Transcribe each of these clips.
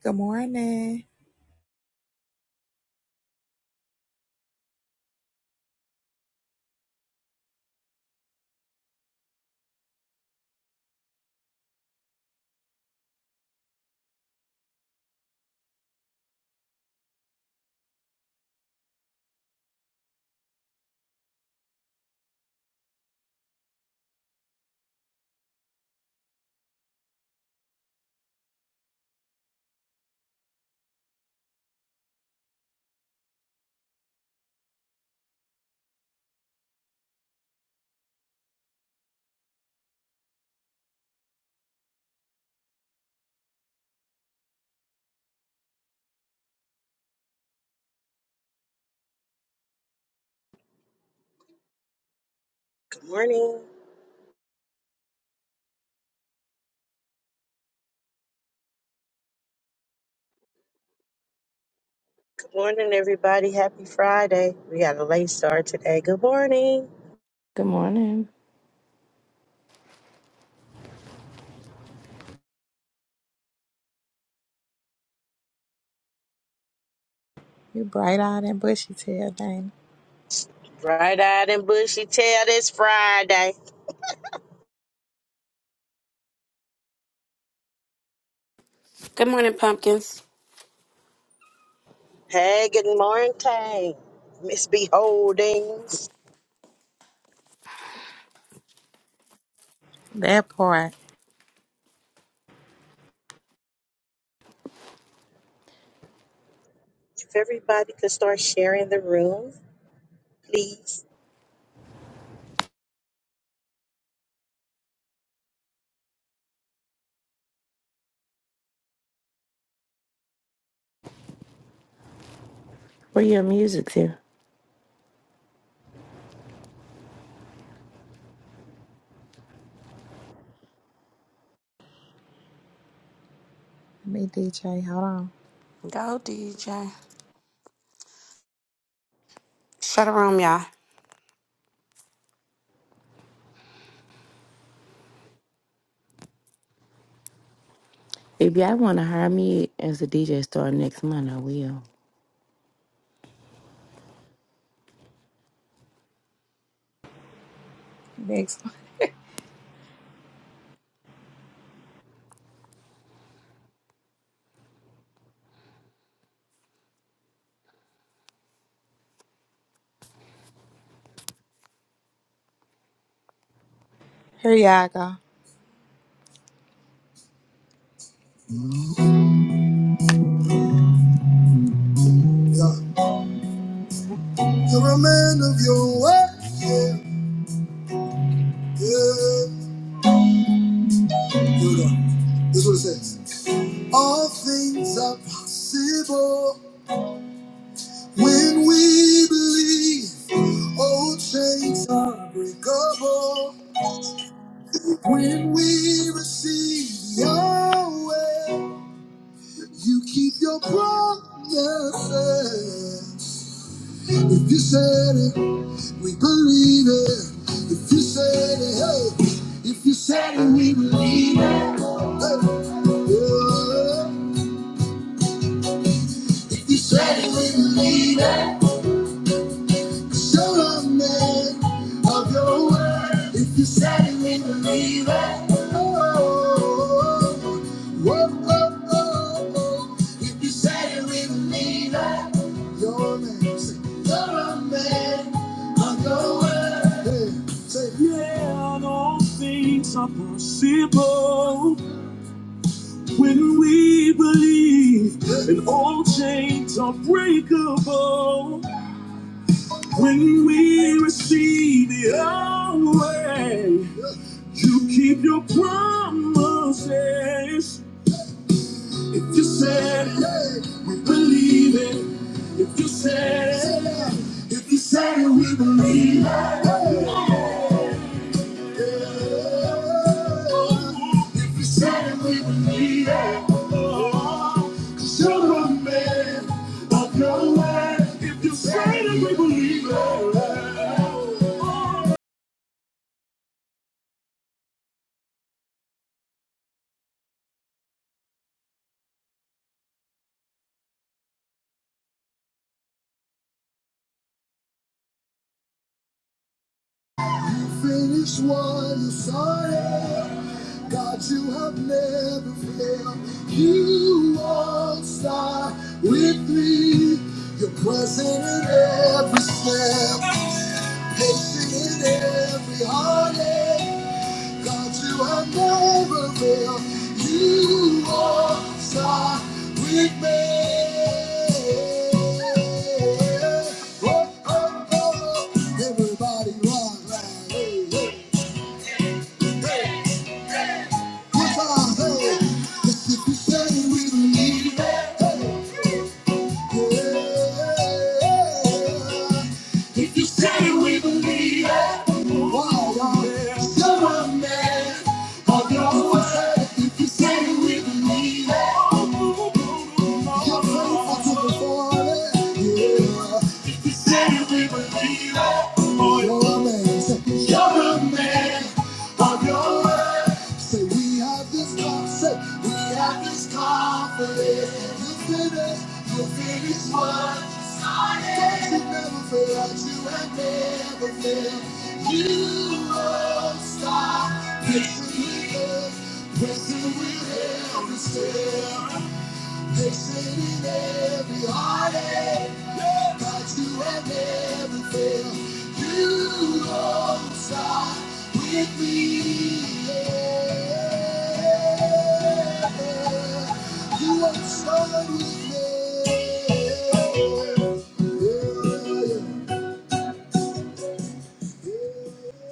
Good morning. Good Morning. Good morning, everybody. Happy Friday. We got a late start today. Good morning. Good morning. You bright eyed and bushy tailed, Dana. Bright eyed and bushy tail this Friday. Good morning, pumpkins. Hey, good morning. Miss Beholdings. That part. If everybody could start sharing the room, please. Where your music to? Let me DJ. Hold on. Go, DJ. Shut the room, y'all. If y'all want to hire me as a DJ star next month, I will. Next one. Here y'all go. You're a man of your word. Yeah. Yeah. Here we go. This is what it says. All things are possible when we believe. Old chains are breakable when we receive Yahweh. You keep your promises. If you said it, we believe it. If you said it, hey. If you said it, we Mhm. believe it. Hey. Yeah. If you said it, we believe it. Show us man of your word. If you said it, we believe it. Oh, oh, oh, oh, oh, oh. If you said it, we believe it. Your name, say, you're a man of your word. Hey, say, yeah, and all things are possible when we believe, and all chains are breakable. When we receive your way, you keep your promises. If you said it, we believe it. If you said it, if you said it, we believe it. If you said it, we believe it. Cause you're the man of your word. If you said it, we believe it. You finish what you started. God, you have never failed. You won't stop with me. You're present in every step, patient in every heartache. God, you have never failed. You won't stop with me. Oh, Oh, oh, everybody rock like, hey, hey. Hip hop, hey. if you stay with me, hey, yeah. If you stay with me, hey, wow, wow. You're a man of your word. If you stay with me, hey, you're faithful to perform it, yeah. If you stay with me, hey, you're a man. a man of your word. Say we have this confidence. Say we have this confidence. You finish. You finish what you started. God, you never failed. You have never failed. You won't stop. Pressing with us. Pressing with every step. They in every heartache, but you have never failed. You don't stop with me. yeah. You won't start with me. yeah, yeah.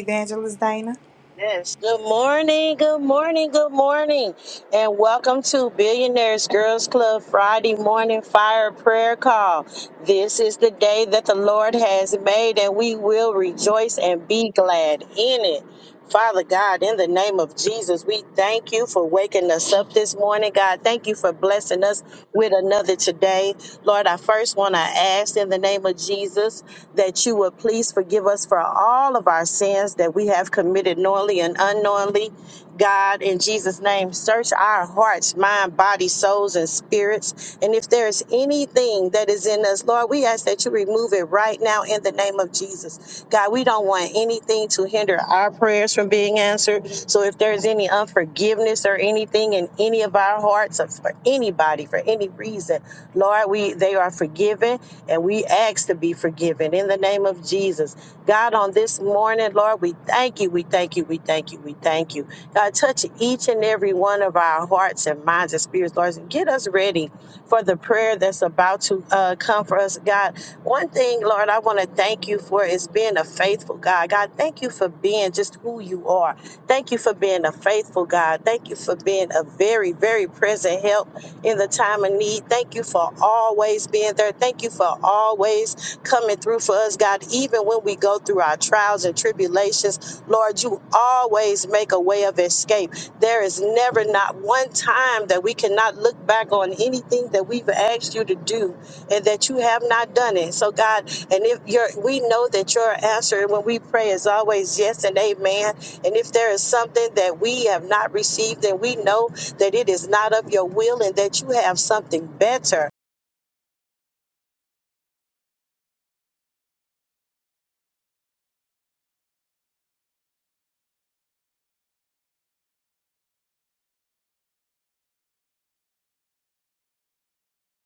Evangelist Dana. Yes. Good morning. Good morning. Good morning. And welcome to Billionaires Girls Club Friday morning fire prayer call. This is the day that the Lord has made, and we will rejoice and be glad in it. Father God, in the name of Jesus, we thank you for waking us up this morning. God, thank you for blessing us with another today. Lord, I first want to ask in the name of Jesus that you would please forgive us for all of our sins that we have committed knowingly and unknowingly. God, in Jesus' name, search our hearts, mind, body, souls, and spirits. And if there is anything that is in us, Lord, we ask that you remove it right now in the name of Jesus. God, we don't want anything to hinder our prayers from being answered. So if there's any unforgiveness or anything in any of our hearts or for anybody for any reason, Lord, we they are forgiven and we ask to be forgiven in the name of Jesus. God, on this morning, Lord, Lord, we thank you, we thank you, we thank you, we thank you. God, touch each and every one of our hearts and minds and spirits, Lord, and get us ready for the prayer that's about to uh, come for us, God. One thing, Lord, I want to thank you for is being a faithful God. God, thank you for being just who you are. Thank you for being a faithful God. Thank you for being a very, very present help in the time of need. Thank you for always being there. Thank you for always coming through for us, God, even when we go through our trials and tribulations. Lord, you always make a way of escape. There is never not one time that we cannot look back on anything that we've asked you to do and that you have not done it. So, God, and if your we know that your answer when we pray is always yes and amen. And if there is something that we have not received, then we know that it is not of your will and that you have something better.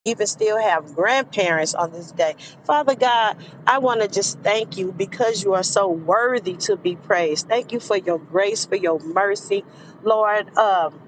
even still have grandparents on this day. Father God, I want to just thank you because you are so worthy to be praised. Thank you for your grace, for your mercy, Lord. Um,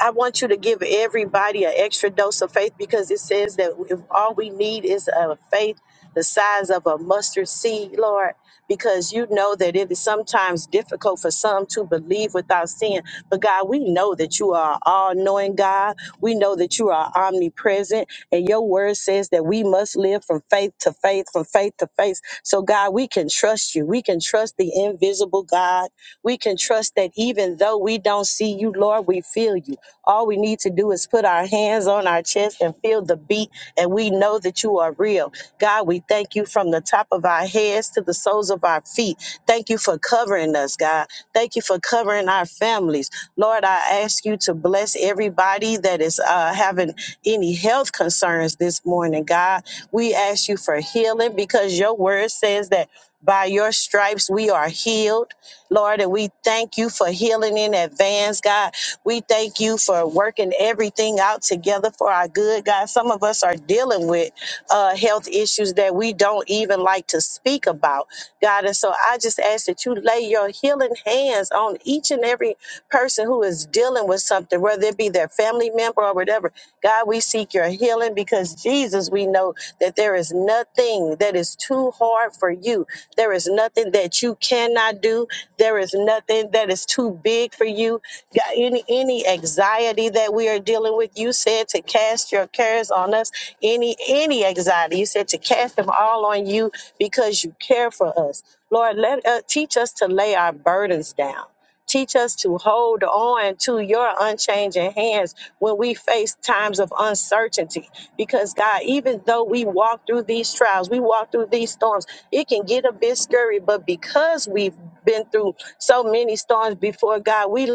I want you to give everybody an extra dose of faith because it says that if all we need is a faith the size of a mustard seed, Lord, because you know that it is sometimes difficult for some to believe without seeing. But God, we know that you are all knowing God. We know that you are omnipresent. And your word says that we must live from faith to faith, from faith to faith. So, God, we can trust you. We can trust the invisible God. We can trust that even though we don't see you, Lord, we feel you. All we need to do is put our hands on our chest and feel the beat, and we know that you are real. God, we thank you from the top of our heads to the soles of our feet. Thank you for covering us, God. Thank you for covering our families. Lord, I ask you to bless everybody that is uh, having any health concerns this morning, God. We ask you for healing because your word says that by your stripes we are healed, Lord, and we thank you for healing in advance, God. We thank you for working everything out together for our good, God. Some of us are dealing with uh, health issues issues that we don't even like to speak about, God. And so I just ask that you lay your healing hands on each and every person who is dealing with something, whether it be their family member or whatever. God, we seek your healing because Jesus, we know that there is nothing that is too hard for you. There is nothing that you cannot do. There is nothing that is too big for you. God, any any anxiety that we are dealing with, you said said to cast your cares on us, any any anxiety. You said to cast them all on you because you care for us. Lord, let uh, teach us to lay our burdens down. Teach us to hold on to your unchanging hands when we face times of uncertainty. Because, God, even though we walk through these trials, we walk through these storms, it can get a bit scary. But because we've been through so many storms before, God, we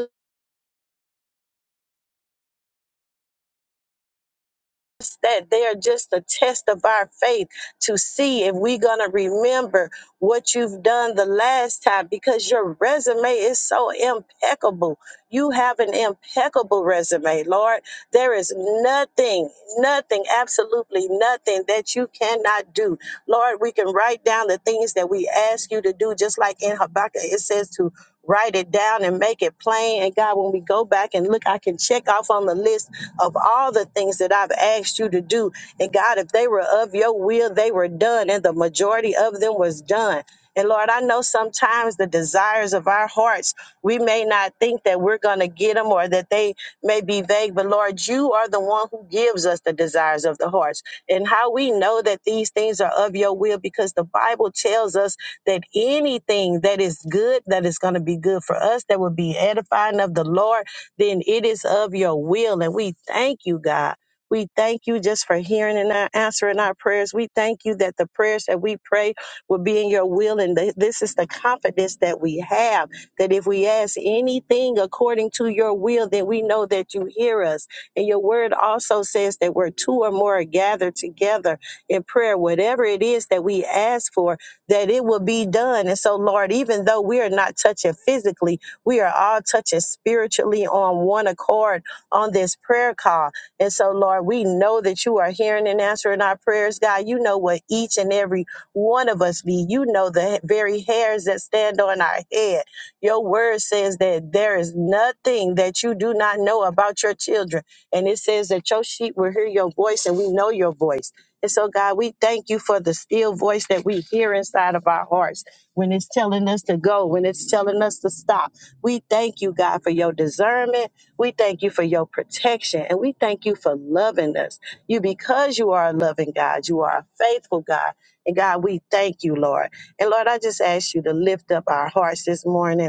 that they are just a test of our faith to see if we're going to remember what you've done the last time because your resume is so impeccable. You have an impeccable resume, Lord. There is nothing, nothing, absolutely nothing that you cannot do. Lord, we can write down the things that we ask you to do, just like in Habakkuk, it says to write it down and make it plain. And God, when we go back and look, I can check off on the list list of all the things that I've asked you to do. And God, if they were of your will, they were done, and the majority of them was done. And Lord, I know sometimes the desires of our hearts, we may not think that we're going to get them or that they may be vague, but Lord, you are the one who gives us the desires of the hearts. And how we know that these things are of your will, because the Bible tells us that anything that is good, that is going to be good for us, that will be edifying of the Lord then it is of your will. And we thank you, God. We thank you just for hearing and not answering our prayers. We thank you that the prayers that we pray will be in your will. And th- this is the confidence that we have that if we ask anything according to your will, then we know that you hear us. And your word also says that where two or more are gathered together in prayer, whatever it is that we ask for, that it will be done. And so, Lord, even though we are not touching physically, we are all touching spiritually on one accord on this prayer call. And so, Lord, we know that you are hearing and answering our prayers, God. You know what each and every one of us need. You know the very hairs that stand on our head. Your word says that there is nothing that you do not know about your children. And it says that your sheep will hear your voice, and we know your voice. And so, God, we thank you for the still voice that we hear inside of our hearts when it's telling us to go, when it's telling us to stop we thank you, God, for your discernment. We thank you for your protection. And we thank you for loving us. You, because you are a loving God, you are a faithful God. And God, we thank you, Lord. And Lord, I just ask you to lift up our hearts this morning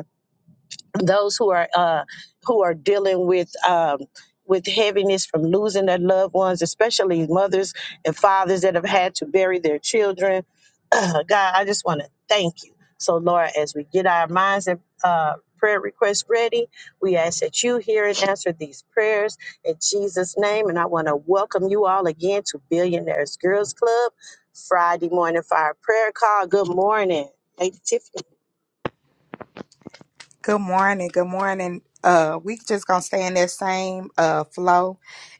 those who are uh, who are dealing with um, with heaviness from losing their loved ones, especially mothers and fathers that have had to bury their children. Uh, God, I just want to thank you. So, Lord, as we get our minds and uh, prayer requests ready, we ask that you hear and answer these prayers in Jesus' name. And I want to welcome you all again to Billionaires Girls Club Friday morning for our prayer call. Good morning, Lady Tiffany. Good morning. Good morning. Uh, we just gonna stay in that same uh flow,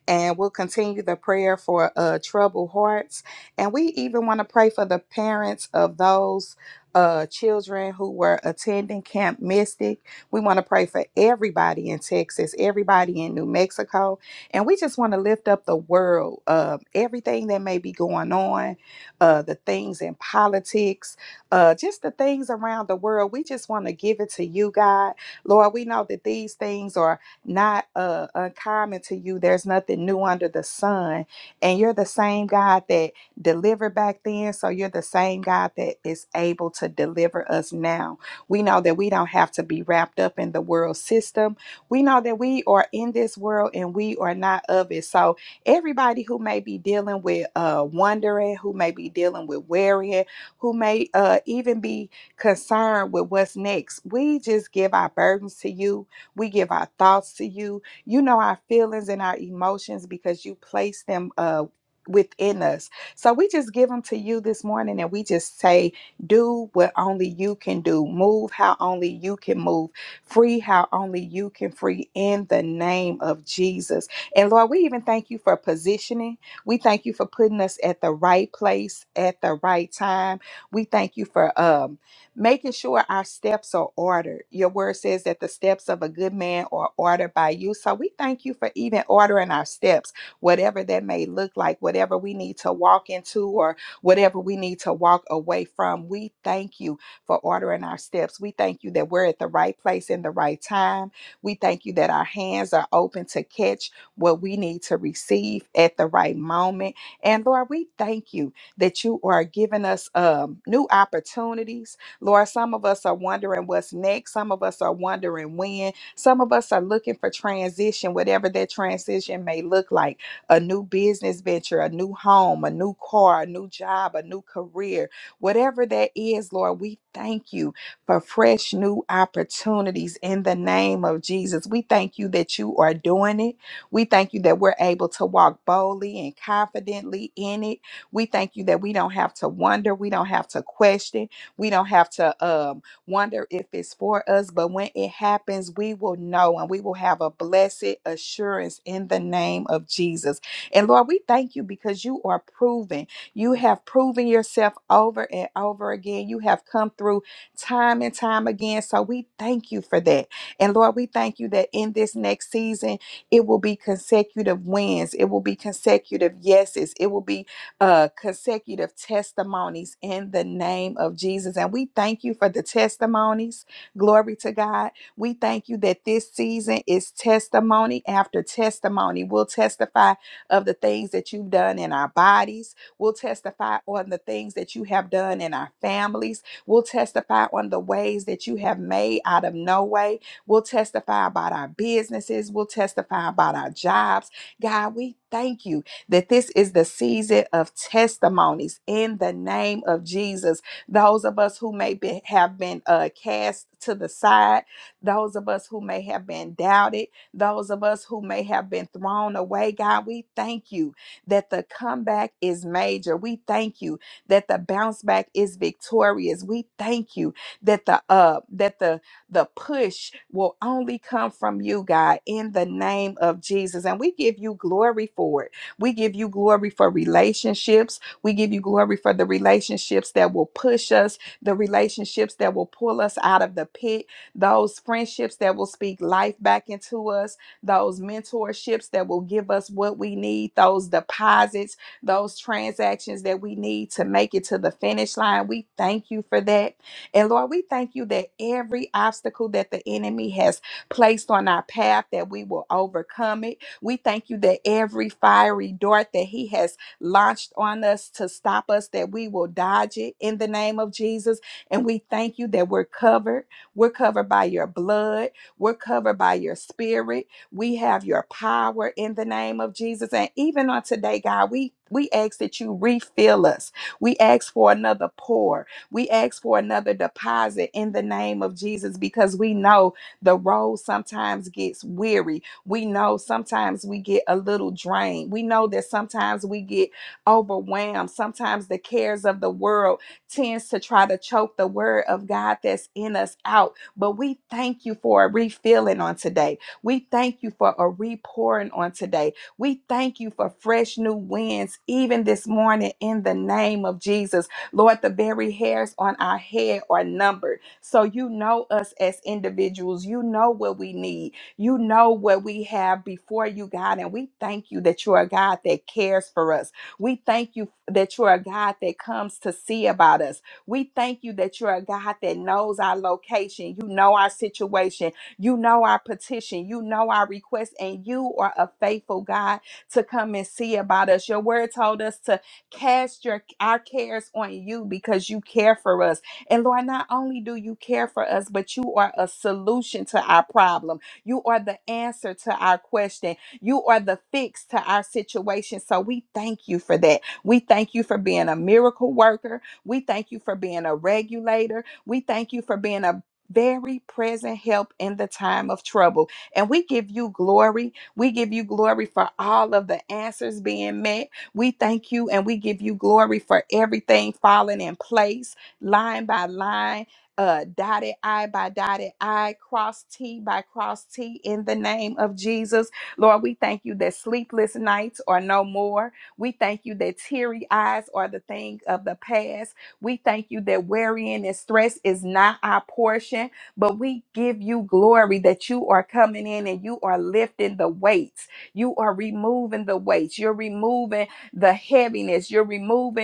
and we'll continue the prayer for uh troubled hearts, and we even want to pray for the parents of those uh children who were attending Camp Mystic. We want to pray for everybody in Texas, everybody in New Mexico, and we just want to lift up the world, uh, everything that may be going on, uh, the things in politics uh, just the things around the world. We just want to give it to you, God. Lord, we know that these things are not uh, uncommon to you. There's nothing new under the sun. And you're the same God that delivered back then. So you're the same God that is able to deliver us now. We know that we don't have to be wrapped up in the world system. We know that we are in this world and we are not of it. So everybody who may be dealing with uh, wondering, who may be dealing with worrying, who may uh, even be concerned with what's next. We just give our burdens to you. We give our thoughts to you. You know our feelings and our emotions because you place them uh, within us. So we just give them to you this morning and we just say, do what only you can do, move how only you can move, free how only you can free in the name of Jesus. And Lord, we even thank you for positioning. We thank you for putting us at the right place at the right time we thank you for um, making sure our steps are ordered. Your word says that the steps of a good man are ordered by you. So we thank you for even ordering our steps, whatever that may look like, whatever we need to walk into or whatever we need to walk away from. We thank you for ordering our steps. We thank you that we're at the right place in the right time. We thank you that our hands are open to catch what we need to receive at the right moment. And Lord, we thank you that you are giving us um, new opportunities. Lord, some of us are wondering what's next. Some of us are wondering when. Some of us are looking for transition, whatever that transition may look like a new business venture, a new home, a new car, a new job, a new career, whatever that is, Lord, we thank you for fresh new opportunities in the name of Jesus. We thank you that you are doing it. We thank you that we're able to walk boldly and confidently in it. We thank you that we don't have to wonder, we don't have to question, we don't have to um, wonder if it's for us, but when it happens, we will know and we will have a blessed assurance in the name of Jesus. And Lord, we thank you because you are proven. You have proven yourself over and over again. You have come through time and time again. So we thank you for that. And Lord, we thank you that in this next season, it will be consecutive wins, it will be consecutive yeses, it will be uh, consecutive testimonies in the name of Jesus. And we thank you for the testimonies. Glory to God. We thank you that this season is testimony after testimony. We'll testify of the things that you've done in our bodies, we'll testify on the things that you have done in our families, we'll testify on the ways that you have made out of no way, we'll testify about our businesses, we'll testify about our jobs. God, we thank you that this is the season of testimonies in the name of Jesus. Those of us who may be, have been uh, cast to the side, those of us who may have been doubted, those of us who may have been thrown away, God, we thank you that the comeback is major. We thank you that the bounce back is victorious. We thank you that the uh that the the push will only come from you, God, in the name of Jesus. And we give you glory for it. We give you glory for relationships. We give you glory for the relationships that will push us, the relationships that will pull us out of the pit, those friendships that will speak life back into us, those mentorships that will give us what we need, those deposits, those transactions that we need to make it to the finish line. We thank you for that. And Lord, we thank you that every obstacle that the enemy has placed on our path, that we will overcome it we thank you that every fiery dart that he has launched on us to stop us, that we will dodge it in the name of Jesus. And we thank you that we're covered. We're covered by your blood. We're covered by your spirit. We have your power in the name of Jesus. And even on today, God, we we ask that you refill us. We ask for another pour. We ask for another deposit in the name of Jesus because we know the road sometimes gets weary we know sometimes we get a little drained. We know that sometimes we get overwhelmed. Sometimes the cares of the world tends to try to choke the word of God that's in us out. But we thank you for a refilling on today. We thank you for a repouring on today. We thank you for fresh new winds, even this morning, in the name of Jesus. Lord, the very hairs on our head are numbered. So you know us as individuals. You know what we need. You know what we have before you, God, and we thank you that you're a God that cares for us. We thank you that you're a God that comes to see about us. We thank you that you're a God that knows our location. You know our situation. You know our petition. You know our request, and you are a faithful God to come and see about us. Your word told us to cast your our cares on you because you care for us. And Lord, not only do you care for us, but you are a solution to our problems. You are the answer to our question. You are the fix to our situation. So we thank you for that. We thank you for being a miracle worker. We thank you for being a regulator. We thank you for being a very present help in the time of trouble. And we give you glory. We give you glory for all of the answers being met. We thank you and we give you glory for everything falling in place, line by line uh, dotted I by dotted I, cross T by cross T in the name of Jesus. Lord, we thank you that sleepless nights are no more. We thank you that teary eyes are the thing of the past. We thank you that worrying and stress is not our portion, but we give you glory that you are coming in and you are lifting the weights. You are removing the weights. You're removing the heaviness. You're removing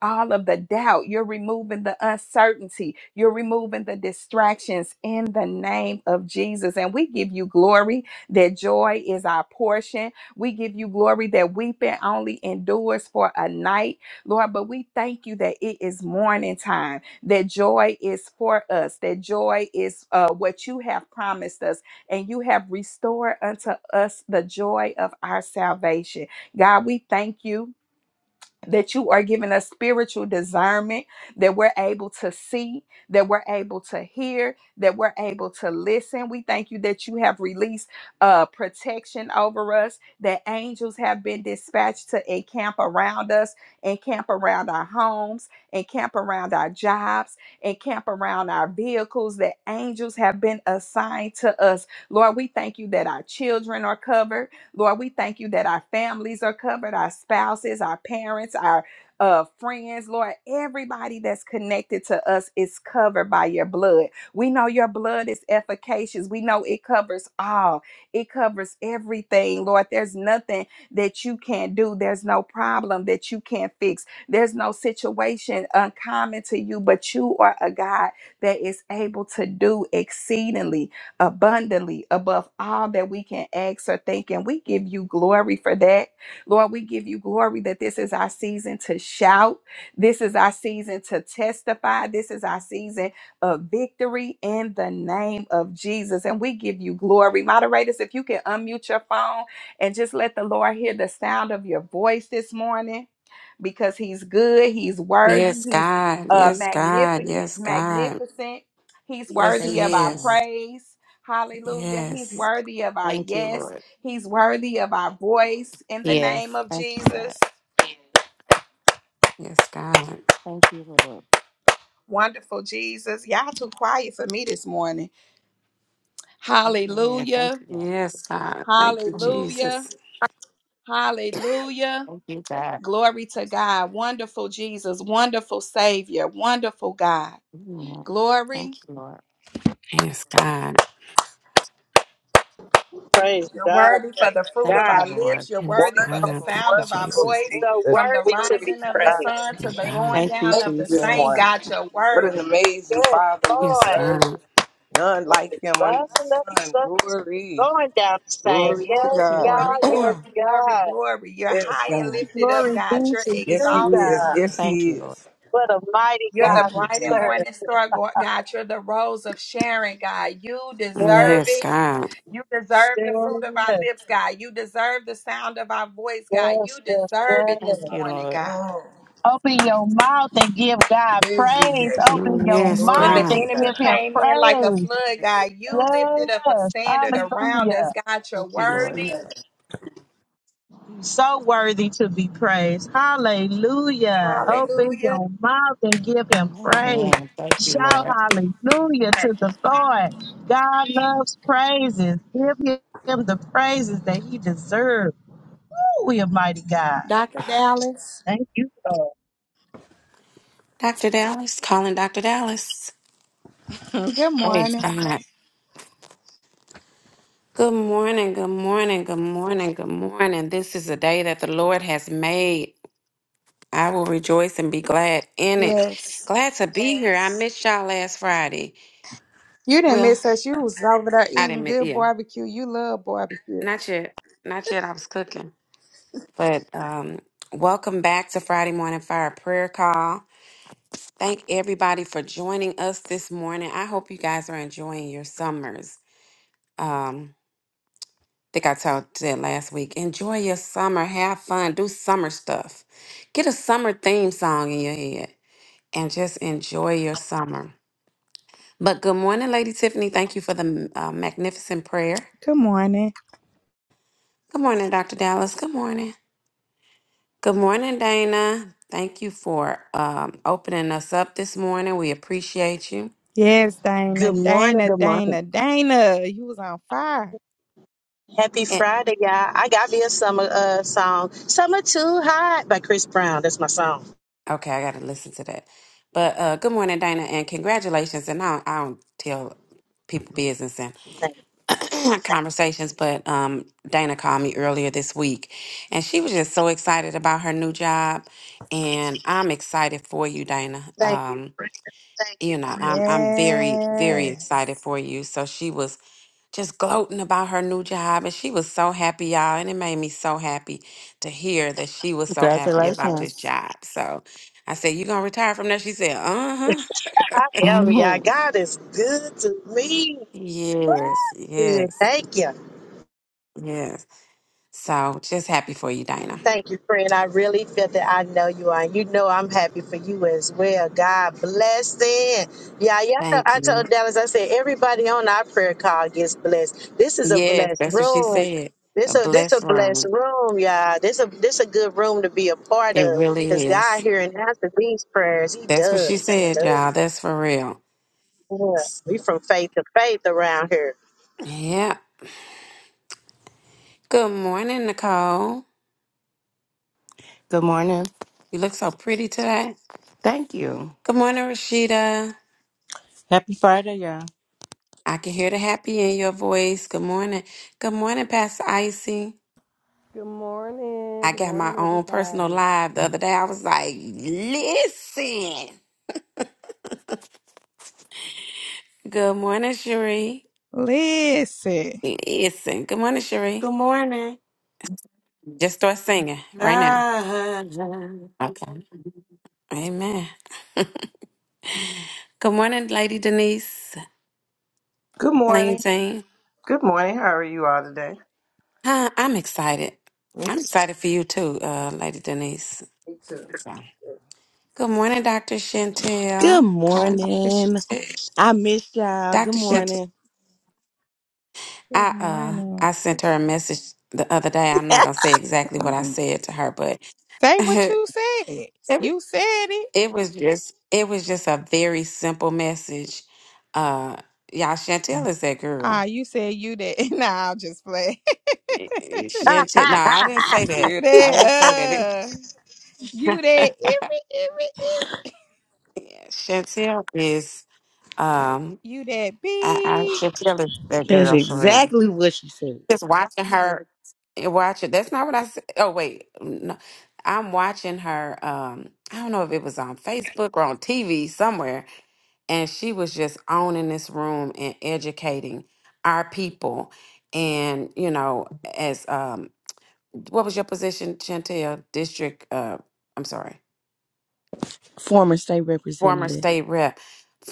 all of the doubt. You're removing the uncertainty. You're removing the distractions in the name of Jesus. And we give you glory that joy is our portion. We give you glory that weeping only endures for a night, Lord. But we thank you that it is morning time, that joy is for us, that joy is uh, what you have promised us, and you have restored unto us the joy of our salvation. God, we thank you that you are giving us spiritual discernment, that we're able to see, that we're able to hear, that we're able to listen. We thank you that you have released uh, protection over us, that angels have been dispatched to encamp around us, encamp around our homes, encamp around our jobs, encamp around our vehicles, that angels have been assigned to us. Lord, we thank you that our children are covered. Lord, we thank you that our families are covered, our spouses, our parents, our uh, friends, Lord, everybody that's connected to us is covered by your blood. We know your blood is efficacious. We know it covers all, it covers everything, Lord. There's nothing that you can't do, there's no problem that you can't fix, there's no situation uncommon to you, but you are a God that is able to do exceedingly abundantly above all that we can ask or think. And we give you glory for that. Lord, we give you glory that this is our season to shout. This is our season to testify. This is our season of victory in the name of Jesus. And we give you glory. Moderators, if you can unmute your phone and just let the Lord hear the sound of your voice this morning because he's good, he's worthy, Yes, he's God. uh, Yes, God. magnificent, Yes, God. magnificent. He's Yes, worthy Thank of He you, our God. is. praise. Hallelujah. He's Yes. worthy of our Thank you, yes. Lord. He's worthy of our voice in the name Yes. of Thank you, God. Jesus. Yes, God. Thank you, Lord. Wonderful Jesus. Y'all too quiet for me this morning. Amen. Thank Hallelujah. you, God. Yes, God. Thank you, Mm. Hallelujah. Jesus. Hallelujah. Thank you, God. Glory to God. Wonderful Jesus. Wonderful Savior. Wonderful God. Mm. Thank Glory. you, Lord. Yes, God. Praise You're God. worthy for Praise the fruit of Thank you, God. our Lord. lips. You're Yes, worthy for the God. Wonderful, Thank sound you, of our wonderful Jesus. voice. So Jesus. From the worthy Glory to be rising to of the God. praised. sun We to My the thank God. you. going We Thank you, down thank of the you this same, Jesus. morning. God, you're What an worthy. amazing Yes, Father we Yes, Lord. serve. God. None From the like him under rising of the the sun. sun to the Glory. going down the same. Glory to Glory, Thank Yes, you, God. God. glory, God. Yes, glory, glory, God. glory. You're yes, high and God. lifted up, Glory God. be You're to Yes, he you, exalted. is. God. Yes, Thank he you, Lord. is. What a mighty You're the God Thank you, we bright and Jesus. serve. morning star, Go- God. You're the rose of Sharon, God. You deserve Yes, Yes. it. God. You deserve the fruit of our Yes. lips, God. You deserve the sound of our voice, God. You Yes. Yes. deserve Yes. it this Thank you, morning, Lord. God. Oh, Open your mouth and give God every praise. day. Open your Yes, When Glory mouth the and to God. give enemy God. him came in like a praise. flood, God, you lifted up a Yes. standard around Hallelujah. us, God. You're Thank you, Yes, he Lord. worthy. is. So worthy to be praised. Hallelujah. Open Hallelujah. your mouth and give him praise. Amen. Thank you, Shout Lord. hallelujah to the Lord. God loves praises. Give him the praises that he deserves. Woo, we a mighty God. Dr. Dallas, Thank you, Lord. Dr. Dallas, calling Dr. Dallas. good Praise morning. God. Good morning, good morning, good morning, good morning. This is a day that the Lord has made. I will rejoice and be glad in it. Yes. Glad to be here. I missed y'all last Friday. You didn't Well, miss us. You was over there I didn't eating miss, good yeah, barbecue. You love barbecue. not yet. Not yet. I was cooking. But um, welcome back to Friday Morning Fire Prayer Call. Thank everybody for joining us this morning. I hope you guys are enjoying your summers. Um, think I talked that last week. Enjoy your summer. Have fun. Do summer stuff. Get a summer theme song in your head and just enjoy your summer. But good morning, Lady Tiffany. Thank you for the uh, magnificent prayer. Good morning. Good morning, Dr. Dallas. Good morning. Good morning, Dana. Thank you for um, opening us up this morning. We appreciate you. Yes, Dana, Good morning. Dana, Good morning. Dana, Dana. You was on fire. Happy And Friday, y'all. I got me a summer uh, song. Summer Too Hot by Chris Brown. That's my song. okay, I got to listen to that. But uh, good morning, Dana, and congratulations. And I, I don't tell people business Thank, conversations, but um, Dana called me earlier this week, and she was just so excited about her new job, and I'm excited for you, Dana. thank you. Um, you know, I'm I'm very very Yes. excited for you. So she was just gloating about her new job, and she was so happy, y'all, and it made me so happy to hear that she was so happy about this Congratulations. job. So I said, "You gonna retire from there?" She said, "Uh huh." I am, y'all. Good God is good to me. Yes, Good. yes, Thank you. yes. So just happy for you, Dana. Thank you, friend. I really feel that I know you are. You know I'm happy for you as well. God bless them. Yeah, yeah. I told Thank I you. told Dallas, I said, everybody on our prayer call gets blessed. This is a Yes, blessed that's what she room. said. A This a this a blessed blessed room. room, y'all. This a this a good room to be a part It of. Cause really God is. here and after these prayers, He That's what she does. He said, y'all. does. That's for real. Yeah. We from faith to faith around here. Yeah. Good morning, Nicole. morning. You look so pretty today. Thank you. Good morning, Rashida. Happy Friday, y'all. I can hear the happy in your voice. Good morning. Good morning, Pastor Icy. Good morning. I Good got my morning, own personal everybody. live the other day. I was like, listen. Good morning, Cherie. Listen. Listen. Good morning, Cherie. Good morning. Just start singing right now. Ah, Okay. Amen. Good morning, Lady Denise, Good Lady morning. Jane. Good morning. How are you all today? Hi, I'm excited. Me I'm too. excited for you too, uh, Lady Denise. Me So, too. Good morning, Dr. Chantel. Good Calling Dr. morning. Chantel. I missed y'all. Good Dr. Chantel, morning. Good I, uh, morning. I sent her a message the other day. I'm not going to say exactly what I said to her, but Say what it, you said. You it said it. was just, it was just a very simple message. Uh, y'all, Chantel is that girl. Ah, you said you did. Nah, I'll just play. Ah, Chantel, no, I didn't say that. you I did. didn't say that. It- uh, you did. every every every. Chantel is, um, You did. I, I, beep. Chantel is that That's girl for real. exactly what she said. Just watching her, watch it. That's not what I said. Oh wait, no, I'm watching her. Um, I don't know if it was on Facebook or on TV somewhere, and she was just owning this room and educating our people. And you know, as um what was your position, Chantel? District, uh, I'm sorry, Former state former representative. state rep,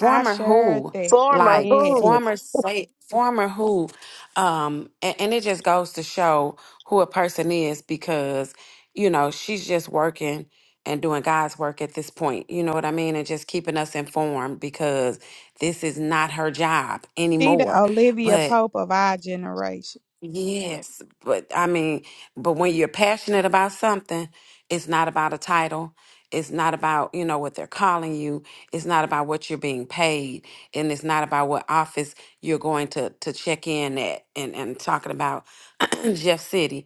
I sure who, think. former like Yeah. who? former state, former who, um, and, and it just goes to show who a person is because you know she's just working and doing God's work at this point. You know what I mean, and just keeping us informed because this is not her job She the anymore. Olivia But Pope of our generation. Yes, but I mean, but when you're passionate about something, it's not about a title. It's not about, you know, what they're calling you. It's not about what you're being paid. And it's not about what office you're going to to check in at and, and talking about Jeff City.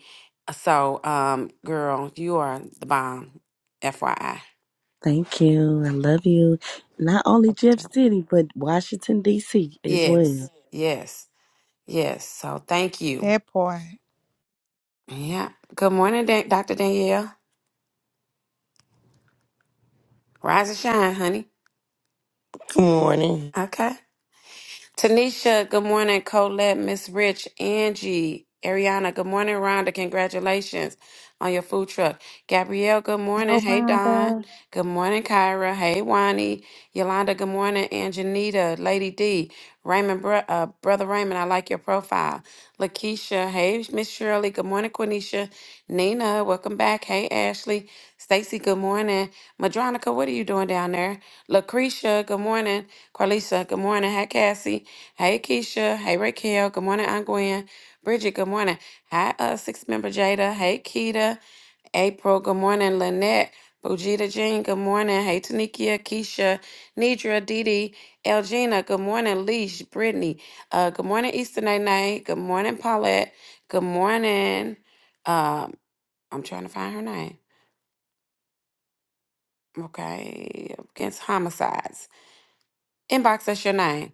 So, um, girl, you are the bomb, FYI. Thank you. I love you. Not only Jeff Okay. City, but Washington, D.C. as Yes, well. yes, yes. So thank you. That part. Yeah. Good morning, Dan- Dr. Danielle. Rise and shine, honey. Good morning. Okay. Tanisha, good morning. Colette, Miss Rich, Angie, Ariana, good morning. Rhonda, congratulations on your food truck. Gabrielle, good morning. Go Hey, Don. Wanda. Good morning, Kyra. Hey, Wani. Yolanda, good morning. And Janita, Lady D. Raymond, Bro- uh, Brother Raymond, I like your profile. Lakeisha, hey, Miss Shirley. Good morning, Quenisha. Nina, welcome back. Hey, Ashley. Stacy, good morning. Madronica, what are you doing down there? Lucretia, good morning. Carlisa, good morning. Hi, Cassie. Hey, Keisha. Hey, Raquel. Good morning, Aunt Gwen. Bridget, good morning. Hi, uh, six member Jada. Hey, Keita. April, good morning. Lynette. Bujita Jean, good morning. Hey, Tanikia, Keisha, Nidra, Didi, Elgina, good morning. Leash, Brittany, uh, good morning, Easter Night Night. Good morning, Paulette. Good morning. Um, I'm trying to find her name. Okay, against homicides. Inbox us your name.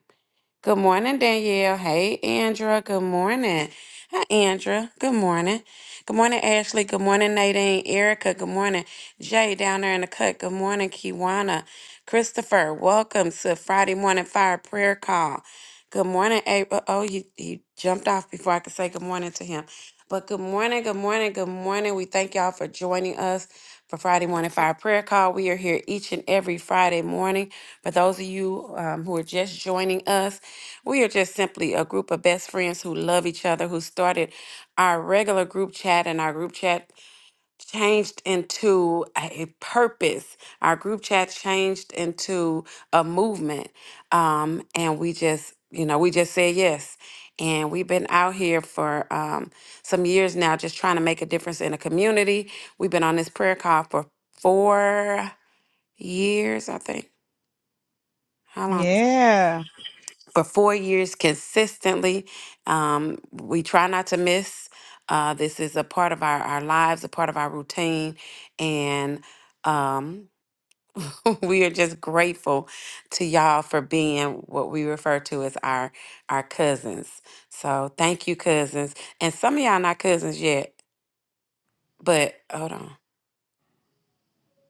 Good morning, Danielle. Hey, Andra. Good morning. Hi, Andra. Good morning. Good morning, Ashley. Good morning, Nadine. Erica. Good morning. Jay down there in the cut. Good morning, Kiwana. Christopher. Welcome to Friday morning fire prayer call. Good morning, April. Oh, you you jumped off before I could say good morning to him. But good morning, good morning, good morning. We thank y'all for joining us for Friday Morning Fire Prayer Call. We are here each and every Friday morning. For those of you um, who are just joining us, we are just simply a group of best friends who love each other, who started our regular group chat and our group chat changed into a purpose. Our group chat changed into a movement. Um, and we just, you know, we just said yes. And we've been out here for um, some years now, just trying to make a difference in the community. We've been on this prayer call for four years, I think. How long? Yeah. for four years consistently. Um, we try not to miss. Uh, this is a part of our, our lives, a part of our routine. And um, we are just grateful to y'all for being what we refer to as our our cousins. So thank you, cousins. And some of y'all not cousins yet, but hold on.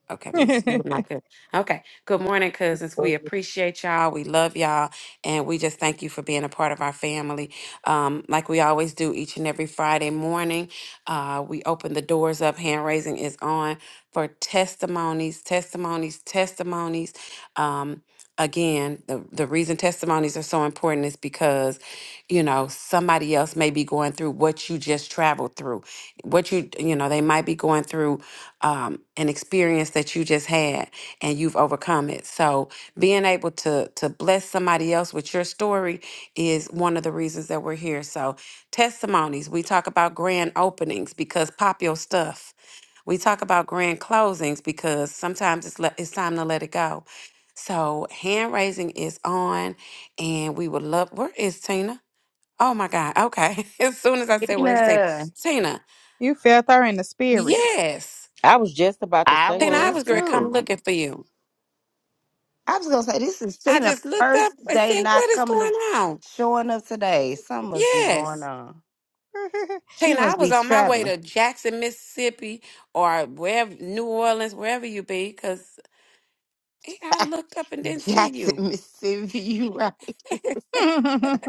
Okay, let me see. Looking like it. Okay. Good morning, cousins. We Well, appreciate y'all. We love y'all. And we just thank you for being a part of our family. Um, like we always do each and every Friday morning, uh, we open the doors up. Hand raising is on for testimonies, testimonies, testimonies. Um, again, the, the reason testimonies are so important is because, you know, somebody else may be going through what you just traveled through. What you, you know, they might be going through um, an experience that you just had and you've overcome it. So being able to to bless somebody else with your story is one of the reasons that we're here. So testimonies, we talk about grand openings because pop your stuff. We talk about grand closings because sometimes it's le- it's time to let it go. So hand raising is on, and we would love. Where is Tina? Oh my God. Okay. As soon as I said where is Tina, Tina, Tina. You felt her in the spirit. Yes, I was just about to I say Tina, I was was that. great. Come too. looking for you. I was gonna say this is I Tina just looked first up and day said, not what is coming to going on? showing up today. Something must be going Yes. on. She Tina, I must was be on my way traveling. to Jackson, Mississippi, or wherever, New Orleans, wherever you be, because I looked up and didn't see Jackson, you. Mississippi, you right.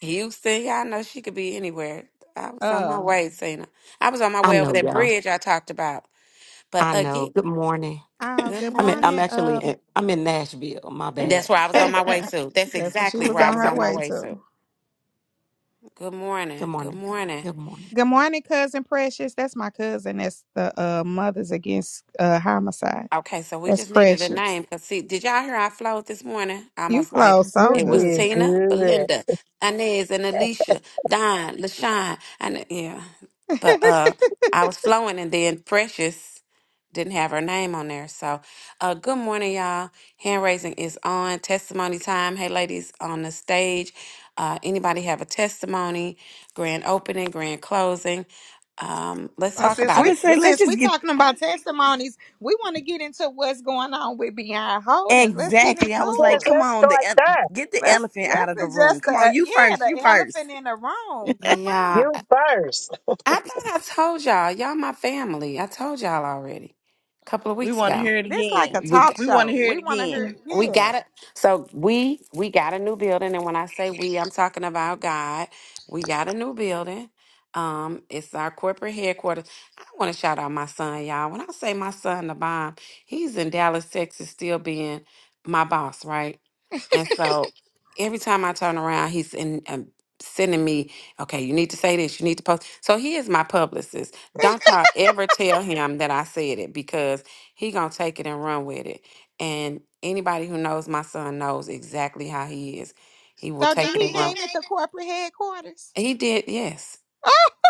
Houston, y'all know she could be anywhere. I was on my um. way, Tina. I was on my I way over know, that y'all. bridge I talked about. But I know. again, Good morning. Oh, good good I mean, I'm morning. morning. actually Um. in, I'm in Nashville. My That's bad. where I was on my way to. That's That's what she exactly was where I on was her on my way way to. to. Good morning. Good Good morning. morning. Good morning. Good morning, cousin Precious. That's my cousin. That's the uh, Mothers Against uh, Homicide. Okay, so we That's just needed a Precious. name because see, did y'all hear I flowed this morning? You Almost like flow so You it was good. did Tina, good. Belinda, Inez, and Alicia, Don, LaShawn, and yeah. But uh, I was flowing, and then Precious didn't have her name on there. So, uh, good morning, y'all. Hand raising is on. Testimony time. Hey, ladies on the stage. Uh, anybody have a testimony? Grand opening, grand closing. Um, let's Now, talk since I about we it. would say, let's since we just get talking about testimonies, we want to get into what's going on with Beyond Holdings. Let's get exactly. I was like, into Yes, it. come let's on, the start there. el- get the Let's elephant out let's of the room. adjust the Come uh, on, you yeah first. You the first. elephant in the room. Come Yeah. on, You first. I thought I told y'all. Y'all my family. I told y'all already. A couple of We weeks want to ago. hear it this like again. a We talk We want to show. hear We it want to again. hear we yeah. got it. So we we got a new building, and when I say we, I'm talking about God. We got a new building. Um, it's our corporate headquarters. I want to shout out my son, y'all. When I say my son, the bomb, he's in Dallas, Texas, still being my boss, right? And so every time I turn around, he's in um, sending me, okay, you need to say this, you need to post. So he is my publicist. Don't y'all ever tell him that I said it because he gonna take it and run with it. And anybody who knows my son knows exactly how he is. He will So So take did So it did he and did he run. name it hate the corporate headquarters? it? He did, yes.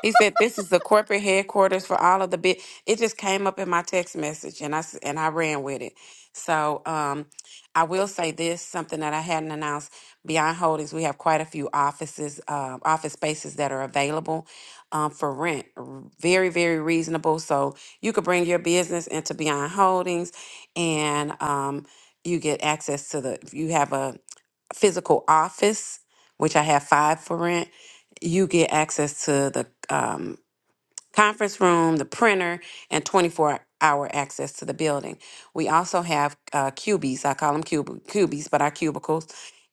He said, "This is the corporate headquarters for all of the big." It just came up in my text message, and I s- and I ran with it. So, um, I will say this: something that I hadn't announced. Beyond Holdings, we have quite a few offices, uh, office spaces that are available um, for rent, r- very very reasonable. So you could bring your business into Beyond Holdings, and um, you get access to the. You have a physical office, which I have five for rent, you get access to the um, conference room, the printer, and 24 hour access to the building. We also have uh, cubies, I call them cub- cubies, but our cubicles.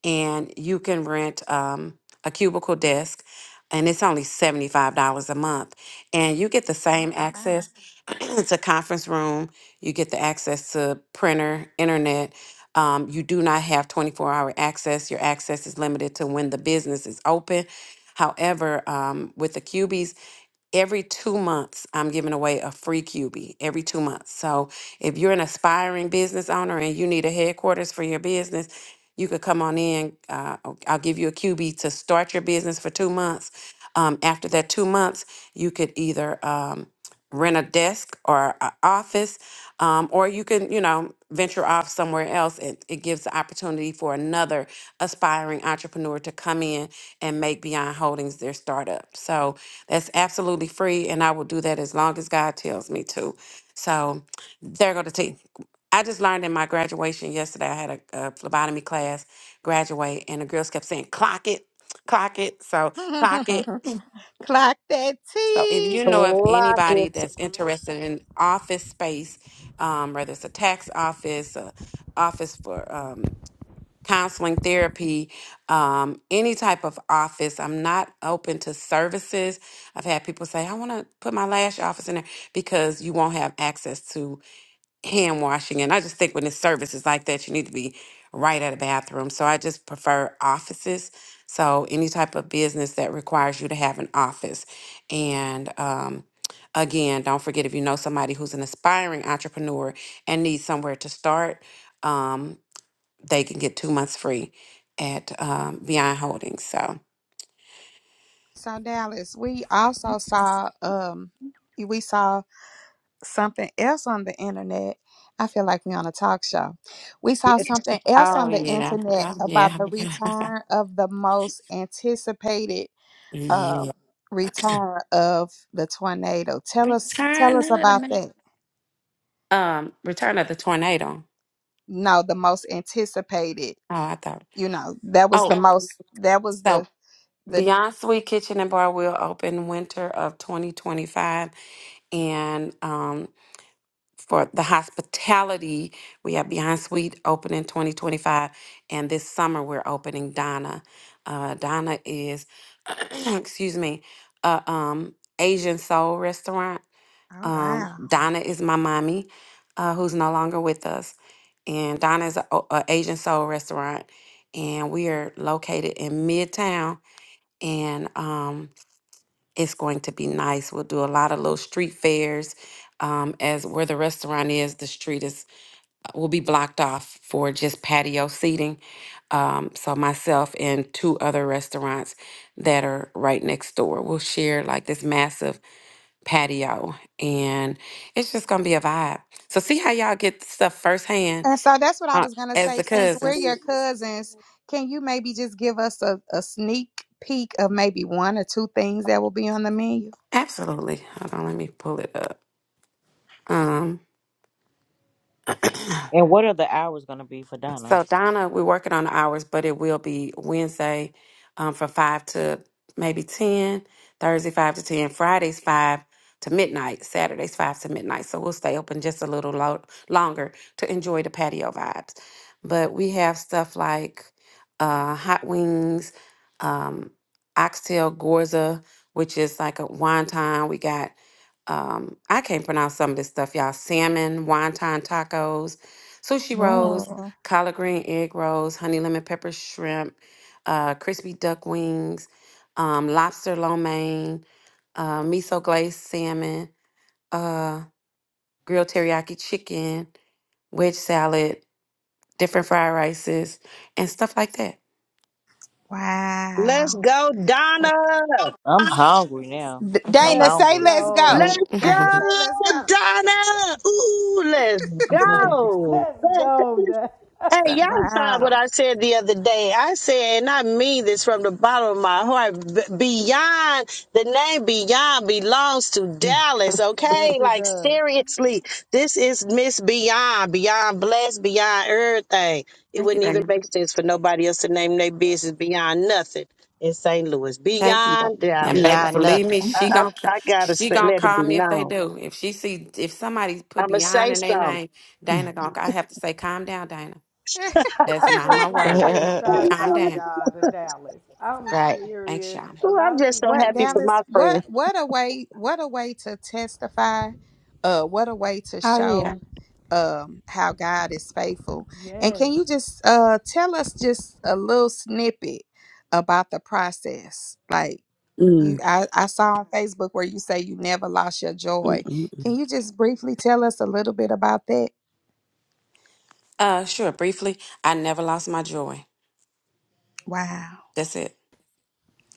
And you can rent um, a cubicle desk, and it's only $75 a month. And you get the Oh same access to conference room, you get the access to printer, internet. Um, you do not have 24 hour access. Your access is limited to when the business is open. However, um, with the QBs every two months i'm giving away a free qb every two months so if you're an aspiring business owner and you need a headquarters for your business you could come on in uh, i'll I'll give you a qb to start your business for two months um, after that two months you could either um, rent a desk or an office um, or you can you know venture off somewhere else and it gives the opportunity for another aspiring entrepreneur to come in and make beyond holdings their startup so that's absolutely free, and I will do that as long as God tells me to. So there go the tea. I just learned in my graduation yesterday. I had a, a phlebotomy class graduate, and the girls kept saying, "Clock it, clock it." So clock wow. it. Clock that So if T. you know of Lock anybody it. that's interested in office space, um, whether it's a tax office, a office for um, counseling, therapy, um, any type of office. I'm not open to services. I've had people say, I want to put my lash office in there because you won't have access to hand washing. And I just think when it's services like that, you need to be right at a bathroom. So I just prefer offices. So any type of business that requires you to have an office. And, um, Again, don't forget if you know somebody who's an aspiring entrepreneur and needs somewhere to start, Um, they can get two months free at um, Beyond Holdings. So, So Dallas, we also saw um we saw something else on the internet. I feel like we on a talk show. We saw Yes. something else oh on the yeah, internet oh about yeah, the yeah. return of the most anticipated Yeah. um, return of the tornado. Tell us, tell us Return of the about that. Ma- um, Return of the Tornado. No, the most anticipated. Oh, I thought. You know, that was the Oh, most. That was the so the. Beyond Sweet Kitchen and Bar will open winter of 2025, and um. for the hospitality. We have Behind Suite opening 2025, and this summer we're opening Donna. Uh, Donna is, excuse me, a um, Asian soul restaurant. Oh Um, wow! Donna is my mommy, uh, who's no longer with us, and Donna is a a Asian soul restaurant, and we are located in Midtown, and um, it's going to be nice. We'll do a lot of little street fairs. Um, as where the restaurant is, the street is uh, will be blocked off for just patio seating. Um, so myself and two other restaurants that are right next door will share like this massive patio, and it's just gonna be a vibe. So see how y'all get stuff firsthand And so that's what I uh, was gonna as say. the Since we're cousins. your cousins, can you maybe just give us a, a sneak peek of maybe one or two things that will be on the menu? Absolutely. Hold on, let me pull it up. Um, And what are the hours gonna be for Donna? So Donna, we're working on the hours, but it will be Wednesday um, from five to maybe ten, Thursday five to ten, Fridays five to midnight, Saturdays five to midnight. So we'll stay open just a little lo- longer to enjoy the patio vibes. But we have stuff like uh, hot wings, um, oxtail gorza, which is like a wonton. We got um, I can't pronounce some of this stuff, y'all. Salmon wonton tacos, sushi rolls Oh, collard green egg rolls, honey lemon pepper shrimp, uh, crispy duck wings, um, lobster lo mein, uh, miso glazed salmon, uh, grilled teriyaki chicken, wedge salad, different fried rices, and stuff like that. Let's wow. go, Donna. I'm hungry now. D- I'm Dana, Let's say hungry. let's Let's go. go. Dana, go, say let's go. Donna. Ooh, let's Yeah, go. let's go. Dad. Hey, y'all so, saw Wow. what I said the other day. I said, and I mean this from the bottom of my heart, b- beyond the name Beyond belongs to Dallas, yes, okay? it Like, does. seriously, this is Miss Beyond, Beyond Blessed, Beyond everything. It thank you, wouldn't baby. even make sense for nobody else to name their Yep. business Beyond Nothing in St. Louis, Thank you. though. Beyond And Dallas. baby, Like, Beyond believe me, nothing. I, she I, gonna c- I gotta she say, gonna let it be call me if they known. do. If she see if somebody put I'm gonna beyond say in their something. name, Dana gonna I have to say, calm down, Dana. That's I not my just want to word. give right. shots Calm out, Hello. down. y'all, to Dallas. I'm Thanks, serious. Shauna. A Ooh, lot I'm of just so people What happy for need. Dallas? my What friends what a way! What a way to testify! Uh, what a way to Oh show! yeah. um, how God is faithful. And Yes, can you just uh, tell us just a little snippet about the process? Like you, Mm, I, I saw on Facebook where you say you never lost your mm, joy. mm. Can you just briefly tell us a little bit about that? Uh sure, briefly, I never lost my joy. Wow. That's it.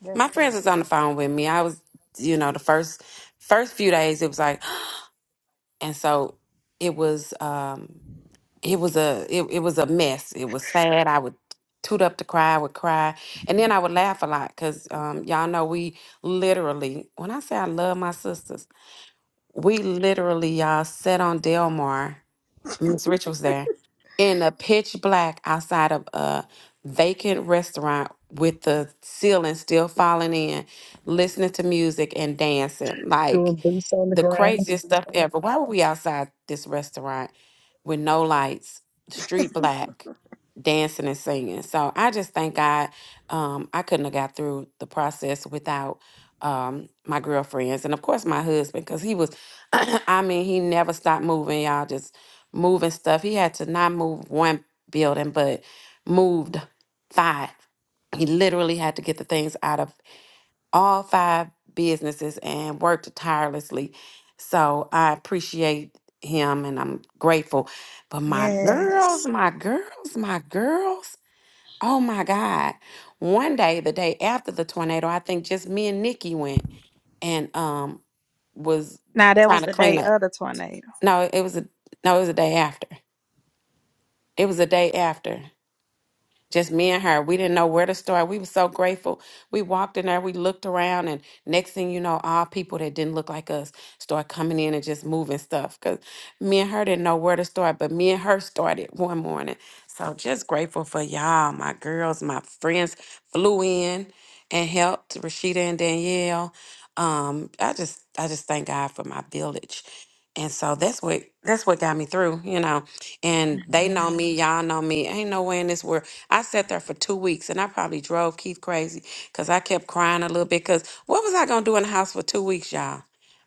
that's My friends so blessed. was on the phone with me. I was you know, the first first few days it was like and so it was um it was a it, it was a mess. It was sad. I would toot up to cry, I would cry, and then I would laugh a lot because um, y'all know we literally. When I say I love my sisters, we literally y'all sat on Delmar Miss Rich was there in a pitch black outside of a vacant restaurant with the ceiling still falling in, listening to music and dancing. Like doing boots on the the ground. craziest stuff ever. Why were we outside this restaurant with no lights, street black, dancing and singing? So I just thank God um, I couldn't have got through the process without um, my girlfriends and of course my husband because he was, I mean, he never stopped moving. Y'all just moving stuff. He had to not move one building, but moved five. He literally had to get the things out of all five businesses and worked tirelessly. So I appreciate him and I'm grateful. But my Yeah. girls, my girls, my girls, oh my God. One day, the day after the tornado, I think just me and Nikki went and um was Now that trying was to the clean day up. of the tornado. No, it was a no, it was a day after It was a day after just me and her. We didn't know where to start. We were so grateful. We walked in there, we looked around, and next thing you know, all people that didn't look like us start coming in and just moving stuff. Cause me and her didn't know where to start, but me and her started one morning. So just grateful for y'all, my girls, my friends flew in and helped Rashida and Danielle. Um, I just I just thank God for my village. And so that's what that's what got me through, you know. And they know Man, me, y'all know me. Ain't no way in this world. I sat there for two weeks and I probably drove Keith crazy because I kept crying a little bit. Because what was I going to do in the house for two weeks, y'all?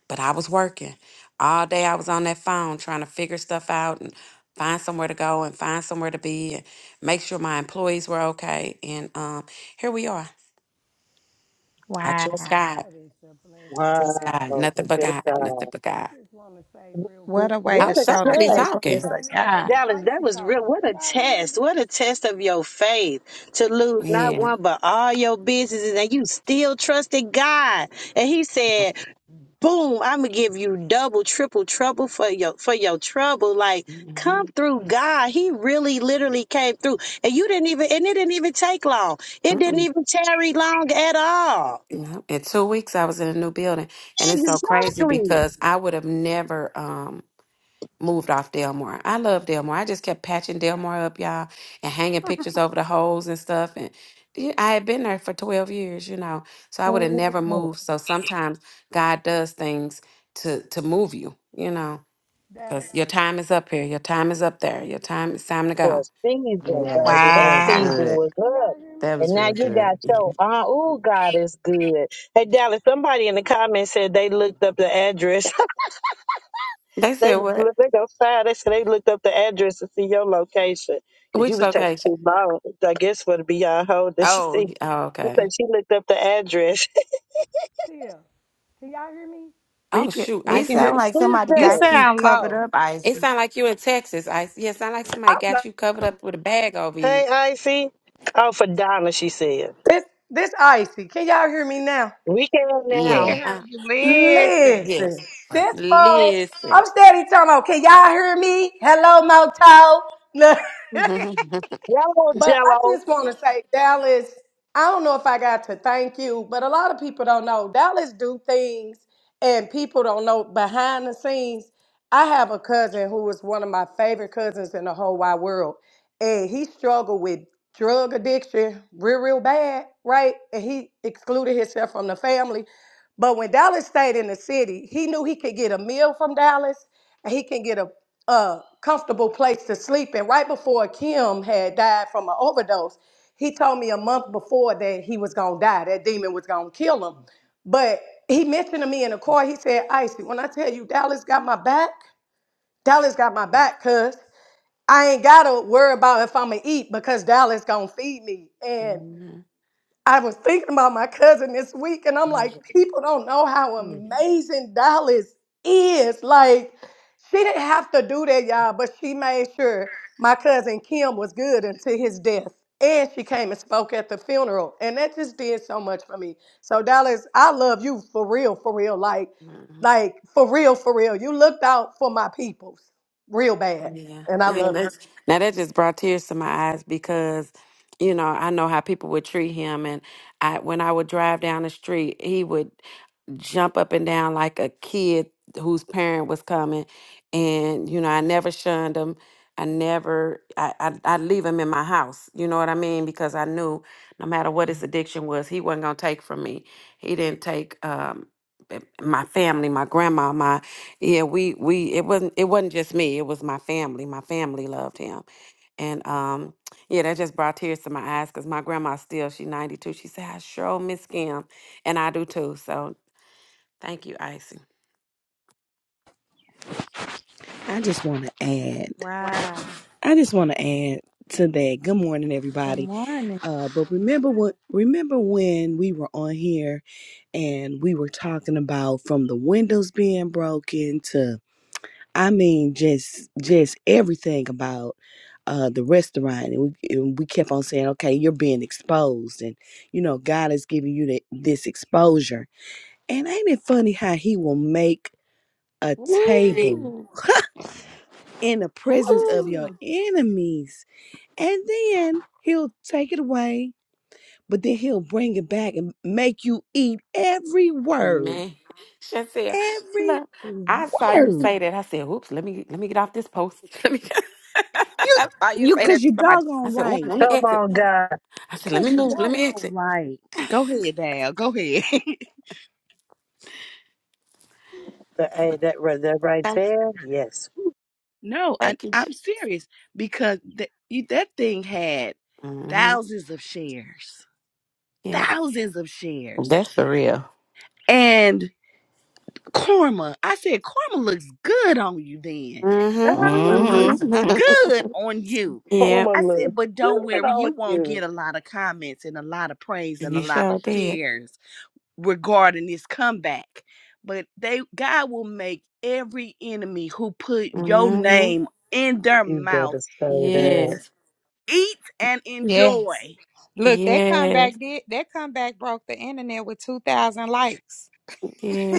But I was working. All day I was on that phone trying to figure stuff out and find somewhere to go and find somewhere to be and make sure my employees were okay. And um, here we are. I trust God. That is a blessing. Trust Wow, God. Dallas. Nothing but good God. God. Nothing but I God. just want to say real quick. What a way Oh, to What a I'm show the somebody so. test. Can faithfulness talking. y'all of hear me? It's God. Dallas, that icy was talking. real. What Can a y'all hear me? test. What a test of your faith to lose not Yeah. one but all your businesses and you still trusted God. And he said, boom, I'm gonna give you double, triple trouble for your for your trouble. Like, come Mhm. through God. He really literally came through. And you didn't even and it didn't even take long. It didn't even tarry long at all. Yeah. In two weeks, I was in a new building, and it's so crazy Exactly. because I would have never um moved off Delmar. I love Delmar. I just kept patching Delmar up, y'all, and hanging pictures over the holes and stuff. And yeah, I had been there for twelve years, you know, so I would have never moved. So sometimes God does things to to move you, you know, because Dallas. your time is up here, your time is up there, your time it's time to for a go. season, Can y'all Yeah, hear baby. me? That that was season Wow. good. was Can up. y'all hear That me? And was now real you got good. your Mhm. uh oh God is good. Hey Dallas, somebody in the comments said they looked up the address. They they said was what? look- they go fire. They said they looked up the address to see your location. Cause you Which was taking location? too long. I guess for to be our hold that she Oh, see y- oh, she said okay. she looked up the address. Tia, can y'all hear me? We Oh could shoot, We I it can hear see. sounds like Who's somebody you that? got you sound covered low. up, It Isis. sound like you in Texas. I yeah, it sound like somebody got you covered up with a bag over you. Hey Icy. Oh for Donna, she said. This this icy. Can y'all hear me now? We can We now. can Yeah. hear Uh, you listen. yes. Listen, this phone. Listen. I'm steady talking about. Can y'all hear me? Hello, Moto. Look. yeah. Y'all want But I jello. just want to say, Dallas, I don't know if I got to thank you, but a lot of people don't know. Dallas do things and people don't know behind the scenes. I have a cousin who is one of my favorite cousins in the whole wide world. And he struggled with drug addiction real, real bad, right? And he excluded himself from the family. But when Dallas stayed in the city, he knew he could get a meal from Dallas and he can get a a comfortable place to sleep in. Right before Kim had died from an overdose, he told me a month before that he was gonna die, that demon was gonna kill him. But he mentioned to me in the car, he said, Icy, when I tell you Dallas got my back, Dallas got my back, cuz I ain't gotta worry about if I'ma eat because Dallas gonna feed me. And I was thinking about my cousin this week, and I'm like, people don't know how amazing Dallas is. Like, she didn't have to do that, y'all, but she made sure my cousin Kim was good until his death. And she came and spoke at the funeral. And that just did so much for me. So, Dallas, I love you for real, for real. Like, like for real, for real. You looked out for my peoples real bad. And I yeah love you. that's, now that just brought tears to my eyes because you know I know how people would treat him, and I when I would drive down the street, he would. jump up and down like a kid whose parent was coming. And, you know, I never shunned him. I never, I, I, I'd leave him in my house. You know what I mean? Because I knew no matter what his addiction was, he wasn't going to take from me. He didn't take, um, eh, my family, my grandma, my yeah, we we it wasn't it wasn't just me, it was my family. My family loved him, and um, yeah, that just brought tears to my eyes because my grandma still she's ninety two. She said, "I sure miss Kim," and I do too. So Thank you, Icy. I just want to add. Wow. I just want to add to that. Good morning, Good everybody. morning. Uh, but remember when remember when we were on here and we were talking about from the windows being broken to I mean just just everything about uh, the restaurant and we, and we kept on saying okay you're being exposed and you know God is giving you the, this exposure and ain't it funny how he will make a Okay. table Woo! in the presence of your Woo! enemies and then he'll take it away but then he'll bring it back and make you eat every word, Man, Chantel, every look, I saw you word. say that. I said, "Oops, let me let me get off this post." Let me. You, I saw you you, say that cause to you somebody. I doggone said, "Oops, right, let me Come exit." on, God. I said, "Let me cause you move. Let me doggone exit." right. Go ahead, Dal. Go ahead. The, hey, that, right- that right Thank, there? Yes. no, I, thank you. I'm serious because that you, that thing had Mm-hmm. thousands of shares, Yeah. thousands of shares, That's for real. and. Korma. I said, Korma looks good on you then. Ah, Mm-hmm. Korma looks Mm-hmm. mm-hmm. good on you. yeah. I Formula. said, but don't Good worry, on you won't you. get a lot of comments and a lot of praise and a You lot of sure did. shares regarding this comeback. But they God will make every enemy who put your Mm-hmm. name in their You mouth better say eat, that. Yes. eat and enjoy. Yes. Look, that comeback Yes. did that comeback broke the internet with two thousand likes.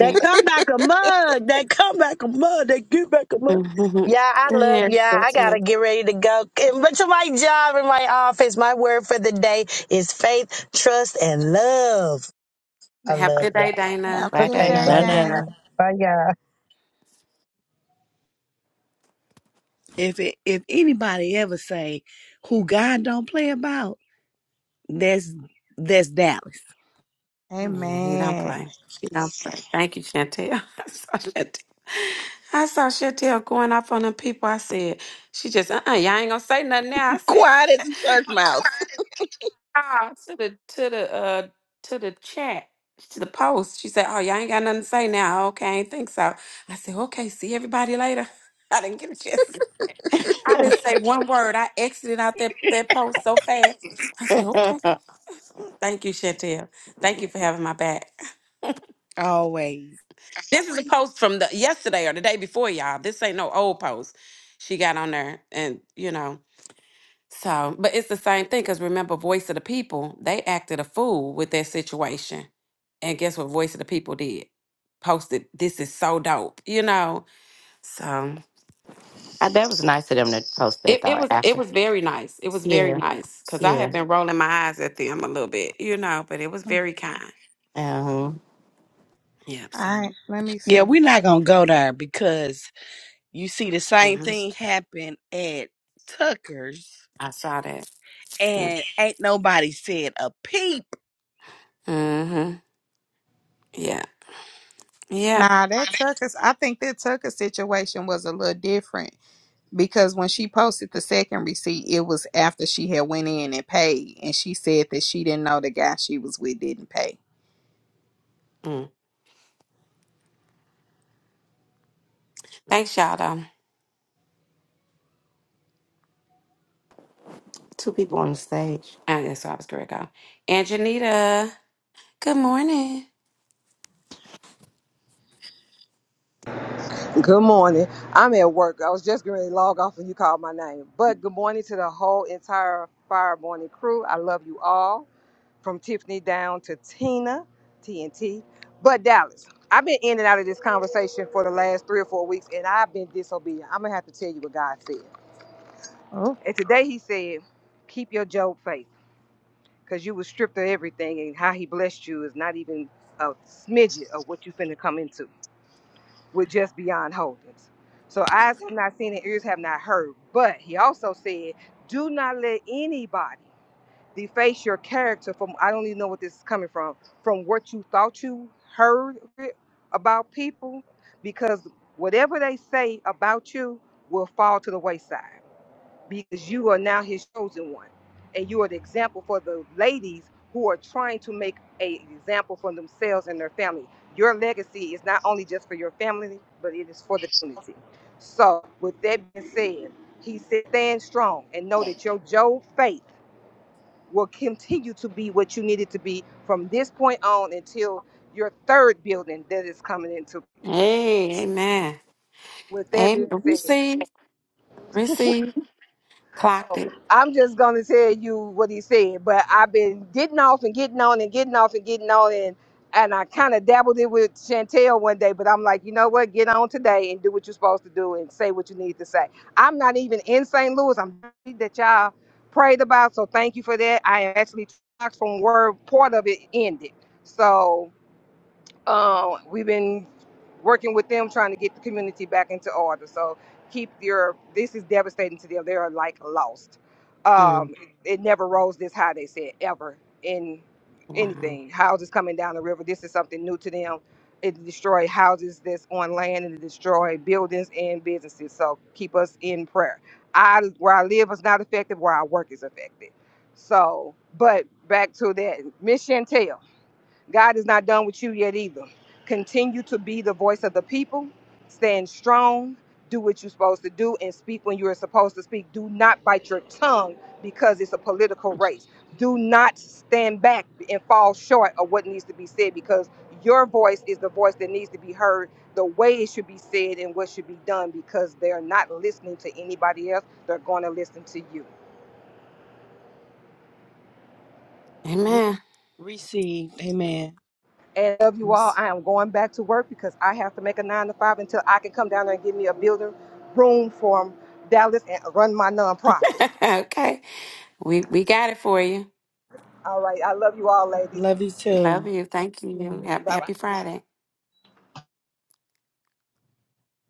That come back a mug. That come back a mug. That get back a mug. Mm-hmm. Yeah, I love Yes. yeah. I That's it. gotta get ready to go. And- But to my job in my office, my word for the day is faith, trust, and love. I Have a love good day, y'all. Dana. Have a Right good Okay, day, there bye That ain't Dana. y'all. no. Bye y'all. If it, if anybody ever say who God don't play about, that's that's Dallas. Yeah, he don't Amen. play. He don't play. Thank you, Chantel. I saw Chantel. I saw Chantel going off on them people. I said, she just, uh-uh, y'all ain't gonna say nothing now. I said, Quiet as a church mouse. ah, to the to the uh to the chat to the post. She said, "Oh, y'all ain't got nothing to say now. Okay, I ain't think so." I said, "Okay, see everybody later." I didn't get a chance. I didn't say one word. I exited out that that post so fast. I said, now. "Okay, thank you, Chantel. Thank you for having my back." Always. This is a post from the yesterday or the day before, y'all. This ain't no old post. She got on there, and you know, so but it's the same thing because remember, Voice of the People, they acted a fool with that situation, and guess what? Voice of the People did posted this is so dope, you know. So Uh, that was nice of them to post it, that it thought was it after. was very nice. It was very Yeah, nice because I yeah. had been rolling my eyes at them a little bit, you know, but it was very kind. Um, Yep. So All right, let me Yeah, see. we're not gonna go there because you see the same mhm, thing happen at Tucker's I saw that. and ain't nobody said a peep. Mm-hmm. Yeah. Yep. Nah, that Tucker. I think that Tucker situation was a little different because when she posted the second receipt, it was after she had went in and paid, and she said that she didn't know the guy she was with didn't pay. Thanks, y'all, though. two people on the stage. I guess I was correct, y'all. And Janita, good morning. Good morning. I'm at work. I was just getting ready to log off when you called my name. But good morning to the whole entire Fire Morning crew. I love you all, from Tiffany down to Tina, TNT. But Dallas, I've been in and out of this conversation for the last three or four weeks, and I've been disobedient. I'm gonna have to tell you what God said. Oh. And today He said, "Keep your Job faith, because you were stripped of everything, and how He blessed you is not even a smidget of what you finna come into." with just beyond holdings. So eyes have not seen and ears have not heard. But he also said, do not let anybody deface your character from I don't even know what this is coming from, from what you thought you heard about people, because whatever they say about you will fall to the wayside because you are now his chosen one and you are the example for the ladies who are trying to make a example for themselves and their family your legacy is not only just for your family but it is for the community so with that being said he said stand strong and know that your job faith will continue to be what you need it to be from this point on until your third building that is coming into Hey, amen. with that being Amen. said Receive, receive, clocked it. I'm just gonna tell you what he said, but I've been getting off and getting on and getting off and getting on and and I kind of dabbled it with Chantel one day, but I'm like, you know what? Get on today and do what you're supposed to do and say what you need to say. I'm not even in St. Louis. I'm happy that y'all prayed about, so thank you for that. I am actually from where part of it ended. So uh, we've been working with them trying to get the community back into order. So keep your this is devastating to them. They are like lost. Mm, Um, it never rose this high. They said ever in wow. anything. Houses coming down the river. This is something new to them. It destroyed houses that's on land and it destroyed buildings and businesses. So keep us in prayer. I where I live is not affected. Where I work is affected. So, but back to that, Miss Chantel. God is not done with you yet either. Continue to be the voice of the people. Stand strong. Do what you're supposed to do and speak when you are supposed to speak. Do not bite your tongue because it's a political race. Do not stand back and fall short of what needs to be said because your voice is the voice that needs to be heard, the way it should be said and what should be done because they're not listening to anybody else. They're going to listen to you. Re- Amen. received. Amen. And I love you all. I am going back to work because I have to make a nine to five until I can come down there and give me a building room from Dallas and run my nonprofit. okay. We we got it for you. All right. I love you all, ladies. Love you too. Love you. Thank you. Happy, Bye bye. happy Friday.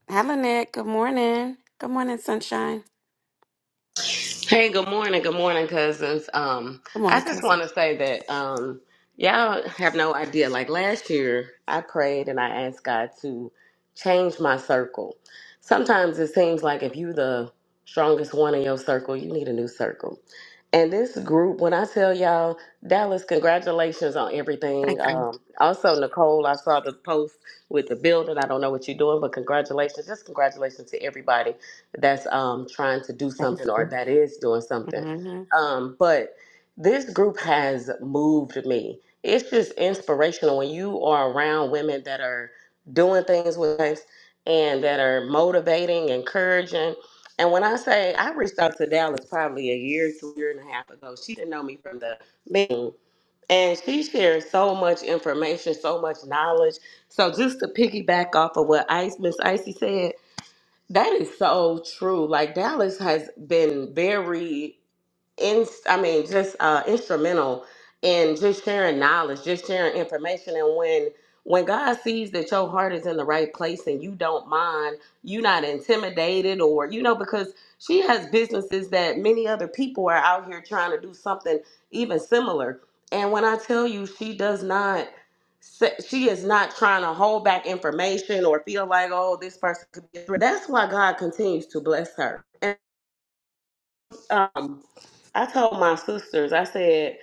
Hello, Lynette. Good morning. Good morning, sunshine. Hey, good morning, good morning, cousins. Um, Good morning, I just cousin. want to say that um, y'all have no idea. Like last year, I prayed and I asked God to change my circle. Sometimes it seems like if you're the strongest one in your circle, you need a new circle. And this group, when I tell y'all, Dallas, congratulations on everything. Thank you. Um, also, Nicole, I saw the post with the building. I don't know what you're doing, but congratulations. Just congratulations to everybody that's um, trying to do Thank something or you. that is doing something. Mhm, Um, but this group has moved me. It's just inspirational when you are around women that are doing things with us and that are motivating, encouraging. And when I say I reached out to Dallas probably a year, two year and a half ago, she didn't know me from the meeting. And she shared so much information, so much knowledge. So just to piggyback off of what Ice Miss Icy said, that is so true. Like Dallas has been very in I mean just uh instrumental in just sharing knowledge, just sharing information and when when God sees that your heart is in the right place and you don't mind, you're not intimidated or you know because she has businesses that many other people are out here trying to do something even similar. And when I tell you she does not se- she is not trying to hold back information or feel like oh this person could be that's why God continues to bless her. Um, I told my sisters, I said,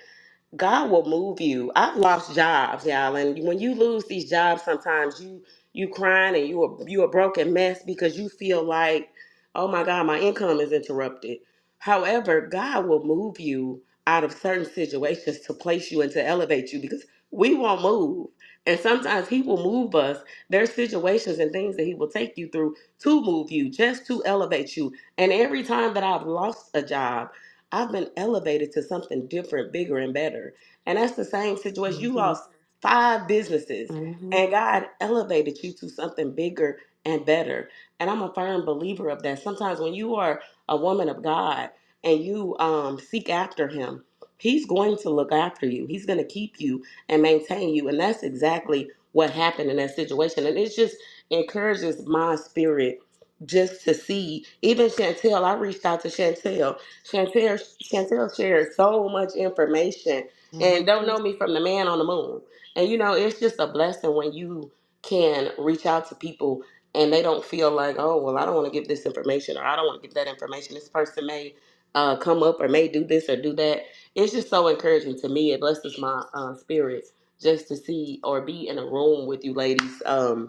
God will move you. I've lost jobs, y'all, and when you lose these jobs, sometimes you you crying and you a you a broken mess because you feel like, oh my God, my income is interrupted. However, God will move you out of certain situations to place you and to elevate you because we won't move. And sometimes he will move us. There's situations and things that he will take you through to move you, just to elevate you. And every time that I've lost a job, I've been elevated to something different, bigger, and better. And that's the same situation. You mhm, lost five businesses, mhm, and God elevated you to something bigger and better. And I'm a firm believer of that. Sometimes when you are a woman of God and you um, seek after Him, He's going to look after you. He's going to keep you and maintain you. And that's exactly what happened in that situation. And it just encourages my spirit just to see. Even Chantel, I reached out to Chantel Chantel, Chantel shares so much information and don't mhm, know me from the man on the moon. And you know, it's just a blessing when you can reach out to people and they don't feel like, oh, well, I don't want to give this information or I don't want to give that information. This person may uh, come up or may do this or do that. It's just so encouraging to me. It blesses my uh, spirit just to see or be in a room with you ladies. Um,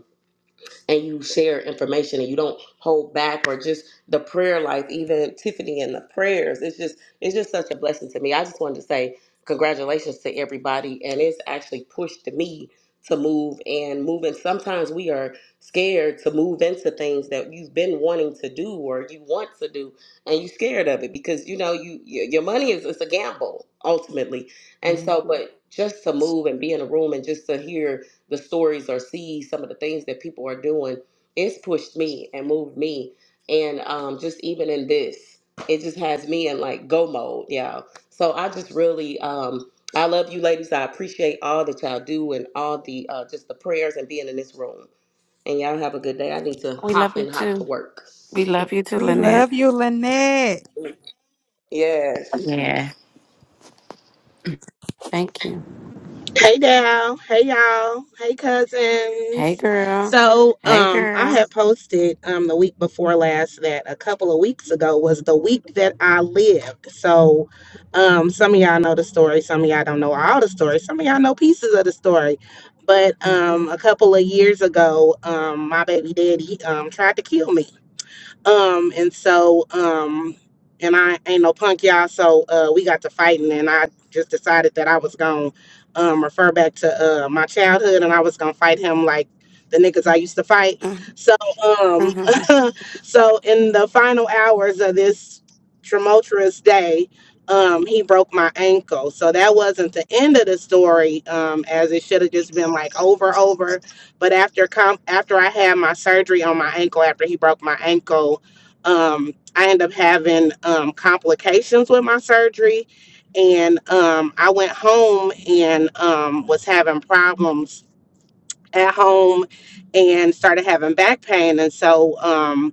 and you share information and you don't hold back or just the prayer life, even Tiffany and the prayers. It's just it's just such a blessing to me. I just wanted to say congratulations to everybody and it's actually pushed me to move and move. And Sometimes we are scared to move into things that you've been wanting to do or you want to do and you're scared of it because you know you your your money is it's a gamble ultimately. And so mhm. but just to move and be in a room and just to hear the stories or see some of the things that people are doing, it's pushed me and moved me. And um, just even in this, it just has me in like go mode, y'all. So I just really, um, I love you ladies. I appreciate all that y'all do and all the uh, just the prayers and being in this room. And y'all have a good day. I need to We love hop you and hop to too. work. We love you too, We Lynette. love you, Lynette. Yes. Yeah. Thank you. Hey Dal, hey y'all, hey Hey cousins. girl. So, Hey um, I girl. had posted um the week before last that a couple of weeks ago was the week that I lived. So, um, some of y'all know the story, some of y'all don't know all the story, some of y'all know pieces of the story. But um, Mhm. a couple of years ago, um, my baby daddy um tried to kill me. Um, and so, um, and I ain't no punk, y'all. So uh, we got to fighting, and I just decided that I was gonna um, refer back to uh, my childhood, and I was gonna fight him like the niggas I used to fight. Mhm. So, um, Mhm. so in the final hours of this tumultuous day. Um, he broke my ankle, so that wasn't the end of the story. Um, as it should have just been like over, over but after com- after I had my surgery on my ankle, after he broke my ankle, um, I ended up having um, complications with my surgery, and um, I went home and um, was having problems at home, and started having back pain. And so um,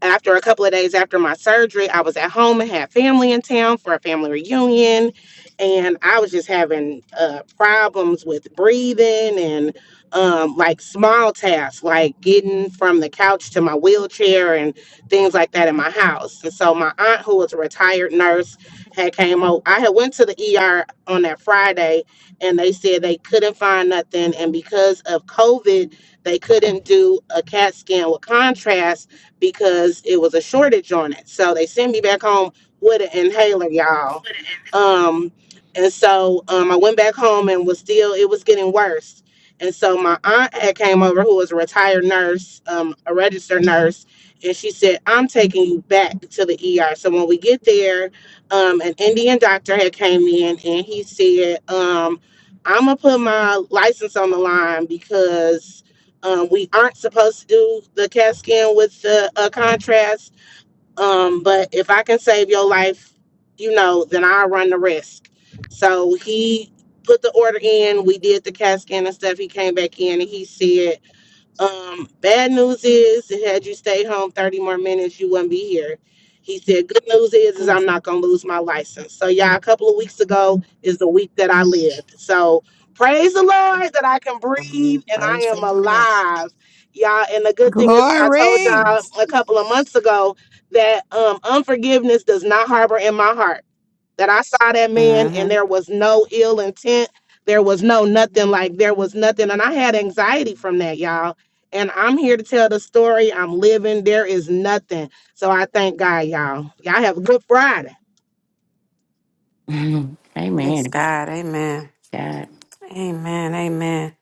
after a couple of days after my surgery, I was at home and had family in town for a family reunion. And I was just having uh, problems with breathing and um, like small tasks, like getting from the couch to my wheelchair and things like that in my house. And so my aunt, who was a retired nurse, had came over. I had went to the ER on that Friday, and they said they couldn't find nothing. And because of COVID, they couldn't do a CAT scan with contrast because it was a shortage on it. So they sent me back home with an inhaler, y'all. Um, and so um, I went back home and was still, it was getting worse. And so my aunt had came over, who was a retired nurse, um, a registered nurse, and she said, "I'm taking you back to the ER." So when we get there, um, an Indian doctor had came in and he said, um, "I'm gonna put my license on the line because um, we aren't supposed to do the CAT scan with the uh, contrast, um, but if I can save your life, you know, then I'll run the risk. So he put the order in. We did the CAT scan and stuff. He came back in and he said, um, bad news is, had you stayed home 30 more minutes, you wouldn't be here. He said, Good news is, is Mhm. I'm not gonna lose my license. So yeah, a couple of weeks ago is the week that I lived. So praise the Lord that I can breathe Mhm. and I Praise am the Lord. alive. Y'all, and the good thing is, is I told Glory. y'all a couple of months ago that um unforgiveness does not harbor in my heart that I saw that man and Mm-hmm. there was no ill intent. There was no nothing like there was nothing. And I had anxiety from that, y'all. And I'm here to tell the story. I'm living. There is nothing. So I thank God, y'all. Y'all have a good Friday. Mhm. Praise Amen. God. Amen. God, Amen. Amen.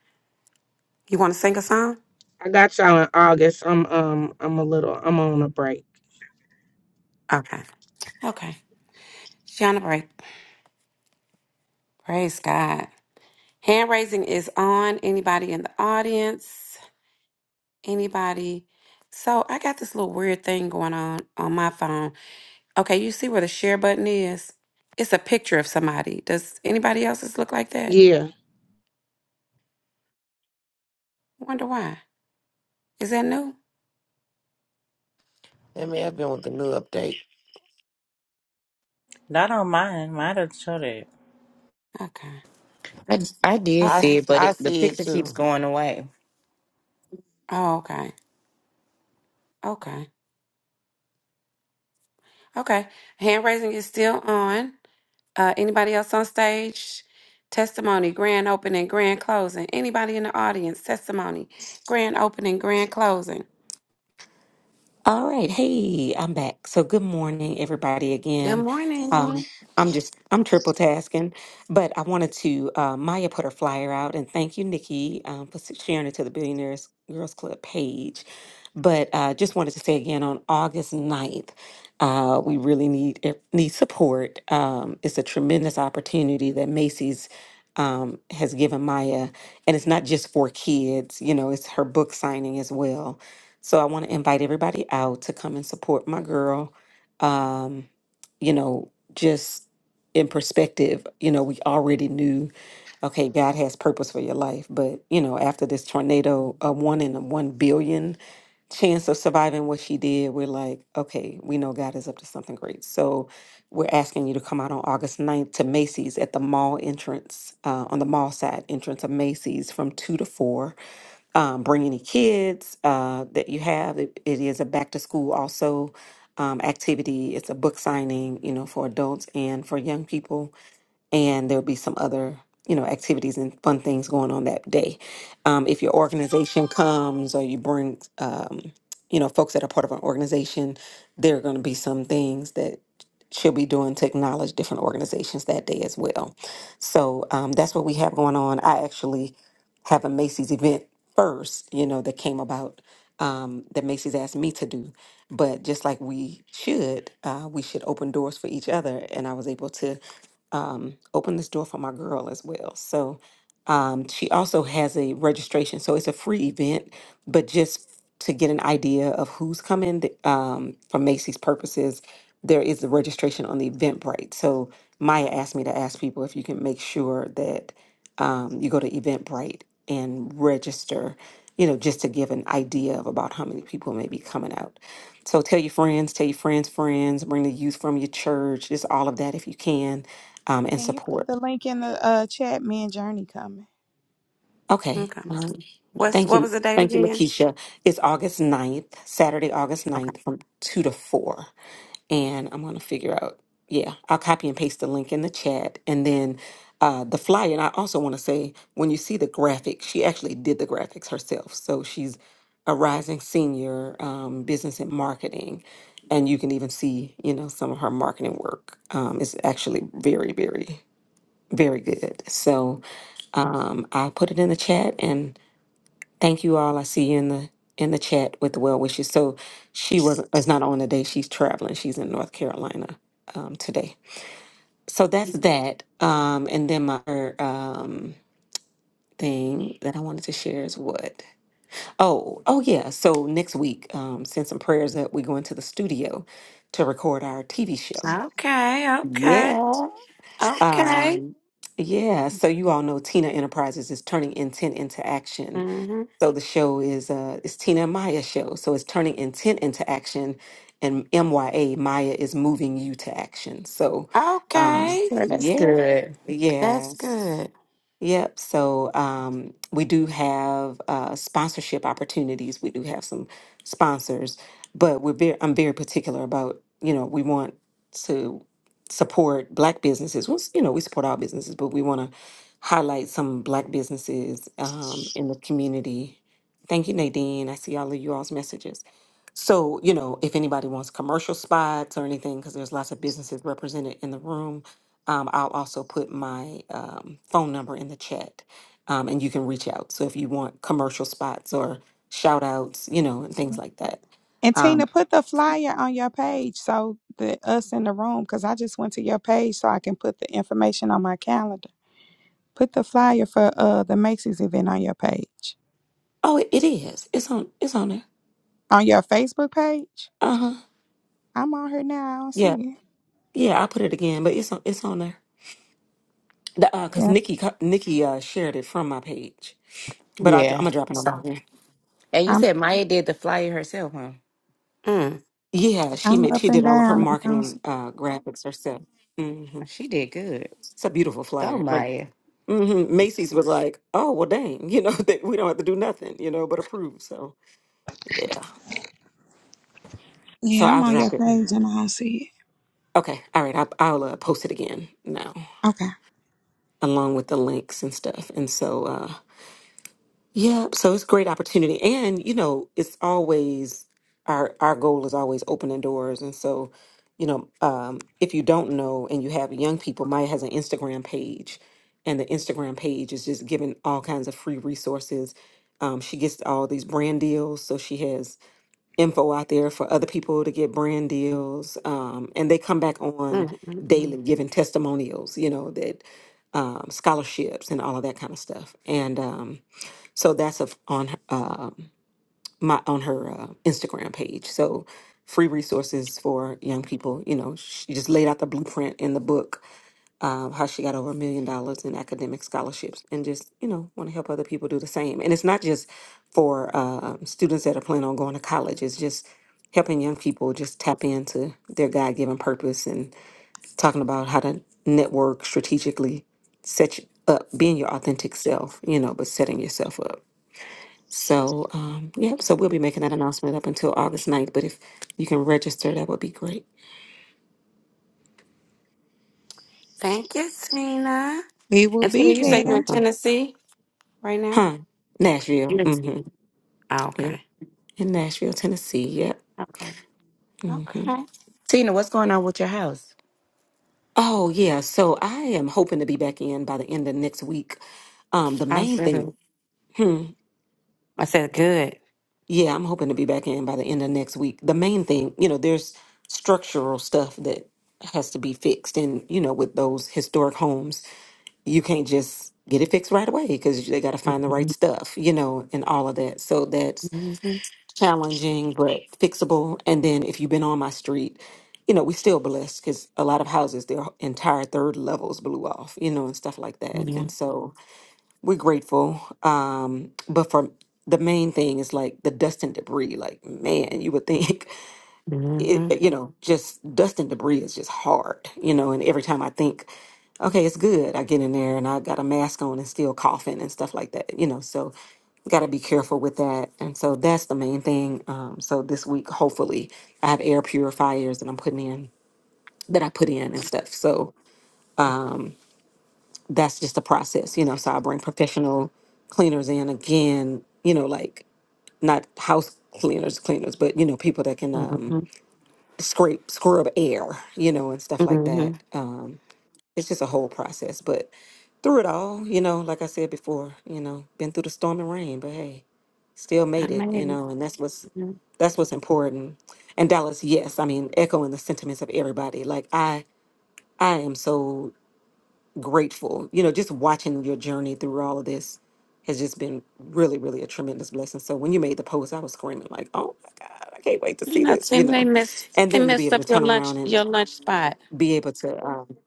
You want to sing a song? I got y'all in August. I'm um I'm a little I'm on a break. Okay. Okay. She on a break. Praise God. Hand raising is on. Anybody in the audience? Anybody? So I got this little weird thing going on on my phone. Okay, you see where the share button is? It's a picture of somebody. Does anybody else's look like that? Yeah. Wonder why? Is that new? I may have been with the new update. I don't mind. Might have shut it. Okay. I, I did I, see Okay. s- it, but I it, the see it picture keeps too. going away. Oh, okay. Okay. Okay. Hand raising is still on. Uh, anybody else on stage? Testimony, grand opening, grand closing. Anybody in the audience? Testimony, grand opening, grand closing. All right, hey, I'm back. So good morning, everybody. Good Again, morning. um, I'm just I'm triple tasking, but I wanted to. Uh, Maya put her flyer out, and thank you, Nikki, um, for s- sharing it to the Billionaires Girls Club page. But uh, just wanted to say again, on August ninth, uh, we really need it- need support. Um, it's a tremendous opportunity that Macy's um, has given Maya, and it's not just for kids. You know, it's her book signing as well so I want to invite everybody out to come and support my girl. Um, you know, just in perspective, you know, we already knew, okay, God has purpose for your life. But, you know, after this tornado, a one in a one billion chance of surviving what she did, we're like, okay, we know God is up to something great. So we're asking you to come out on August ninth to Macy's at the mall entrance, uh, on the mall side entrance of Macy's from 2 to 4 um, bring any kids uh, that you have. It, it is a back to school also um, activity. It's a book signing, you know, for adults and for young people and there'll be some other you know activities and fun things going on that day um, if your organization comes or you bring um, you know folks that are part of an organization there are going to be some things that she'll be doing to acknowledge different organizations that day as well so um, that's what we have going on i actually have a macy's event first you know that came about um, that macy's asked me to do but just like we should uh, we should open doors for each other and i was able to um, open this door for my girl as well. So um, she also has a registration. So it's a free event, but just to get an idea of who's coming th- um, for Macy's purposes, there is the registration on the Eventbrite. So Maya asked me to ask people if you can make sure that um, you go to Eventbrite and register, you know, just to give an idea of about how many people may be coming out. So tell your friends, tell your friends' friends, bring the youth from your church, just all of that if you can um, and Can you put support. the link in the uh, chat? Me and Journey coming. Okay. Okay. Um, What's thank what was you. the date Thank you, again? Lakeisha. It's August ninth, Saturday, August ninth, from 2 to 4. And I'm going to figure out, yeah, I'll copy and paste the link in the chat. And then uh, the flyer, and I also want to say, when you see the graphic, she actually did the graphics herself. So she's a rising senior um, business and marketing. And you can even see, you know, some of her marketing work um, is actually very, very, very good. So, Um, I put it in the chat and thank you all. I see you in the in the chat with the well wishes. So she was is not on today. She's traveling. She's in North Carolina um, today. So that's that. Um, and then my other, um, thing that I wanted to share is what? Oh, oh yeah. So next week, um, send some prayers that we go into the studio to record our TV show. Okay. Okay. Yeah. Okay. Um, yeah. So you all know Tina Enterprises is turning intent into action Mm-hmm. So the show is uh it's Tina and Maya show. So it's turning intent into action and MYA Maya is moving you to action. So um Okay. So that's yeah. good. That's Yeah. good. Yep. So um, we do have uh, sponsorship opportunities. We do have some sponsors, but we're very, I'm very particular about, you know, we want to support black businesses. Well, s- you know, we support all businesses, but we want to highlight some black businesses um, in the community. Thank you, Nadine. I see all of you all's messages. So, you know, if anybody wants commercial spots or anything, because there's lots of businesses represented in the room, um, I'll also put my um, phone number in the chat um, and you can reach out. So if you want commercial spots or shout outs, you know, and things like that. And Um, Tina, put the flyer on your page so that us in the room, because I just went to your page so I can put the information on my calendar. Put the flyer for uh the Macy's event on your page. oh, it, it is. It's on. It's on there. On your Facebook page? Uh huh. I'm on her now, I don't Yeah. see it. Yeah. I put it again, but it's on. It's on there. The, uh, cause Yeah. Nikki, co- Nikki uh, shared it from my page, but I, I'm Yeah. gonna drop it So, on. and you I'm said Maya did the flyer herself, huh? Yeah, Yes. she I'm made up she and did all of her down and I don't see marketing uh graphics herself. hmm She did good. It's a beautiful Go, flyer. Like Maya. hmm Macy's was like, "Oh well, dang, you know that we don't have to do nothing, you know, but approve." So yeah, so Yeah, I'm I'll on your drop it. page and I don't see Okay, all right, I, I'll uh, post it again now it. Okay. along with the links and stuff. And so uh, Yeah, so it's a great opportunity. And, you know, it's always our our goal is always opening doors. And so, you know, um, if you don't know and you have young people, Maya has an Instagram page, and the Instagram page is just giving all kinds of free resources. Um, she gets all these brand deals, so she has info out there for other people to get brand deals. Um, and they come back on Mm-mm-mm. daily giving testimonials, you know, that um, scholarships and all of that kind of stuff. And um so that's a, on her- um my on her uh, Instagram page. So free resources for young people. You know, she just laid out the blueprint in the book uh, how she got over a million dollars in academic scholarships, and just you know want to help other people do the same. And it's not just for um students that are planning on going to college. It's just helping young people just tap into their God given purpose and talking about how to network strategically, set you up, being your authentic self, you know, but setting yourself up. So, um, yep, so we'll be making that announcement up until August ninth. but if you can register, that would be great. Thank you, Tina. We will And Tina, be you You're say you're in there. welcome. Tennessee right now? Huh? Nashville. Yes. hmm Oh, Yeah. okay. In Nashville, Tennessee. Yep. Okay. hmm Okay. Tina, what's going on with your house? Oh, yeah. So I am hoping to be back in by the end of next week. Um, the I'm main thing, good. hmm, I said good. yeah, I'm hoping to be back in by the end of next week. The main thing, you know, there's structural stuff that has to be fixed and, you know, with those historic homes you can't just get it fixed right away because they got to find the right Mm-hmm. stuff, you know, and all of that. So that's Mm-hmm. challenging but fixable. And then if you've been on my street, you know, we still blessed because a lot of houses, their entire third levels blew off, you know, and stuff like that. Yeah. And so we're grateful. Um, but for the main thing is like the dust and debris. Like, man, you would think Mm-hmm. it, you know, just dust and debris is just hard, you know. And every time I think, okay, it's good, I get in there and I got a mask on and still coughing and stuff like that, you know. So, got to be careful with that. And so that's the main thing. Um, so this week, hopefully, I have air purifiers that I'm putting in that I put in and stuff. So that's just a process, you know. So I bring professional cleaners in again, you know, like not house cleaners, cleaners, but you know, people that can. Um, Mm-hmm. scrape scrub air, you know, and stuff like Mm-hmm. that. Um, it's just a whole process, but through it all, you know, like I said before, you know, been through the storm and rain, but hey, still I made it, made you it. know, and that's what's Mhm. that's what's important. And Dallas, yes, I mean, echoing the sentiments of everybody. Like I I am so grateful. You know, just watching your journey through all of this has just been really, really a tremendous blessing. So when you made the post, I was screaming like, "Oh my God, I can't wait to You see know, this!" You Tina, they know, messed and they then to be messed able up to your turn around lunch and your lunch spot. be able to, um,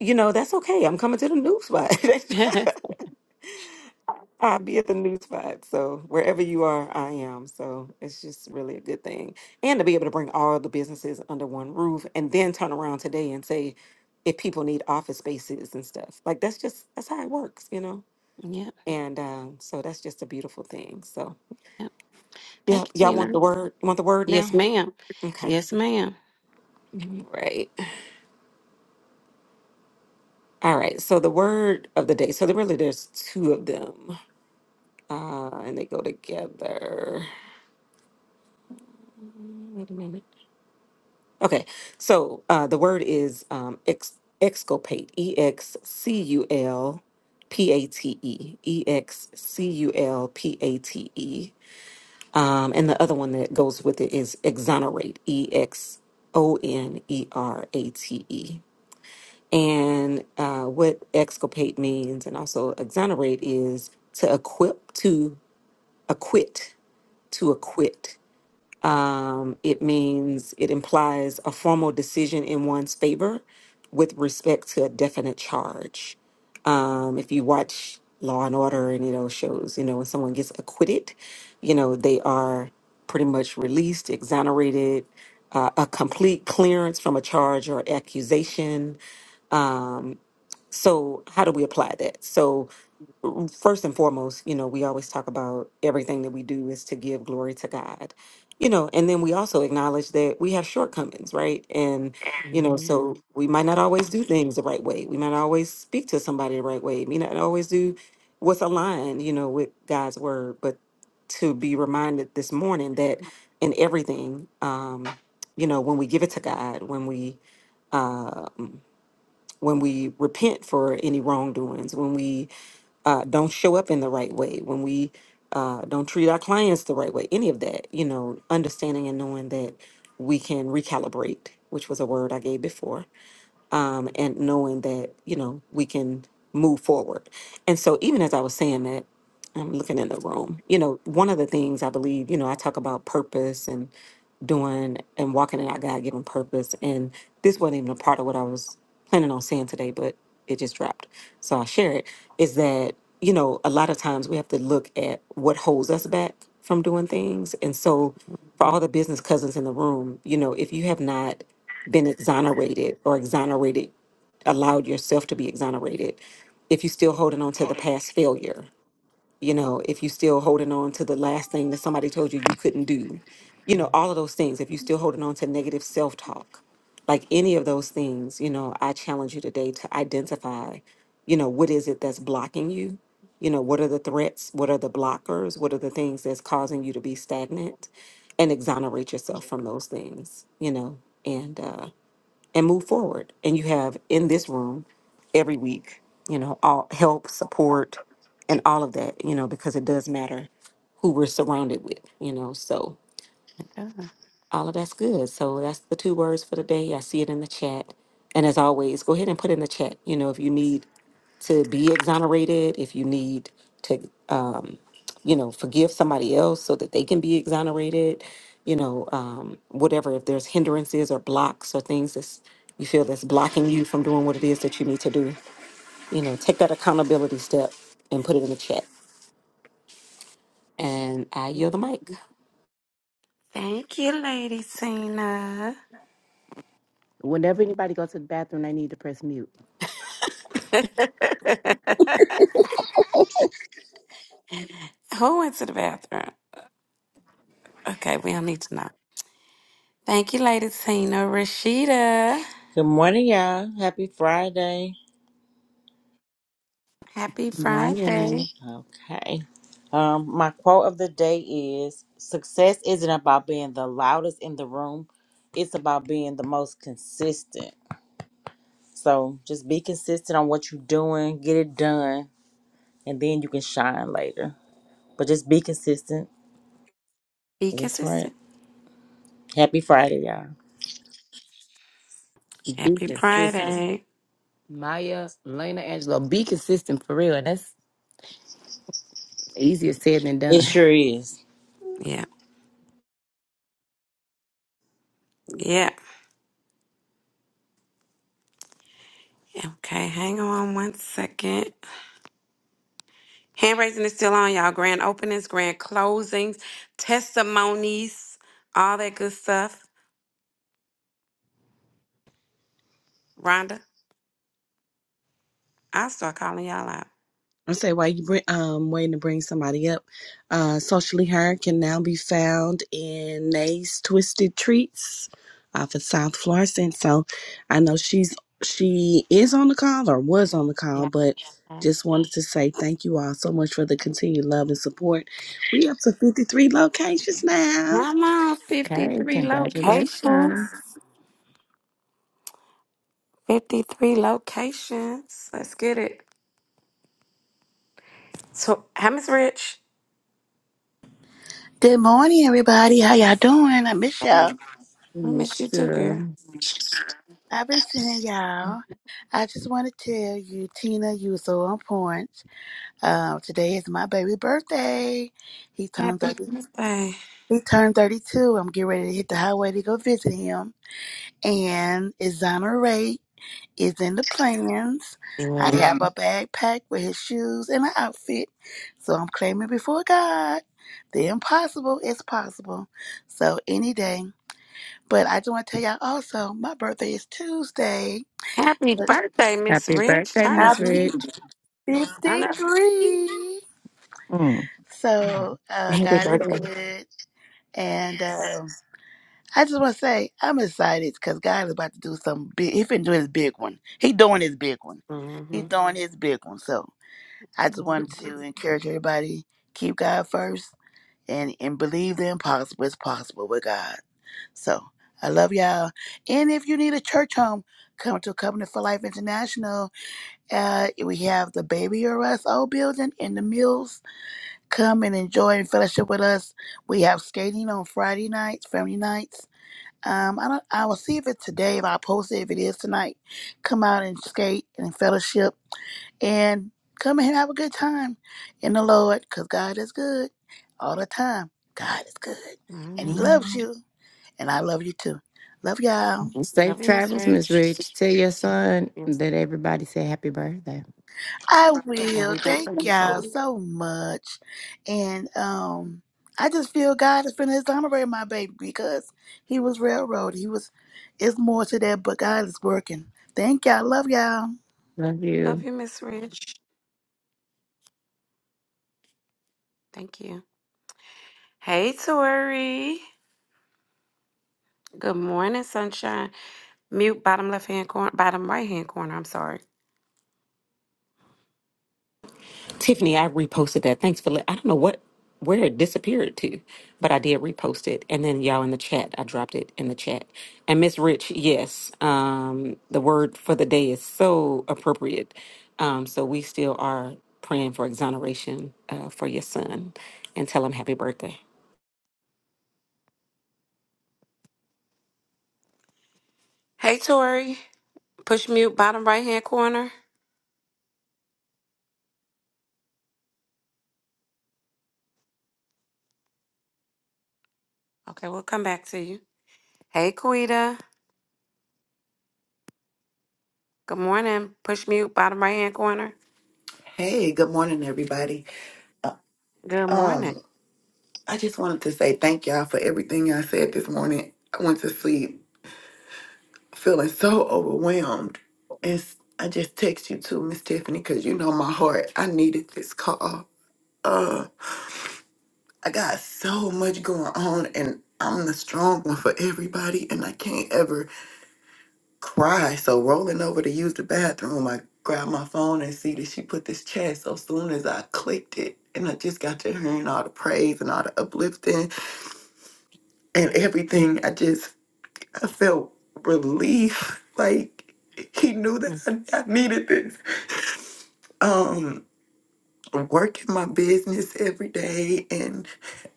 you know, that's okay. I'm coming to the new spot. yeah. I'll be at the new spot. So wherever you are, I am. So it's just really a good thing. And to be able to bring all the businesses under one roof and then turn around today and say, if people need office spaces and stuff, like that's just, that's how it works, you know? And um, so that's just a beautiful thing. So Yep. yeah, Thank you, y'all want Tina. the word? You want the word Yes, now? ma'am. Okay. Yes, madam Right. All right. So the word of the day. So there really there's two of them, uh, and they go together. Amendment. Okay, so uh, the word is um, ex- exculpate. E X C U L P A T E. E X C U L P A T E. Um, and the other one that goes with it is exonerate. E X O N E R A T E. And uh, what exculpate means, and also exonerate, is to equip, to acquit, to acquit. Um, it means it implies a formal decision in one's favor with respect to a definite charge. Um, if you watch Law and Order and you know shows, you know when someone gets acquitted, you know they are pretty much released, exonerated, uh, a complete clearance from a charge or accusation. Um, so how do we apply that? So first and foremost, you know, we always talk about everything that we do is to give glory to God, you know, and then we also acknowledge that we have shortcomings, right? And, you know, Mm-hmm. so Mhm. we might not always do things the right way. We might not always speak to somebody the right way. We not always do what's aligned, you know, with God's word. But to be reminded this morning that in everything, um, you know, when we give it to God, when we when we repent for any wrongdoings, when we uh, don't show up in the right way, when we uh, don't treat our clients the right way, any of that, you know, understanding and knowing that we can recalibrate, which was a word I gave before, um, and knowing that, you know, we can move forward. And so, even as I was saying that, I'm looking in the room. You know, one of the things I believe, you know, I talk about purpose and doing and walking in our God given purpose. And this wasn't even a part of what I was planning on saying today, but it just dropped. So I'll share it is that, you know, a lot of times we have to look at what holds us back from doing things. And so for all the business cousins in the room, you know, if you have not been exonerated or exonerated, allowed yourself to be exonerated, if you're still holding on to the Hold on. past failure you know, if you still holding on to the last thing that somebody told you you couldn't do, you know, all of those things, if you still holding on to negative self talk, like any of those things, you know, I challenge you today to identify, you know, what is it that's blocking you? You know, what are the threats? What are the blockers? What are the things that's causing you to be stagnant? And exonerate yourself from those things, you know, and, uh, and move forward. And you have in this room every week, you know, all help, support, and all of that, you know, because it does matter who we're surrounded with, you know. So all of that's good. So that's the two words for the day. I see it in the chat. And as always, go ahead and put in the chat, you know, if you need to be exonerated, if you need to, um, you know, forgive somebody else so that they can be exonerated, you know, um, whatever, if there's hindrances or blocks or things that's you feel that's blocking you from doing what it is that you need to do, you know, take that accountability step and put it in the chat. And I yield the mic. Thank you, Lady Tina. Whenever anybody goes to the bathroom, they need to press mute. Who went to the bathroom? Okay, we don't need to know. Thank you, Lady Tina. Rashida, Good morning, y'all. Happy Friday. happy Friday. Morning. Okay. Um, my quote of the day is success isn't about being the loudest in the room. It's about being the most consistent. So just be consistent on what you're doing, get it done, and then you can shine later. But just be consistent Be That's right. consistent. Happy Friday, y'all. Be Happy consistent. Friday. Maya, Lena, Angelo, be consistent for real. That's easier said than It done. sure is. Yeah, yeah. Okay, hang on one second. Hand raising is still on, y'all. Grand openings, grand closings, testimonies, all that good stuff. Rhonda, I'll start calling y'all out. I say while you bring, um waiting to bring somebody up, uh, socially her can now be found in Nay's Twisted Treats off of South Florissant. So I know she's she is on the call or was on the call, Yeah. but just wanted to say thank you all so much for the continued love and support. We up to fifty three locations now. I'm on Okay, 53 locations. congratulations. 53 locations. Let's get it. So, how Miss Rich? Good morning, everybody. How y'all doing? I miss y'all. We Miss miss your you too, girl. girl. I've been seeing y'all. I just want to tell you, Tina, you were so on point. Um, today is my baby's birthday. He turned Happy 30, birthday. he turned 32. I'm getting ready to hit the highway to go visit him. And exonerate is in the plans. I Good. have my bag packed with his shoes and an outfit. So I'm claiming before God, the impossible is possible. So any day. But I do want to tell y'all also, my birthday is Tuesday. Happy but birthday, Miss Happy Rich. birthday, Turn up. Miss I'll be Rich. Turn up. 53. Mm. So uh, Happy God is birthday. good. And um I just want to say, I'm excited because God is about to do something big. He finna do his big one. He doing his big one. He Mm-hmm. doing his big one. So I just wanted to encourage everybody, keep God first and and believe the impossible is possible with God. So I love y'all. And if you need a church home, come to Covenant for Life International. Uh, we have the Baby or Us old building in the Mills. Come and enjoy and fellowship with us. We have skating on Friday nights, family nights. Um, I don't. I will see if it's today. If I post it, if it is tonight, come out and skate and fellowship and come and have a good time in the Lord because God is good all the time. God is good and He loves you, and I love you too. Love y'all. Safe Love you, Miss travels, Miss Rich. Rich. Tell your son that everybody said happy birthday. I And will. we've been Thank praying for y'all him. so much. And um, I just feel God is finna exonerate my baby because he was railroaded. He was, it's more to that, but God is working. Thank y'all. Love y'all. Love Love you. you, Miss Rich. Thank you. Hey, Tori. Good morning, sunshine. Mute bottom left hand corner, bottom right hand corner. I'm sorry. Tiffany, I reposted that. Thanks for. Let, I don't know what where it disappeared to, but I did repost it, and then y'all in the chat, I dropped it in the chat. And Miss Rich, yes, um, the word for the day is so appropriate. Um, so we still are praying for exoneration uh, for your son, and tell him happy birthday. Hey, Tori. Push mute bottom right hand corner. Okay, we'll come back to you. Hey, Quita. Good morning. Push mute bottom right hand corner. Hey, good morning, everybody. Uh, Good morning. Um, I just wanted to say thank y'all for everything y'all said this morning. I went to sleep feeling so overwhelmed. And s- I just text you too, Miss Tiffany, because you know my heart. I needed this call. Uh, I got so much going on, and I'm the strong one for everybody, and I can't ever cry. So rolling over to use the bathroom, I grabbed my phone and see that she put this chat. So soon as I clicked it, and I just got to hearing all the praise and all the uplifting and everything, I just I felt relief. Like he knew Mm, that I, I needed this. Um, working my business every day, and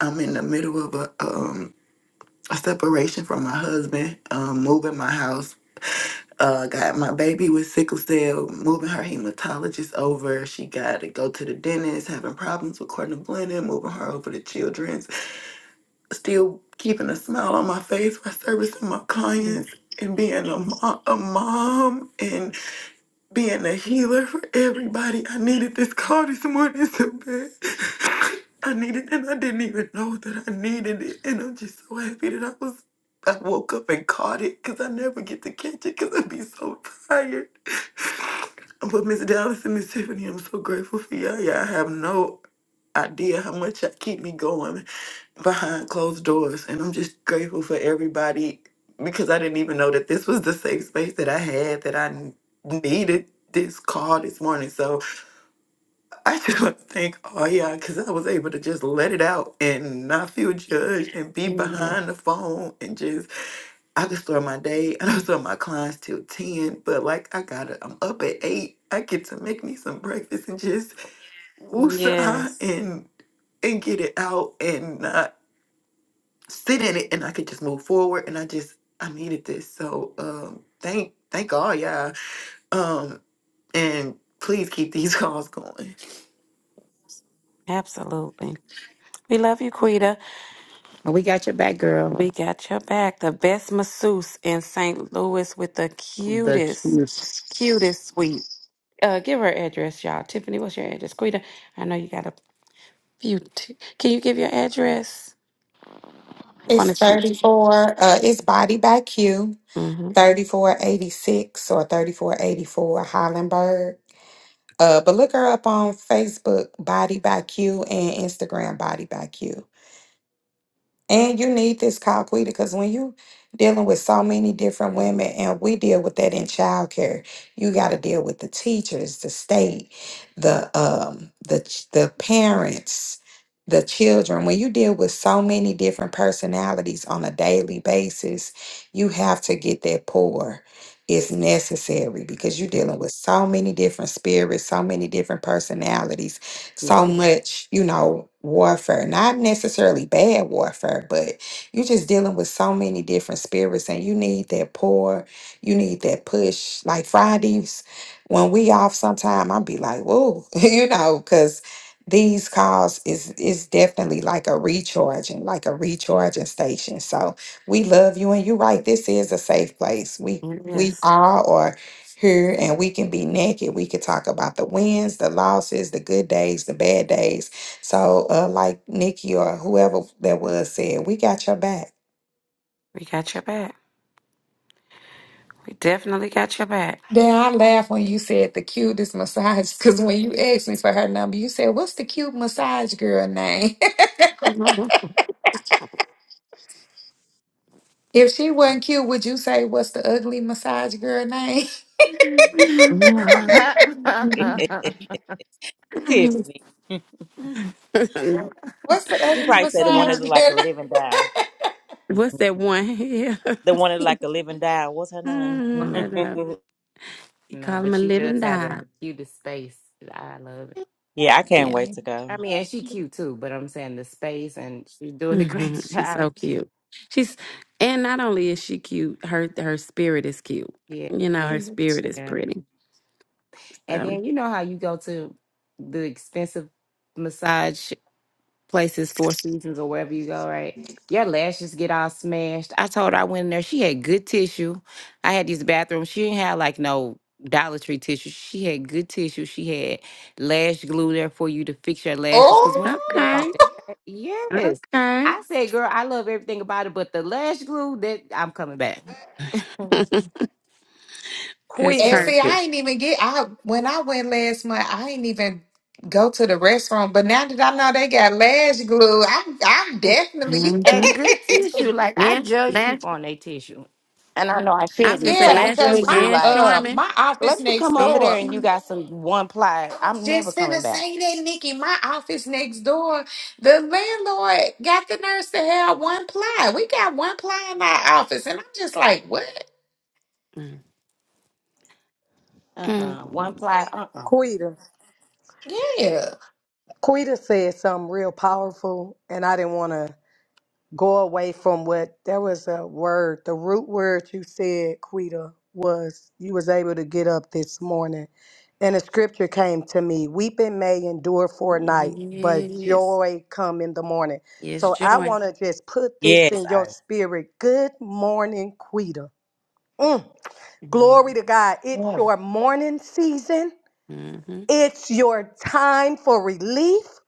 I'm in the middle of a um a separation from my husband, um, moving my house uh, got my baby with sickle cell, moving her hematologist over. She got to go to the dentist, having problems with Cornblenda, moving her over to Children's. Still keeping a smile on my face by servicing my mm, clients and being a, mo- a mom being a healer for everybody. I needed this call this morning so bad. I needed it, and I didn't even know that I needed it. And I'm just so happy that I was. I woke up and caught it because I never get to catch it because I'd be so tired. But Miss Dallas and Miss Tiffany, I'm so grateful for y'all. Y'all have no idea how much y'all keep me going behind closed doors. And I'm just grateful for everybody because I didn't even know that this was the safe space that I had that I n- needed this call this morning. So I just want to thank all y'all because I was able to just let it out and not feel judged and be Yes. behind the phone and just, I could start my day and I don't start my clients till 10, but like I got to, I'm up at 8. I get to make me some breakfast and just woosah Yes. and and get it out and not sit in it and I could just move forward and I just I needed this. So um thank thank all y'all. Um and please keep these calls going. Absolutely. We love you, Quita. And we got your back, girl. We got your back. The best masseuse in St. Louis with the The cutest. cutest. Cutest sweet. Uh, give her address, y'all. Tiffany, what's your address? Quita, I know you got a few. T- Can you give your address? You want It's to shoot? 34, uh, it's Body by Q, Mm-hmm. 3486 or 3484 Hollenberg. Uh, but look her up on Facebook, Body by Q, and Instagram, Body by Q. And you need this Coquita because when you dealing with so many different women, and we deal with that in childcare, you got to deal with the teachers, the state, the um, the ch- the parents, the children. When you deal with so many different personalities on a daily basis, you have to get that pour. It's necessary because you're Yeah, dealing with so many different spirits, so many different personalities yeah. so much, you know, warfare. Not necessarily bad warfare, but you're just dealing with so many different spirits and you need that pour, you need that push. Like Fridays, when we off sometime, I'll be like, whoa, you know, because these calls is is definitely like a recharging, like a recharging station. So we love you and you're right, this is a safe place. We we Yes, are or here and we can be naked. We could talk about the wins, the losses, the good days, the bad days. So, uh, like Nikki or whoever that was said, we got your back. we got your back. We definitely got your back. Then I laughed when you said the cutest massage because when you asked me for her number, you said, What's the cute massage girl name? if she wasn't cute, would you say, What's the ugly massage girl name? Tiffany. Hmm. No, What's the She ugly probably said the one massage that no. looked like a girl living doll. What's that one? yeah. The one that looked like a living doll. What's her name? Mhm, I know. You no, call him but a she does living have the dog. cutest face. I love it. yeah, I Yeah. can't wait to name? go. I mean, and she cute too, but I'm saying the space and she's doing a hmm great She's job. so cute. She's and not only is she cute, her her spirit is cute. Yeah, You know, her spirit is yeah. pretty. And So then you know how you go to the expensive massage places, Four Seasons or wherever you go, right? Your lashes get all smashed. I told her I went in there. She had good tissue. I had these bathrooms. She didn't have like no Dollar Tree tissue. She had good tissue. She had lash glue there for you to fix your lashes. Cause once you get up oh! off okay, that, ta- yes, okay, I said, girl, I love everything about it, but the lash glue that I'm coming back. Mhm. that's And see, I perfect. ain't even get I when I went last month, I ain't even go to the restaurant. But now that I know they got lash glue, I'm I'm definitely hmm And good tissue. Like I And judge last, people on their tissue, and I know I I was gonna shouldn't, say Yeah, but I last blue because judge you my and like. uh Sherman my office Let me next come over and there door. and you Sherman. got some one ply. I was I'm never just gonna coming back. say that, Nikki. My office next door, the landlord got the nurse to have one ply. We got one ply in our office, and I'm just like, what? Uh Mm-hmm. uh One ply. Uh uh Quita. Yeah. Quita said something real powerful, and I didn't want to. go away from what there was a word the root word you said quita was you was able to get up this morning and the scripture came to me weeping may endure for a night but Yes, joy come in the morning yes, so i joy. want to just put this Yes, in your I. spirit good morning quita Mm. Yeah. glory to god it's your morning season Mm-hmm. it's your time for relief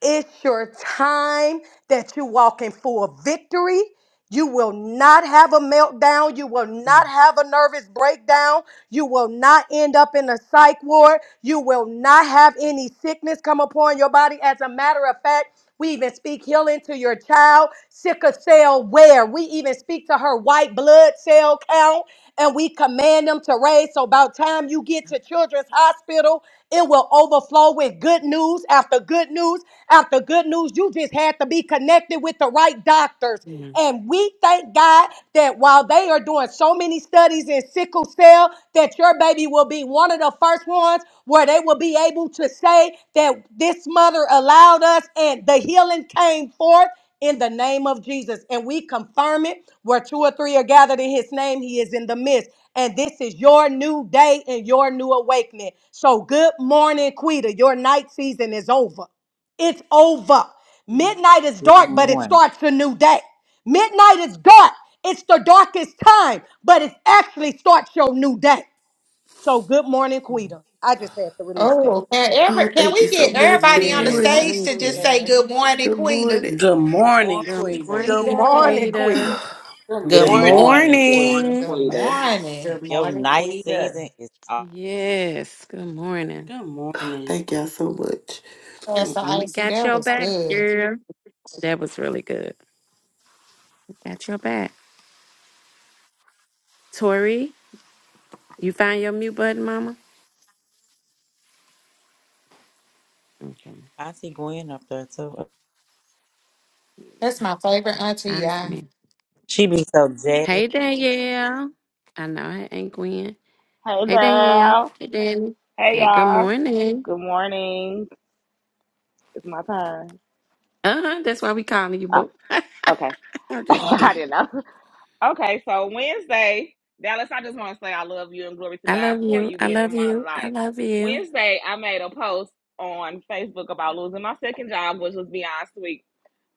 it's your time that you're walking for victory. You will not have a meltdown. You will not have a nervous breakdown. You will not end up in a psych ward. You will not have any sickness come upon your body. As a matter of fact, we even speak healing to your child, sickle cell wear. We even speak to her white blood cell count and we command them to raise. So about time you get to Children's Hospital, it will overflow with good news after good news after good news. You just had to be connected with the right doctors. Mm-hmm. And we thank God that while they are doing so many studies in sickle cell, that your baby will be one of the first ones where they will be able to say that this mother allowed us and the healing came forth in the name of Jesus. And we confirm it where two or three are gathered in his name, he is in the midst. And this is your new day and your new awakening. So, good morning, Quita. Your night season is over. It's over. Midnight is Good dark, but it morning. starts a new day. Midnight is dark. It's the darkest time, but it actually starts your new day. So, good morning, Quita. I just had to release that. Oh, can, every, Oh can thank you we so get much. Mm-hmm. everybody Good on the Good Yes, morning. morning, stage thank to Queen. just you. say good morning, Good Quita? morning. Good Morning, morning, Good Quita. Queen. Good morning, morning, Good Quita. Quita. Good Good Good morning. morning, Good Quita. morning, morning. Good Quita. morning. Your morning, night Queen. season Good is off. Yes, good morning. Good morning. thank y'all so much. Pastor We Icy, got that your was back, good. girl. That was really good. Got your back. Tori, you find your mute button, mama? Okay. Auntie Gwen up there too. That's my favorite auntie, How's it y'all. She be so jazzed. That Hey, Danielle. I know it ain't Gwen. Hey, Hey, Danielle. girl. Hey, Danny. Hey, Hey, good y'all. morning. Good morning. It's my turn. Uh-huh, that's why we calling you, Oh, boo. okay. I'm just I kidding. didn't know. Okay, so Wednesday, Dallas, I just want to say I love you and glory to I God love for you. you I being love in my you. I life. love you. Wednesday, I made a post on Facebook about losing my second job, which was beyond sweet.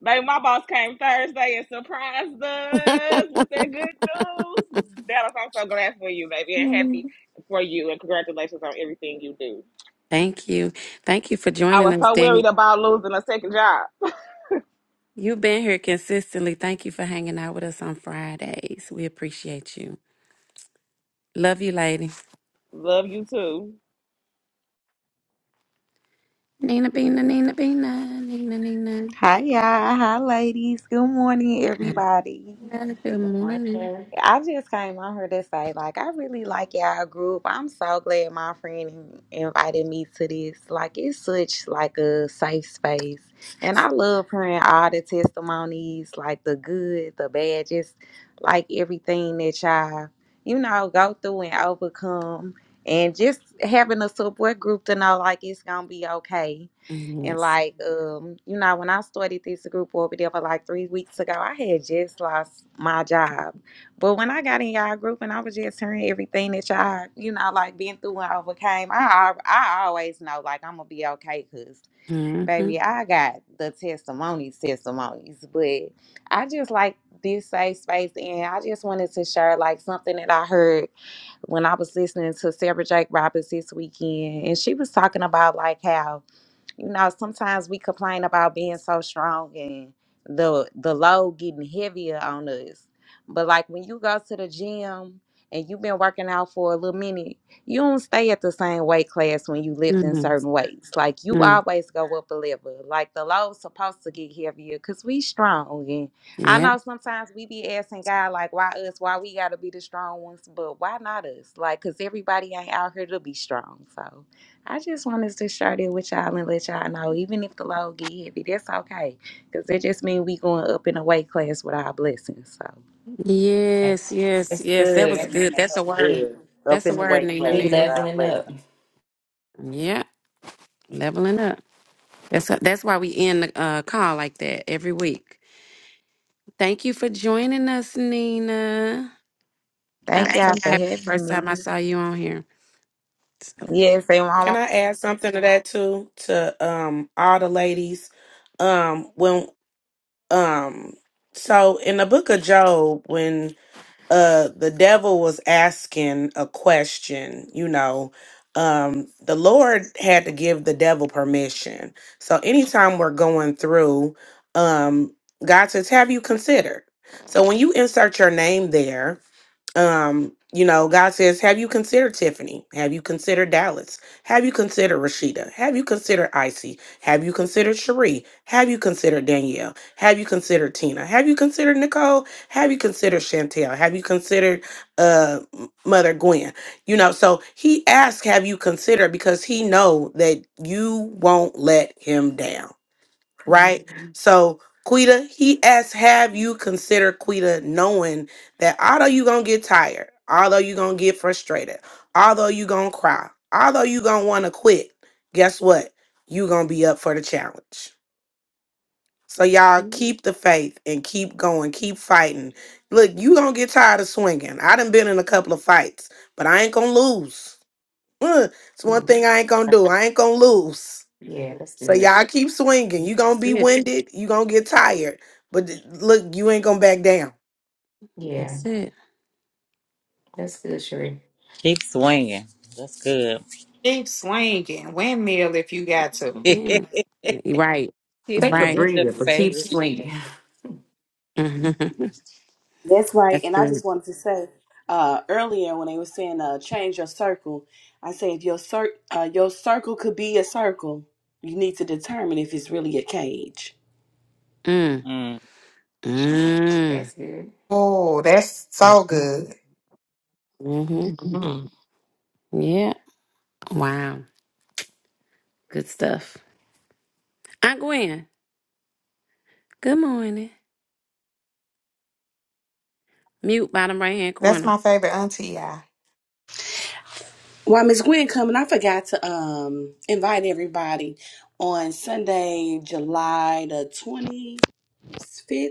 Baby, my boss came Thursday and surprised us with that good news. Dallas, I'm so glad for you, baby, and happy Mm. for you, and congratulations on everything you do. Thank you. Thank you for I joining was so us, worried about losing a second job. You've been here consistently. Thank you for hanging out with us on Fridays. We appreciate you. Love you, lady. Love you too. Nina Bina, Nina Bina, Nina Nina. Hi, y'all. Hi, ladies. Good morning, everybody. Nina, Good morning. morning. I just came on here to say, like, I really like y'all group. I'm so glad my friend invited me to this. Like, it's such like a safe space, and I love hearing all the testimonies, like the good, the bad, just like everything that y'all, you know, go through and overcome, and just having a support group to know like it's gonna be okay. And Yes. like, um, you know, when I started this group over there for like three weeks ago, I had just lost my job but when I got in y'all group and I was just hearing everything that y'all, you know, like been through and overcame, I al- I always know like I'm gonna be okay, cause Mm-hmm. baby, I got the testimonies, testimonies. But I just like this safe space, and I just wanted to share like something that I heard when I was listening to Sarah Jake Roberts this weekend, and she was talking about like how you know, sometimes we complain about being so strong and the the load getting heavier on us. But like when you go to the gym and you've been working out for a little minute, you don't stay at the same weight class when you lift in Mm-hmm. certain weights. Like you Mm. always go up a level. Like the load's supposed to get heavier because we strong. And I Yeah. know sometimes we be asking God like, why us? Why we gotta be the strong ones? But why not us? Like, cause everybody ain't out here to be strong. So. I just wanted to share that with y'all and let y'all know, even if the load get heavy, that's okay. Because it just means we going up in a weight class with our blessings. So Right. Yes, yes, That's yes. That was good. man, good. that That's a was word. good. Up That's a in the word, weight Nina We class with Nina. our leveling blessing. up. Yeah. Leveling up. That's that's why we end the uh, call like that every week. Thank you for joining us, Nina. I'm thank so y'all for happy. having First time I me. saw you on here. So, Yes, and Mama, Can I add something to that too? To um all the ladies. Um when um so in the book of Job, when uh the devil was asking a question, you know, um the Lord had to give the devil permission. So anytime we're going through, um God says, Have you considered? So when you insert your name there, um you know god says have you considered tiffany have you considered dallas have you considered rashida have you considered icy have you considered cherie have you considered danielle have you considered tina have you considered nicole have you considered chantel have you considered uh M- mother gwen you know so he asks have you considered because he know that you won't let him down that's right? So Quita, he asks, have you considered Quita knowing that although you gonna get tired, although you gonna get frustrated, although you gonna cry, although you gonna wanna quit, guess what? you gonna be up for the challenge. So y'all keep the faith and keep going, keep fighting. Look, you gonna get tired of swinging. I done been in a couple of fights, but I ain't gonna lose. Ugh, It's one thing I ain't gonna do. I ain't gonna lose. Yeah, that's So good. y'all keep swinging. You gonna be it. winded. You gonna get tired. But th- look, you ain't gonna back down. Yeah, That's it. that's good, Sheree. Keep swinging. That's good. Keep swinging. Windmill if you got to. Yeah. Right. Take a Tiffany, Right. that's your breather, but keep favorite. swinging. Mhm. That's right. That's And I good. just wanted to say uh, earlier when they were saying uh, change your circle, I said your cir- uh, your circle could be a circle. You need to determine if it's really a cage. Mm. Mm. Mm. That's good. Oh, that's so good. hmm Mhm. Yeah. Wow. Good stuff. Aunt Gwen, good morning. Mute bottom right hand That's corner. my favorite auntie, y'all. While Miss Gwen coming, I forgot to um, invite everybody on Sunday, July the 25th,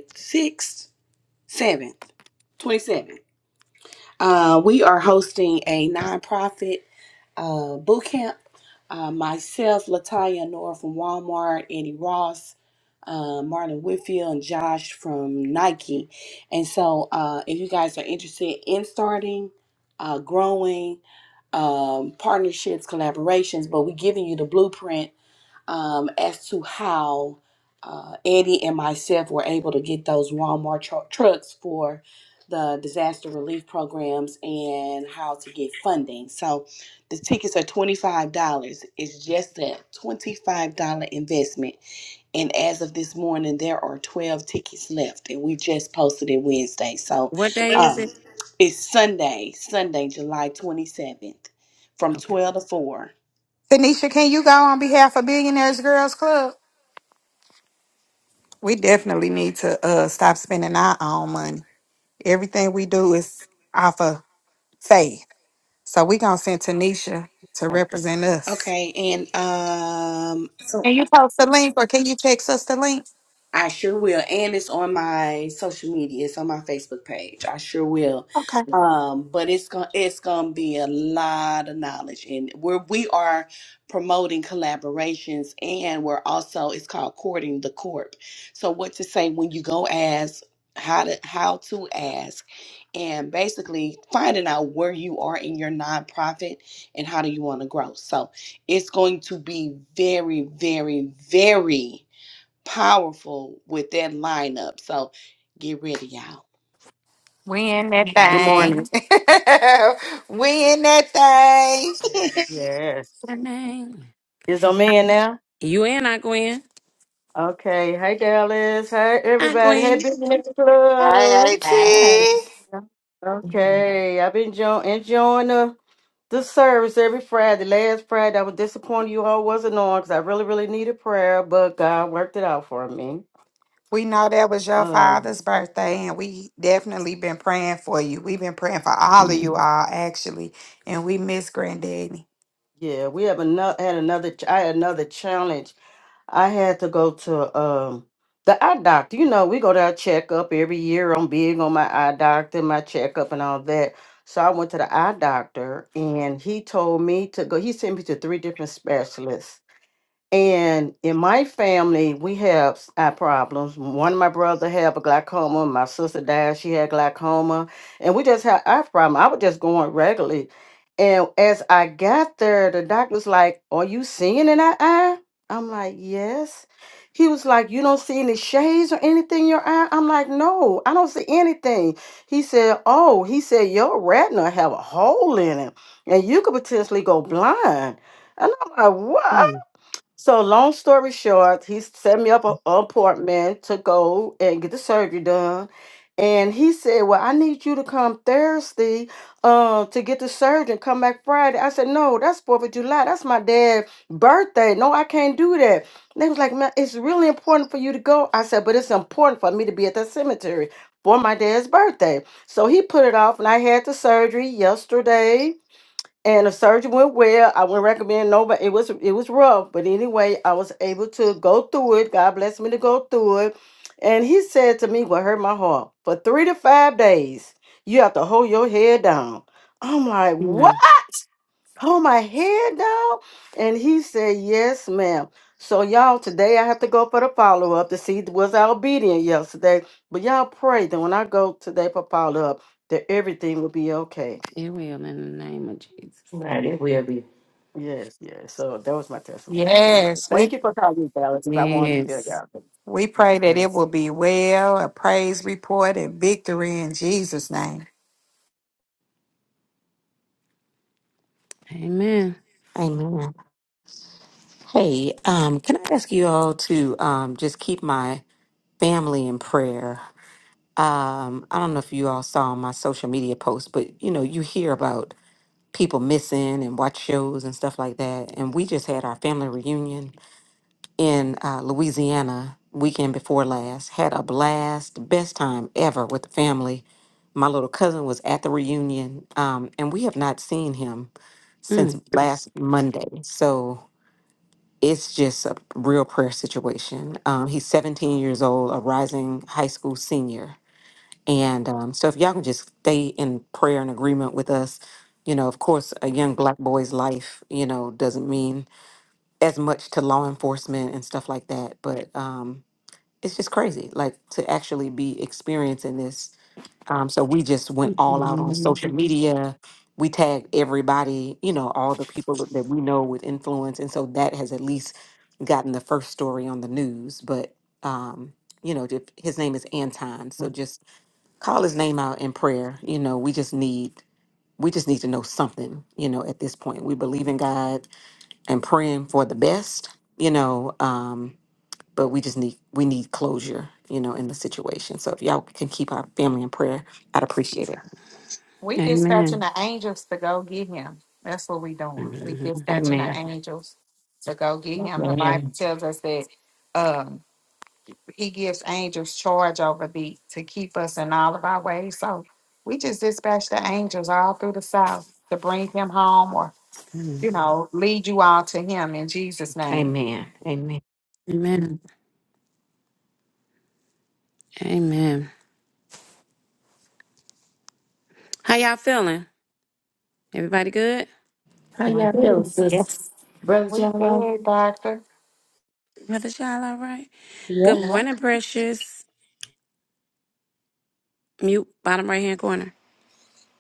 6th, 7th, 27th. Uh, we are hosting a nonprofit. uh, boot camp. Uh, myself, Latanya Nora from Walmart, Eddie Ross, uh, Martin Whitfield, and Josh from Nike. And so, uh, if you guys are interested in starting, uh, growing, um, partnerships, collaborations, but we're giving you the blueprint um, as to how uh, Eddie and myself were able to get those Walmart tru- trucks for the disaster relief programs and how to get funding. So the tickets are $25. It's just a $25 investment. And as of this morning, there are 12 tickets left, and we just posted it Wednesday. So What day is it? um, it's Sunday, Sunday, July 27th from Okay. 12 to 4 Tanisha, can you go on behalf of Billionaires Girls Club? We definitely need to uh, stop spending our own money. Everything we do is off of faith. So we going to send Tanisha to All right. represent us. Okay, and um, so Can you post the link or can you text us the link? I sure will. And it's on my social media. It's on my Facebook page. I sure will. Okay. Um, but it's gonna it's gonna be a lot of knowledge and we're we are promoting collaborations and we're also it's called courting the corp. So what to say when you go ask how to how to ask and basically finding out where you are in your nonprofit and how do you want to grow. So it's going to be very, very, very powerful with that lineup. So get ready, y'all. We in that Yeah, Good that's a good morning. thing. we in that thing. Yes. name. Is on me now? You in, Aunt Gwen? Okay. Hey, Dallas. Hey, Aunt everybody. Gwen. Hey, Big Nigga Hey, Club. All AT. Yeah. Okay. I've been enjoy- enjoying the, the service every Friday. Last Friday, I was disappointed you all wasn't on because I really, really needed prayer, but God worked it out for me. We know that was your Um, father's birthday, and we definitely been praying for you. We've been praying for all of you Mm-hmm. all, actually, and we miss Granddaddy. yeah, we have another had another. I had another challenge I had to go to um the eye doctor. You know, we go to our checkup every year. I'm big on my eye doctor, my checkup and all that. So I went to the eye doctor and he told me to go. He sent me to three different specialists and in my family, we have eye problems. One of my brother had a glaucoma. My sister died; she had glaucoma, and we just had eye problem. I was just going regularly, and as I got there, the doctor's like, "Are you seeing in that eye?" I'm like, "Yes." He was like, "You don't see any shades or anything in your eye?" I'm like, "No, I don't see anything." He said, "Oh," he said, "Your retina have a hole in it, and you could potentially go blind." And I'm like, "What?" Mm-hmm. So long story short, he set me up an appointment to go and get the surgery done. And he said, Well, I need you to come Thursday uh, to get the surgery. Come back Friday. I said, No, that's 4th of July. That's my dad's birthday. No, I can't do that. And they was like, Man, it's really important for you to go. I said, But it's important for me to be at the cemetery for my dad's birthday. So he put it off, and I had the surgery yesterday and the surgery went well. I wouldn't recommend nobody. It was it was rough, but anyway, I was able to go through it. God blessed me to go through it. And he said to me, "What hurt my heart for three to five days? You have to hold your head down." I'm like, "What? Hold my head down?" And he said, "Yes, ma'am." So y'all, today I have to go for the follow up to see was I obedient yesterday. But y'all pray that when I go today for follow up, that everything will be okay. It will in the name of Jesus. right, it will be. Yes, yes. So that was my testimony. But anyway, Yes, thank we you for calling me, Dallas. If I wanted to tell Yes. y'all. we pray that it Yes. will be well, a praise report, and victory in Jesus' name. Amen. Amen. Hey, um, can I ask you all to um, just keep my family in prayer? um, I don't know if you all saw my social media post, but you know, you hear about people missing and watch shows and stuff like that. And we just had our family reunion in uh, Louisiana weekend before last. Had a blast, best time ever with the family. My little cousin was at the reunion, um, and we have not seen him since Mm. last Monday. So it's just a real prayer situation. Um, he's 17 years old, a rising high school senior and um, so, if y'all can just stay in prayer and agreement with us, you know, of course, a young black boy's life, you know, doesn't mean as much to law enforcement and stuff like that. But um, it's just crazy, like to actually be experiencing this. Um, so, we just went all out on Mhm. social media. We tagged everybody, you know, all the people that that we know with influence. And so that has at least gotten the first story on the news. But, um, you know, if- his name is Anton. So just call his name out in prayer. You know, we just need we just need to know something, you know, at this point. We believe in God and praying for the best, you know, um, but we just need we need closure, you know, in the situation. So if y'all can keep our family in prayer, I'd appreciate it. We dispatching Amen. the angels to go get him. That's what we doing. We Mhm. dispatching the Amen. angels to go get Oh, him. The Bible man. tells us that um he gives angels charge over the to keep us in all of our ways. So we just dispatch the angels all through the south to bring him home or you know, lead you all to him in Jesus' name. Amen. Amen. Amen. Amen. How y'all feeling? Everybody good? How Feeling y'all feeling, good? sis? Yes. Brother We Jello? good, doctor. Brother Child, all right? Yeah. Good morning, precious. Mute, bottom right hand corner.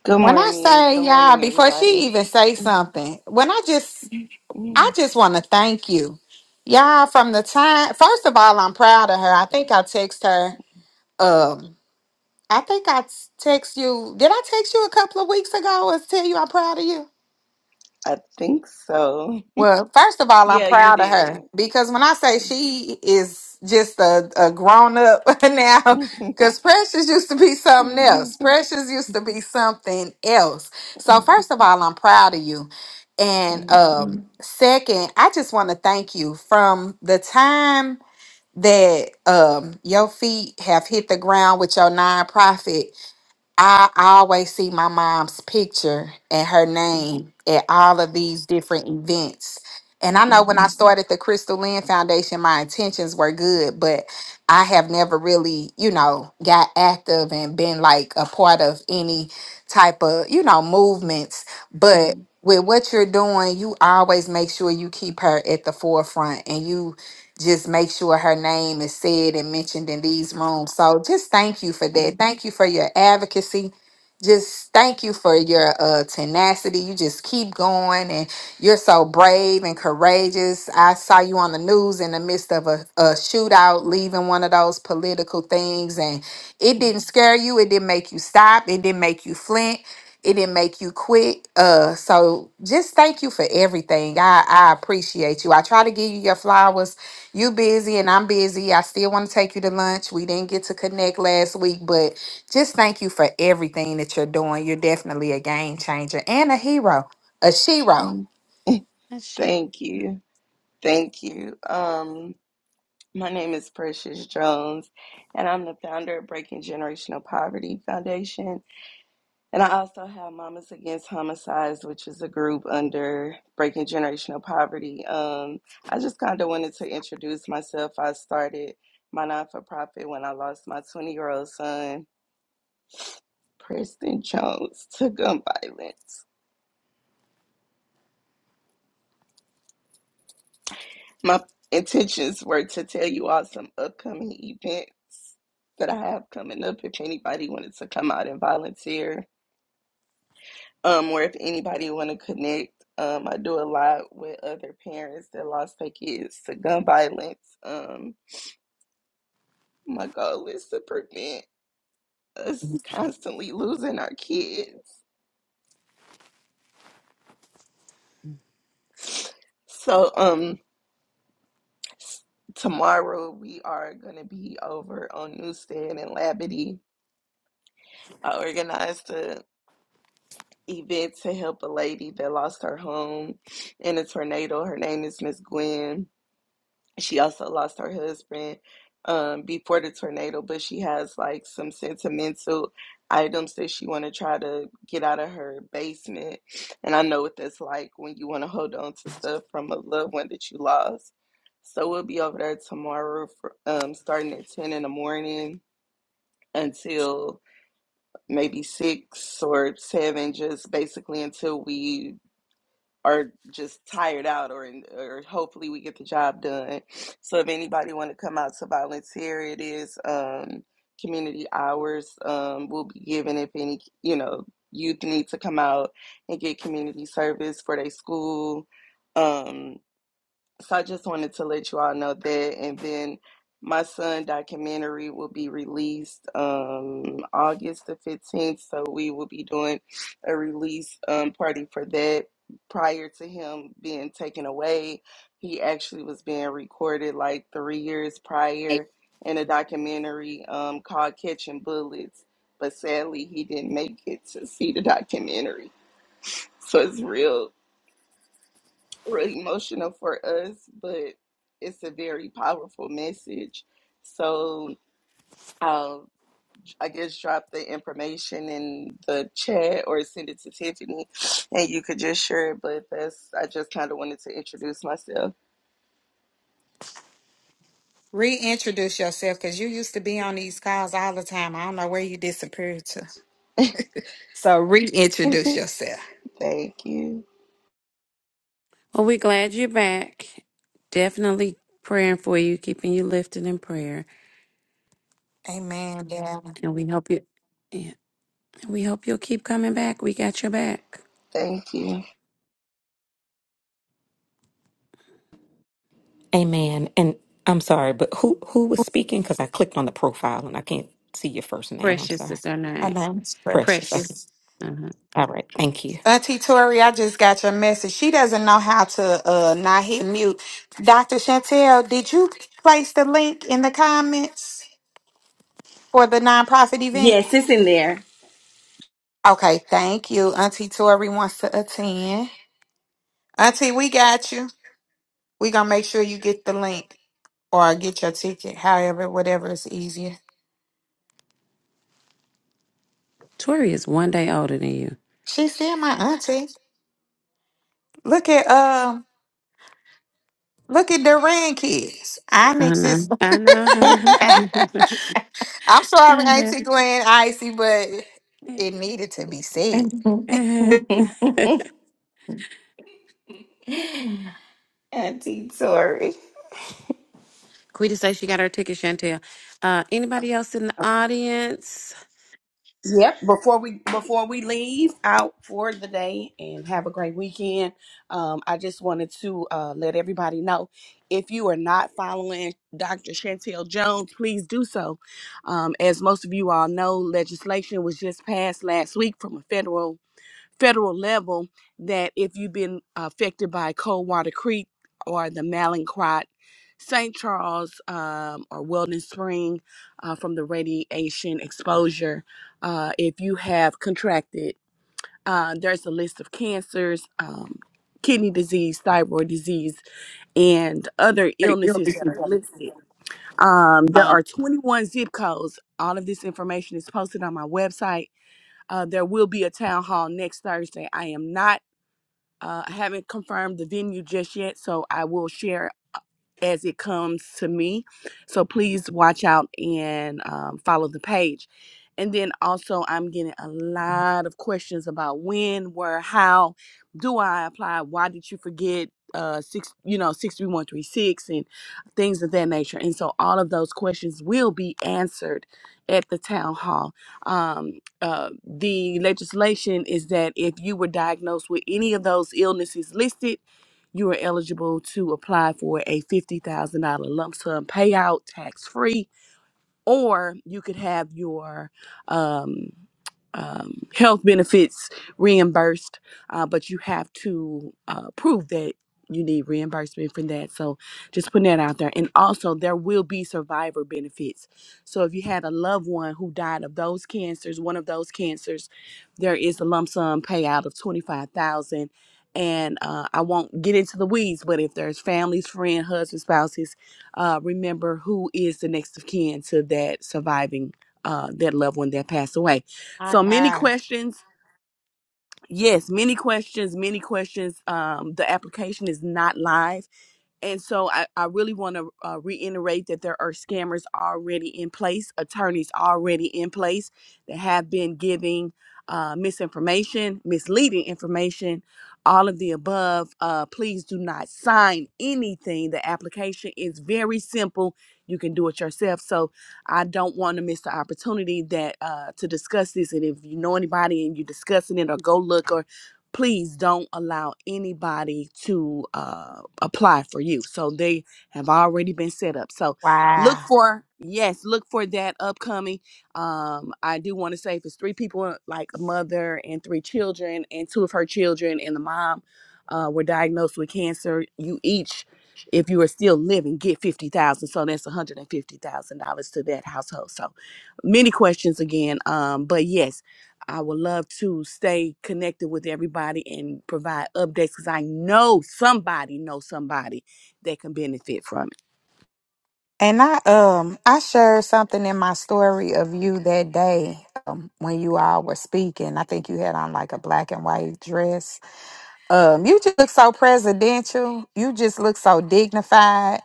Good When I morning. say Good y'all, morning, before she everybody. even say something, when I just I Mm, just want to thank you. Y'all, from the time, first of all, I'm proud of her. I think I text her. Um, I think I text you. Did I text you a couple of weeks ago and tell you I'm proud of you? I think so. Well, first of all, I'm Yeah, you proud of did. her because when I say she is just a, a grown up now, because Precious used to be something else. Thank Precious used to be something else. So, first of all, I'm proud of you. And you. um, second, I just want to thank you from the time that um, your feet have hit the ground with your nonprofit I always see my mom's picture and her name at all of these different events. And I know when I started the Crystal Lynn Foundation, my intentions were good, but I have never really, you know, got active and been like a part of any type of, you know, movements. But with what you're doing, you always make sure you keep her at the forefront and you just make sure her name is said and mentioned in these rooms. So just thank you for that. Thank you for your advocacy. Just thank you for your uh, tenacity. You just keep going and you're so brave and courageous. I saw you on the news in the midst of a, a shootout, leaving one of those political things, and it didn't scare you. It didn't make you stop. It didn't make you flint. It didn't make you quit. Uh, so just thank you for everything. I, I appreciate you. I try to give you your flowers you busy and I'm busy. I still want to take you to lunch. We didn't get to connect last week, but just thank you for everything that you're doing. You're definitely a game changer and a hero, a shero. Thank That's she. thank you. Thank you. Um, my name is Precious Jones, and I'm the founder of Breaking Generational Poverty Foundation. And I also have Mamas Against Homicides, which is a group under Breaking Generational Poverty. Um, I just kind of wanted to introduce myself. I started my non for profit when I lost my 20 year old son, Preston Jones, to gun violence. My intentions were to tell you all some upcoming events that I have coming up if anybody wanted to come out and volunteer. um, or if anybody want to connect, um, I do a lot with other parents that lost their kids to gun violence. Um, my goal is to prevent us constantly losing our kids. So, um, s- tomorrow we are going to be over on Newstead and Labadee. I organized a event to help a lady that lost her home in a tornado. Her name is Miss Gwen She also lost her husband um, before the tornado, but she has like some sentimental items that she want to try to get out of her basement. And I know what that's like when you want to hold on to stuff from a loved one that you lost. So we'll be over there tomorrow for, um, starting at 10 in the morning until maybe 6 or 7, just basically until we are just tired out or in, or hopefully we get the job done. So if anybody want to come out to volunteer, it is um, community hours um, will be given if any you know youth need to come out and get community service for their school. Um, so I just wanted to let you all know that. And then my son documentary will be released um August the 15th. So we will be doing a release um party for that. Prior to him being taken away, he actually was being recorded like three years prior in a documentary um called Catching Bullets. But sadly he didn't make it to see the documentary. So it's real really emotional for us, but it's a very powerful message. So I'll, I guess, drop the information in the chat or send it to Tiffany and you could just share it. But that's, I just kind of wanted to introduce myself. Reintroduce yourself because you used to be on these calls all the time. I don't know where you disappeared to. So reintroduce yourself. Thank you. Well, we're glad you're back. Definitely praying for you, keeping you lifted in prayer. Amen. Yeah. And we hope you yeah. We hope you'll keep coming back. We got your back. Thank you. Amen. And I'm sorry, but who who was speaking? Because I clicked on the profile and I can't see your first name. I'm Precious sorry. is her Her name. name's Precious. Precious. Okay. Precious. Uh-huh. All right. Thank you. Auntie Tori, I just got your message. She doesn't know how to uh not hit mute. Dr. Chantel, did you place the link in the comments? for the nonprofit event? Yes, it's in there. Okay, thank you. Auntie Tori wants to attend. Auntie, we got you. We gonna make sure you get the link or get your ticket, however, whatever is easier. Tori is one day older than you. She's still my auntie. Look at um look at Duran kids. I Onyx is know. I know. I'm sorry, I know. Auntie Glenn Icy, but it needed to be said. Uh-huh. Auntie Tori. Quita say she got her ticket, Chantel. Uh, anybody else in the audience? Yep. Before we before we leave out for the day and have a great weekend, um, I just wanted to uh, let everybody know if you are not following Dr. Chantel Jones, please do so. Um, as most of you all know, legislation was just passed last week from a federal federal level that if you've been affected by Coldwater Creek or the Malincrot, St. Charles, um, or Weldon Spring uh, from the radiation exposure, uh, if you have contracted, uh, there's a list of cancers, um, kidney disease, thyroid disease, and other Hey, you're illnesses just that in are trouble. listed. Um, there Um, are 21 zip codes. All of this information is posted on my website. Uh, there will be a town hall next Thursday. I am not uh, I haven't confirmed the venue just yet, so I will share as it comes to me. So please watch out and um, follow the page. And then also, I'm getting a lot of questions about when, where, how do I apply? Why did you forget uh, six, you know, six three one three six and things of that nature? And so, all of those questions will be answered at the town hall. Um, uh, the legislation is that if you were diagnosed with any of those illnesses listed you are eligible to apply for a $50,000 lump sum payout tax free or you could have your um, um, health benefits reimbursed, uh, but you have to uh, prove that you need reimbursement for that. So just putting that out there. And also, there will be survivor benefits. So if you had a loved one who died of those cancers, one of those cancers, there is a lump sum payout of twenty five thousand. And uh, I won't get into the weeds, but if there's families, friends, husbands, spouses uh, remember who is the next of kin to that surviving uh, that loved one that passed away. My So many God. questions. Yes, many questions, many questions. Um, the application is not live and so I, I really want to uh, reiterate that there are scammers already in place, attorneys already in place that have been giving uh, misinformation, misleading information, all of the above. Uh, please do not sign anything. The application is very simple. You can do it yourself. So I don't want to miss the opportunity that uh, to discuss this. And if you know anybody and you're discussing it, or go look, or please don't allow anybody to uh, apply for you. So they have already been set up. So look Wow. for yes, look for that upcoming. Um, I do want to say if it's three people, like a mother and three children, and two of her children and the mom uh, were diagnosed with cancer, you each. If you are still living, get fifty thousand. So that's one hundred and fifty thousand dollars to that household. So many questions again. Um, but yes, I would love to stay connected with everybody and provide updates because I know somebody knows somebody that can benefit from it. And I um I shared something in my story of you that day um, when you all were speaking. I think you had on like a black and white dress. Um, you just look so presidential. You just look so dignified.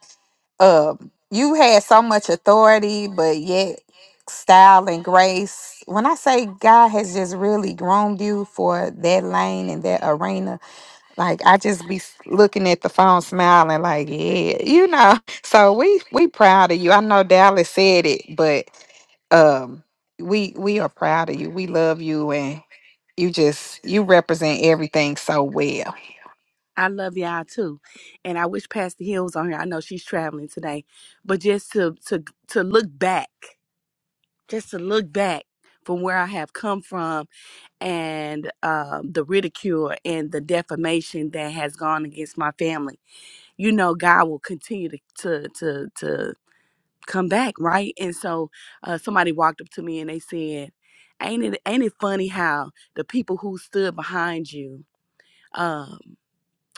Um, you had so much authority, but yet style and grace. When I say God has just really groomed you for that lane and that arena, like I just be s- looking at the phone smiling like, yeah, you know. So we we proud of you. I know Dallas said it, but um we we are proud of you. We love you and you just you represent everything so well. I love y'all too, and I wish Pastor Hill was on here. I know she's traveling today, but just to to to look back, just to look back from where I have come from and um, the ridicule and the defamation that has gone against my family. You know, God will continue to to to to come back, right? And so uh, somebody walked up to me and they said, "Ain't it ain't it funny how the people who stood behind you, um,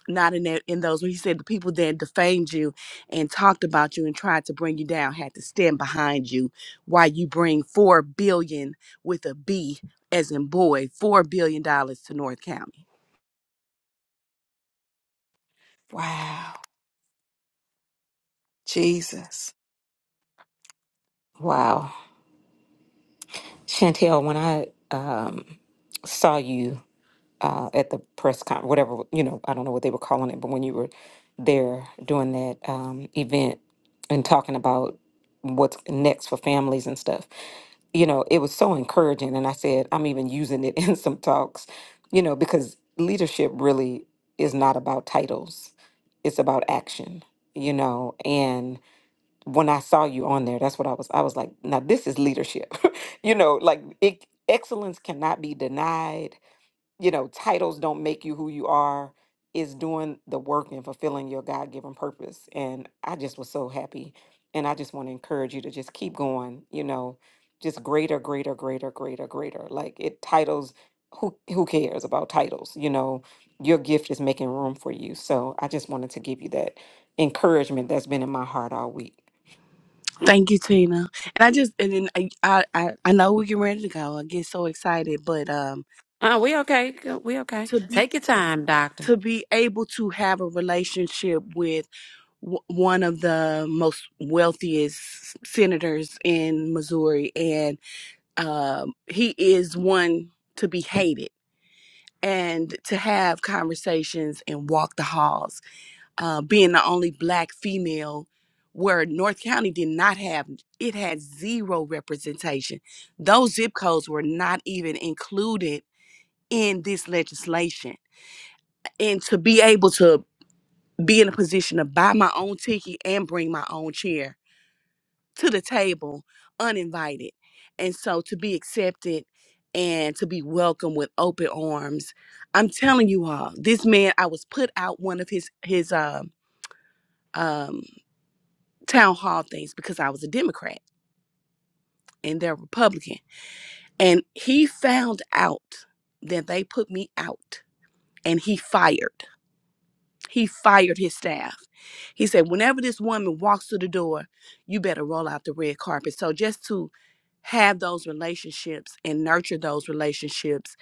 not in that in those when he said the people that defamed you and talked about you and tried to bring you down had to stand behind you while you bring four billion with a B as in boy, four billion dollars to North County." Wow. Jesus. Wow. Chantel, when I um, saw you uh, at the press con, whatever you know, I don't know what they were calling it, but when you were there doing that um, event and talking about what's next for families and stuff, you know, it was so encouraging. And I said, I'm even using it in some talks, you know, because leadership really is not about titles; it's about action, you know, when I saw you on there, that's what I was. I was like, now this is leadership. you know, like it, excellence cannot be denied. You know, titles don't make you who you are. Is doing the work and fulfilling your God given purpose. And I just was so happy. And I just want to encourage you to just keep going. You know, just greater, greater, greater, greater, greater. Like it titles. Who who cares about titles? You know, your gift is making room for you. So I just wanted to give you that encouragement that's been in my heart all week. Thank you, Tina. And I just and then I I I I know we get ready to go. I get so excited, but um uh, we okay. Good, We okay. to be Take your time, doctor. to be able to have a relationship with w- one of the most wealthiest senators in Missouri, and um, he is one to be hated. And to have conversations and walk the halls, uh, being the only black female, where North County did not have it had zero representation. Those zip codes were not even included in this legislation and to be able to be in a position to buy my own ticket and bring my own chair to the table uninvited. And so to be accepted and to be welcomed with open arms. I'm telling you all, this man, I was put out one of his his um um town hall things because I was a Democrat and they're Republican. And he found out that they put me out and he fired. He fired his staff. He said, Whenever this woman walks through the door, you better roll out the red carpet. So just to have those relationships and nurture those relationships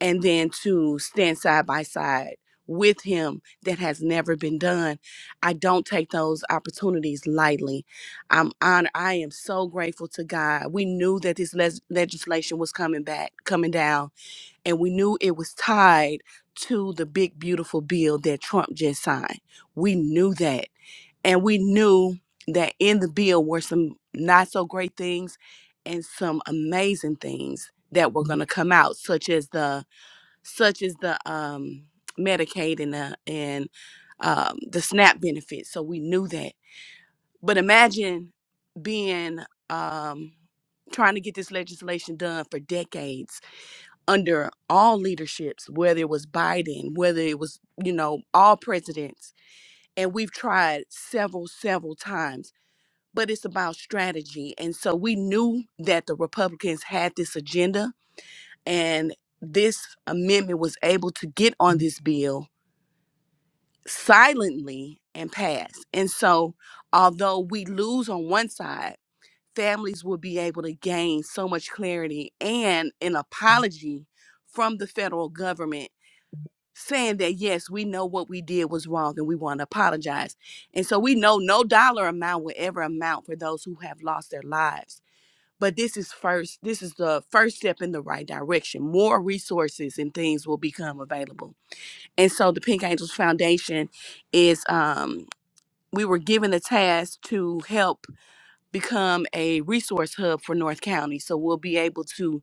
and then to stand side by side with him that has never been done i don't take those opportunities lightly i'm honored i am so grateful to god we knew that this les- legislation was coming back coming down and we knew it was tied to the big beautiful bill that Trump just signed. We knew that. And we knew that in the bill were some not so great things and some amazing things that were going to come out such as the such as the um Medicaid and the and um the SNAP benefits. So we knew that. But imagine being um trying to get this legislation done for decades under all leaderships, whether it was Biden, whether it was, you know, all presidents. And we've tried several, several times, but it's about strategy. And so we knew that the Republicans had this agenda, and this amendment was able to get on this bill silently and pass. And so, although we lose on one side, families will be able to gain so much clarity and an apology from the federal government saying that yes, we know what we did was wrong and we want to apologize. And so we know no dollar amount will ever amount for those who have lost their lives. But this is first this is the first step in the right direction. More resources and things will become available. And so the Pink Angels Foundation is um we were given the task to help become a resource hub for North County. So we'll be able to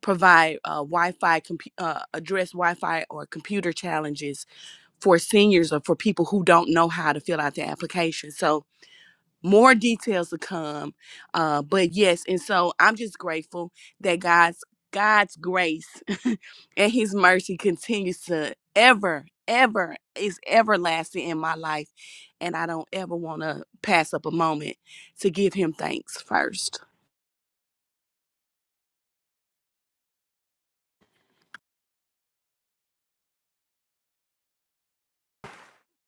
provide uh, Wi-Fi, compu- uh, address Wi-Fi or computer challenges for seniors or for people who don't know how to fill out their application. So more details to come. Uh, but yes, and so I'm just grateful that God's God's grace and his mercy continues to ever, ever is everlasting in my life. And I don't ever want to pass up a moment to give him thanks first.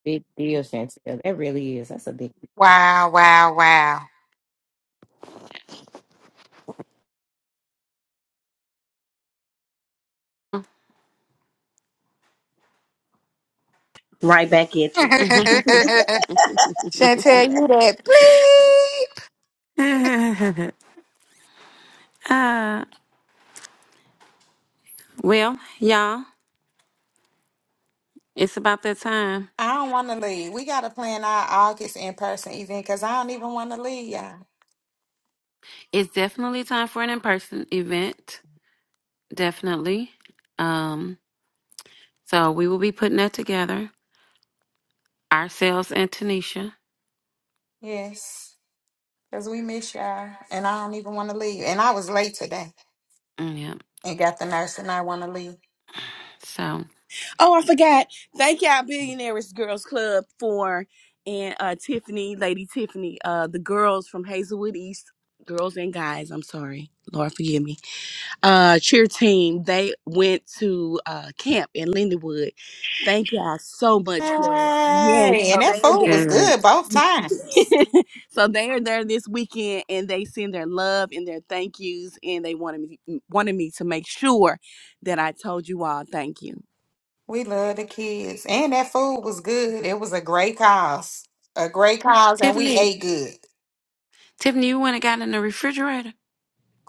Big deal, Chantel. That really is. That's a big deal. Wow, wow, wow. Right back at you. uh, Chantel, you that bleep. well, y'all, it's about that time. I don't want to leave. We got to plan our August in person event because I don't even want to leave y'all. It's definitely time for an in-person event. Definitely. Um, So we will be putting that together ourselves and Tanisha. Yes. Because we miss y'all. And I don't even want to leave. And I was late today Mm, Yep. and got the nurse and I want to leave. So Oh, I forgot. Thank y'all, Billionaires Girls Club, for and uh, Tiffany, Lady Tiffany, uh, the girls from Hazelwood East, girls and guys. I'm sorry, Lord, forgive me. Uh, cheer team. They went to uh, camp in Lindenwood. Thank y'all so much for yes. Hey, So and that they are food was there. Good. good both times. so they are there this weekend, and they send their love and their thank yous, and they wanted me wanted me to make sure that I told you all thank you. We love the kids. And that food was good. It was a great cause. A great cause and we Tiffany, ate good. Tiffany, you went and got in the refrigerator.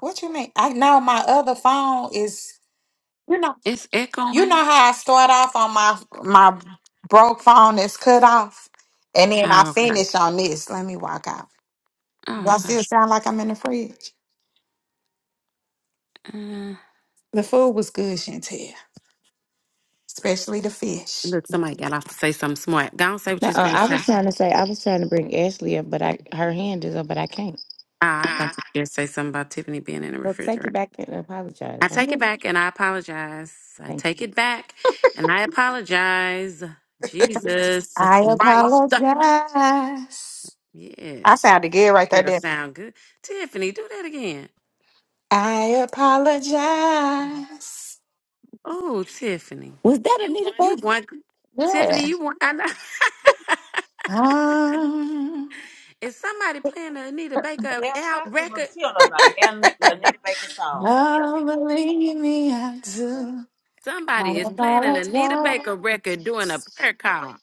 What you mean? I know my other phone is you know It's you echoing. know how I start off on my my broke phone that's cut off and then I Oh, okay. finish on this. Let me walk out. Oh, Y'all okay. still sound like I'm in the fridge. Uh, The food was good, Chantel. Especially the fish. look, somebody got off to say something smart. Go on, say what No, you was uh, going to I say. was trying to say I was trying to bring Ashley up, but I her hand is up, but I can't. Ah, I thought you So were going to say something about Tiffany being in the take it refrigerator. back and apologize. I I'm, take it back and I apologize. I thank take you. it back and I apologize. Jesus I Christ. apologize. I Yes. sounded good right Girl, there, sound good. Tiffany, do that again. I apologize. Oh, Tiffany, Was that Anita you Baker? want Tiffany? Yeah. You want? I know. Um, is somebody playing an Anita Baker Damn, out stop it, mother. record? She don't know nothing. Damn, you need to make a song. oh, believe me, I do. I Somebody is playing an Anita Baker record doing a apologize. prayer call.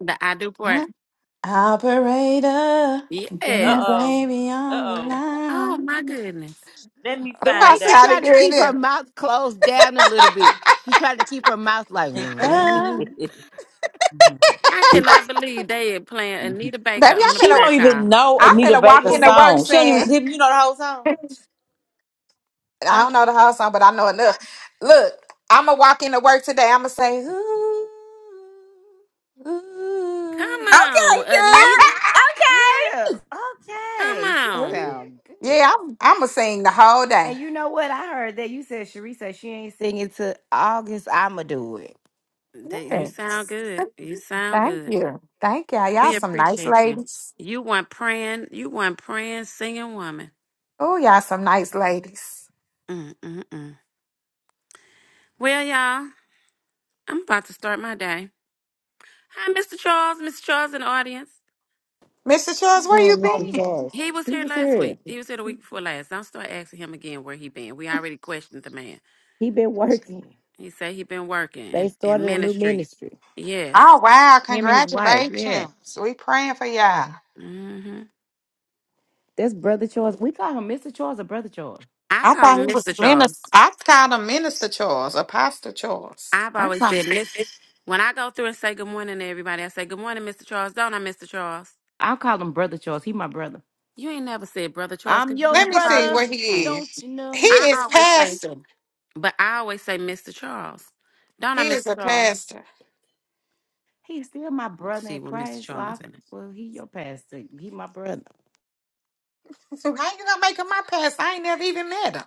The I do part, Operator, get Uh my Yes. oh. baby on the Uh oh. Oh line. my goodness. Let me The Oh, I way find said she out. how to tried to get it keep her in. mouth closed down a little bit. She tried to keep her mouth like, Uh, mm. I cannot believe they are playing Anita Baker baby, I on a she finna, prayer don't call. even know I Anita finna walk Baker's into work song. She don't even. saying. Tiffany, You know the whole song. I I. don't know. know the whole song, but I know enough. Look, I'm gonna walk into work today. I'm gonna say, ooh, ooh, Come on, Anita. Yeah. Come Okay. She on. ooh." sound good. yeah, I'm, I'm gonna sing the whole day. And you know what? I heard that you said Sharice said she ain't singing till August. I'ma do it. That- You sound Yes, good. You sound thank good. you, thank y'all. Y'all We some nice appreciate you. ladies. You want praying. You want praying, singing woman. Oh, y'all some nice ladies. Mm-mm-mm. Well, y'all, I'm about to start my day. Hi, Mr. Charles. Mr. Charles in the audience. Mr. Charles, where you Oh, Mr. been? Charles. He was He here was last here. week. He was here the week before last. Don't start asking him again where he been. We already questioned the man. He been working. He said he been working They and in started a new ministry. ministry. Oh Yes. wow, Him and his wife. Yeah. congratulations. We praying for y'all. hmm That's Brother Charles. We call him Mr. Charles or Brother Charles. I I call thought he him was Mr. minister. Charles. I called him Minister Charles, Apostle Charles. I've I'm always sorry. said Miss. When I go through and say good morning to everybody, I say good morning, Mr. Charles. Don't I, Mr. Charles? I'll call him Brother Charles. He my brother. You ain't never said brother Charles I'm because you your Let never me call see brother. his what name. he Don't is. you He know? I is always say pastor. But I always say Mr. Charles. Don't I, He is Mr. a Charles? pastor. He's still my Let's brother see in what Mr. Christ. Well, I, Charles in it. well he your pastor. He my brother. So How you gonna make him my pastor? I ain't never even met him.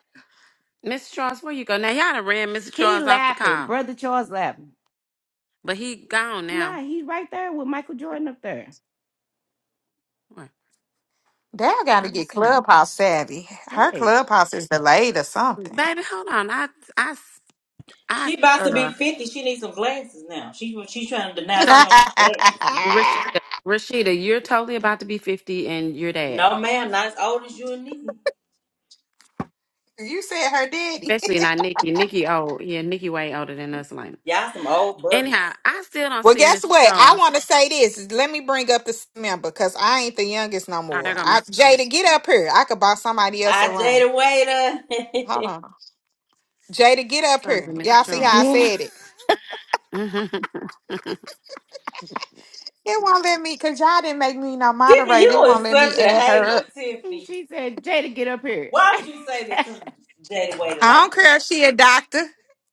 Mr. Charles, where you go? Now, y'all done ran Mr. He Charles off the laughing. car, Brother Charles laughing. but he gone now. Nah, he right there with Michael Jordan up there. What? Dad gotta I'm get seeing. clubhouse savvy. Her Right. clubhouse is delayed or something. Baby, hold on. I, I, I, She about to be uh, fifty. She needs some glasses now. She she's trying to deny that so she don't need glasses. Rashida, Rashida, you're totally about to be 50 and your dad, No, ma'am, not as old as you and me. you said her daddy. especially not Nikki. Nikki, old. Yeah, Nikki way older than us, Lena. Y'all some old buzzers. Anyhow, I still don't Well, see guess Mr. what? I want Charles. to say this. Let me bring up this member because I ain't the youngest no Oh, there more. go I, Mr. Charles. Jada, get up here. I could boss somebody else I around. Jada Waiter. Hold on. Jada, get up Trying to here. be Mr. Y'all see how I Yeah. said it? Charles. It won't let me because y'all didn't make me no Tiffany, moderator. It you won't is let me such a add her up. hater, And Tiffany. she said, Jada, get up here. Why would you say that this Jada waited I like don't this? care if she a doctor.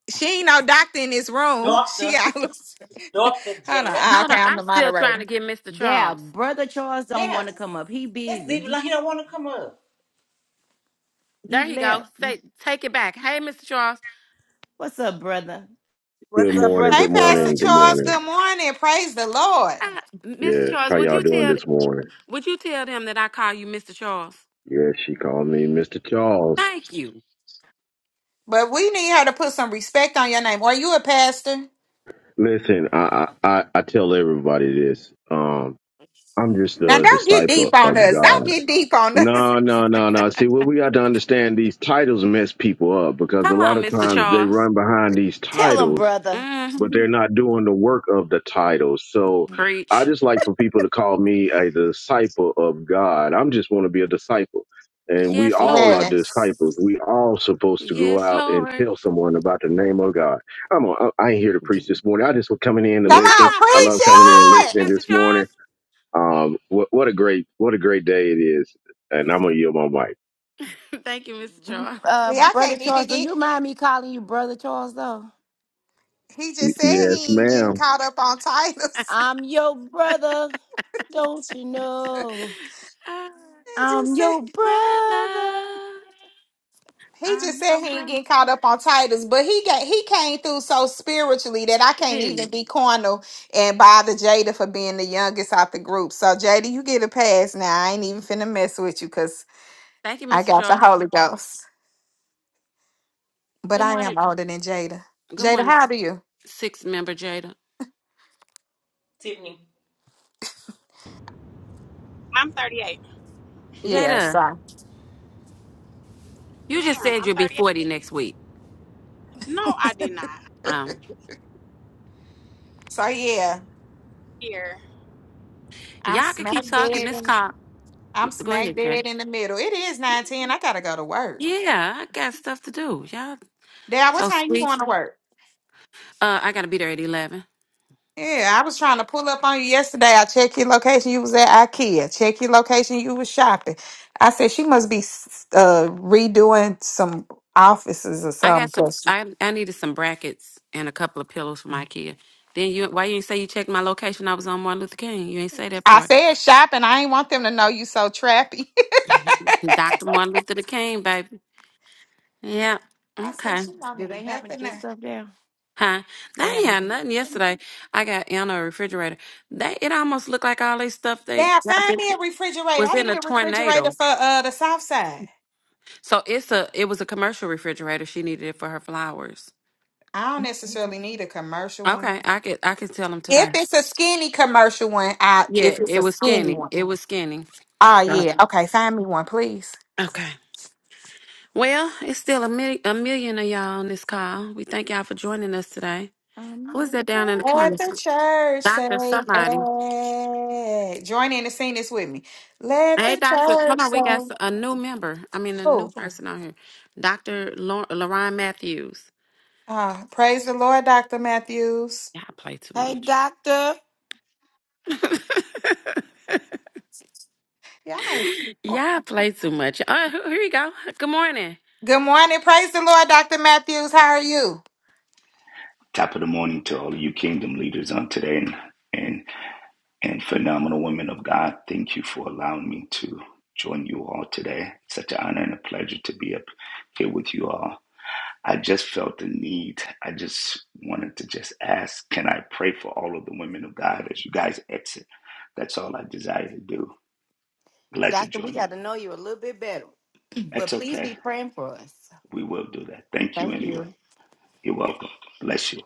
She ain't no doctor in this room. She Doctor, out. Hold Doctor on. Jada. Ah, Hold okay, on, I'm I'm the still trying moderator. to get Mr. Yeah, Charles. brother Charles Damn, don't want to come up. He that's busy. leave it like He he don't want to come up. There he he go. left. Say, take it back. Hey, Mr. Charles. What's up, brother? Good What's up, morning, Hey, brother good Pastor Charles? morning, good Charles. morning. Good morning. Praise the Lord. Mr. Yeah, Charles, how would y'all you doing tell this morning? would you tell them that I call you Mr. Charles? Yeah, she called me Mr. Charles. Thank you. But we need her to put some respect on your name. Are you a pastor? Listen, I I, I I tell everybody this. Um, I'm just Now, a don't get deep disciple on of us. God. Don't get deep on us. No, no, no, no. See, what we got to understand, these titles mess people up because a Come lot on, of Mr. times they Charles. run behind these Tell him, titles brother. but hmm they're not doing the work of the title. So I Preach. just like for people to call me a disciple of God. I'm just want to be a disciple. And we Yes, all are Lord. Yes. disciples. We all supposed to go Yes, out and Lord. tell someone about the name of God. I'm a, I ain't here to preach this morning. I just was coming in to Yeah, Come come listen. on, on, I preach preach. love Come coming in on, and preach, it. listening Mr. this morning. Charles. Um, what, what a great what a great day it is. And Yes, I'm it gonna yield is. my mic. Thank you, Mr. Charles. Uh, See, I brother can't Charles, even do get. you mind me calling you brother Charles though? He Y- just said Yes, he ain't ma'am. getting caught up on titles. I'm your brother. Don't you know? Uh, He I'm just said. your brother. brother, He just I'm your said he ain't brother. getting caught up on titles, but he got he came through so spiritually that I can't even be Thank cornal and bother Jada for being the youngest out the group. So Jada, you get a pass now. I ain't even finna mess with you because you, I Mr. got the Charles. Holy Ghost. But Good I morning. am older than Jada. Good Jada, morning, how do you? six member Jada. Tiffany, I'm 38. Yeah, Jada, so you Ma'am, just said I'm you'll be 38. 40 next week. No, I did not. Um, so yeah. Here, I'm y'all can smack keep talking. dead This in, call. I'm Go smack ahead, Jada. dead in the middle. It is nine ten. I gotta go to work. Yeah, I got stuff to do. Y'all Dad, what so time you sweet. going to work? Uh, I gotta be there at 11. Yeah, I was trying to pull up on you yesterday. I checked your location. You was at IKEA. Check your location. You was shopping. I said she must be s- uh, redoing some offices or I something. got some. 'cause I I needed some brackets and a couple of pillows for my kid. Then you why you ain't say you checked my location? I was on Martin Luther King. You ain't say that I part. said shopping. I ain't want them to know you so trappy. Doctor Martin Luther King, baby. Yeah. I said Okay. she don't Do they need happen nothing now. just up there? Huh? They They ain't happen to had be. nothing yesterday. I got in a refrigerator. They it almost looked like all they stuff they Yeah, got find been- me a refrigerator. was I in a need a refrigerator tornado. for uh the south side. So it's a it was a commercial refrigerator. She needed it for her flowers. I don't necessarily need a commercial one. Okay, I could I could tell them If today. it's a skinny commercial one, I Yeah, if it's it a was skinny skinny. one. It was skinny. Oh So yeah. Okay, find me one, please. okay. Well, it's still a, mil- a million of y'all on this call. We thank y'all for joining us today. I'm Who is your that brother. down in the corner? At the church, say, Doctor somebody. hey. Join in and sing this with me. Let the Hey, Doctor. Hold church on. say, We got s- a new member. I mean, a new oh, person on here. Dr. Lor- Lorraine Matthews. ah, praise the Lord, Dr. Matthews. Y'all play too Hey, much. doctor. Yes. Y'all play too much. Uh, here here you go. Good morning. Good morning. Praise the Lord, Dr. Matthews. How are you? Top of the morning to all of you kingdom leaders on today and and and phenomenal women of God. Thank you for allowing me to join you all today. Such an honor and a pleasure to be up here with you all. I just felt the need. I just wanted to just ask, can I pray for all of the women of God as you guys exit? That's all I desire to do. Glad to Doctor, we join you. got to know you a little bit better. But That's please okay. be praying for us. We will do that. Thank you Thank anyway. you. You're welcome. Bless you.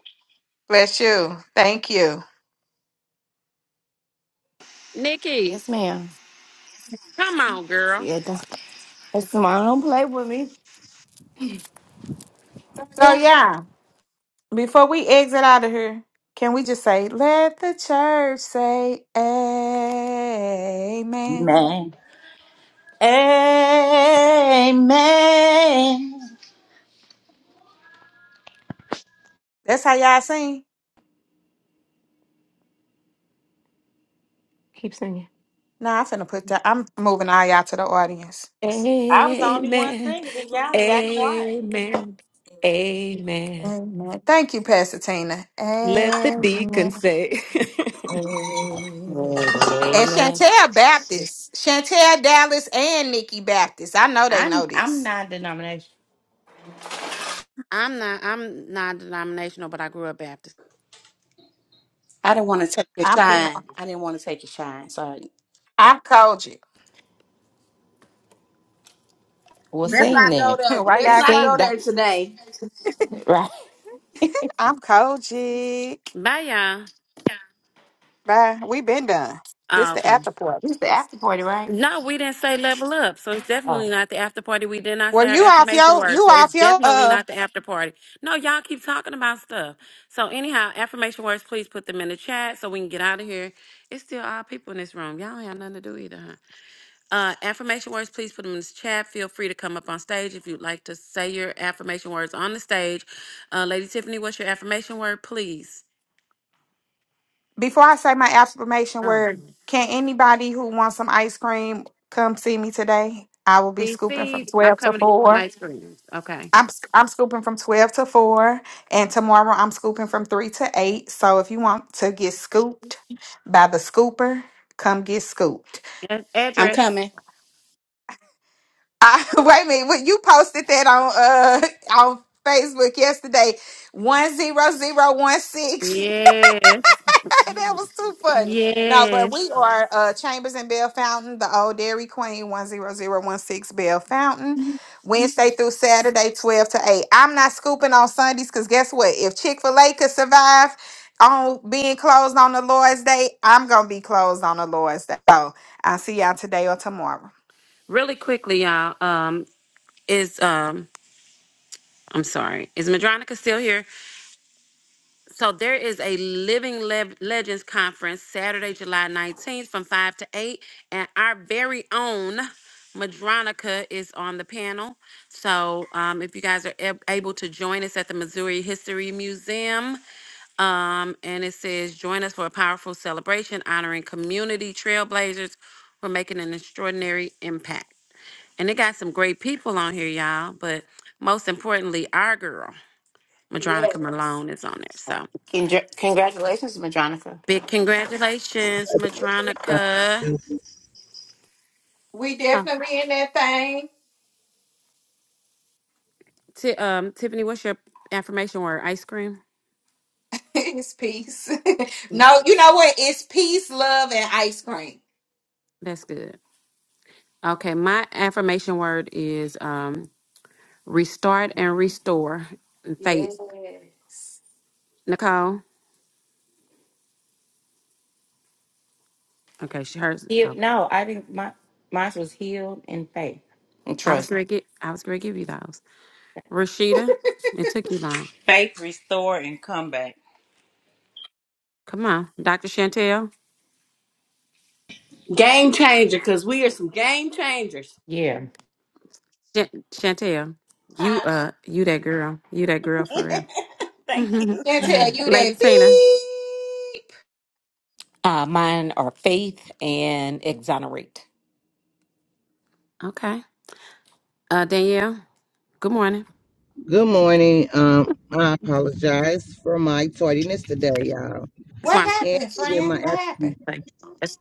Bless you. Thank you. Nikki, Yes, ma'am. come on, girl. Yeah, Hey, Simone, don't play with me. So, Yeah. yeah, before we exit out of here, can we just say, let the church say, amen? Man. Amen. That's how y'all sing. Keep singing. Nah, I'm finna put that. I'm moving all y'all to the audience. I was the only one Amen. singing, and y'all got quiet. Amen. Amen. Amen. Thank you, Pastor Tina. Let the Amen. deacon say. And Amen. Chantel Baptist, Chantel Dallas, and Nikki Baptist. I know they know I'm I'm this. non-denomination. I'm not, I'm non denominational, but I grew up Baptist. I didn't want to take your I'm pin- shine. I didn't want to take your shine. Sorry. I'm Kojic. Well, Let's sing not go then. there. Why Let's y'all? not co- go Sing that there today. right. I'm Kojic. Bye, y'all. Bye. We been done. This Oh, the okay. after party. It's the after party, right? No, we didn't say level up. So it's Oh, definitely not the after party. We did not say Well, our you off affirmation your words. you So it's off your definitely uh. not the after party. No, y'all keep talking about stuff. So anyhow, affirmation words, please put them in the chat so we can get out of here. It's still all people in this room. Y'all ain't have nothing to do either, huh? Uh, affirmation words, please put them in the chat. Feel free to come up on stage if you'd like to say your affirmation words on the stage. Uh, Lady Tiffany, what's your affirmation word, please? Before I say my affirmation Um, word, can anybody who wants some ice cream come see me today? I will be scooping from CC, I'm twelve to coming to get four. my screen. Okay. I'm sc- I'm scooping from 12 to 4 and tomorrow I'm scooping from 3 to 8. So if you want to get scooped by the scooper, come get scooped. Ad- I'm Address. coming. I, wait a minute, what- you posted that on uh on Facebook yesterday. 10016 Yes. that was too funny. No, but we Yes. are uh, Chambers and Bell Fountain, the old Dairy Queen, 10016 Bell Fountain, Wednesday through Saturday, 12 to 8. I'm not scooping on Sundays because guess what? If Chick fil A could survive on being closed on the Lord's Day, I'm going to be closed on the Lord's Day. So I'll see y'all today or tomorrow. Really quickly, y'all. Um, is um, I'm sorry. Is Madronica still here? So there is a Living Le- Legends conference Saturday, July 19th from five to eight, and our very own Madronica is on the panel. So um, if you guys are ab- able to join us at the Missouri History Museum. Um, and it says, join us for a powerful celebration honoring community trailblazers who are making an extraordinary impact. And it got some great people on here, y'all. But most importantly, our girl, Madronica Yes. Malone, is on there. So Con- congratulations, Madronica. big congratulations, Madronica. We Oh, definitely in that thing. Ti um, Tiffany, what's your affirmation word? Ice cream? it's peace. no, you know what? It's peace, love, and ice cream. That's good. Okay, my affirmation word is um, restart and restore. Faith. Yes. Nicole? Okay, she hers. Heal- no, I didn't. My mine was healed in faith and I was trust. gonna get I was gonna give you those. Rashida, it took you long. faith, restore, and comeback. Come on. Dr. Chantel. Game changer, because we are some game changers. Yeah. Ch- Chantel, you Huh? uh you that girl. You that girl for Thank real. you. Can't tell you Lady that Tina. beep. Uh, mine are faith and exonerate. Okay. Uh Danielle, good morning. Good morning. Um, I apologize for my tardiness today, y'all. That's why What I'm And happened, even my friend? What happened? absence, like that's-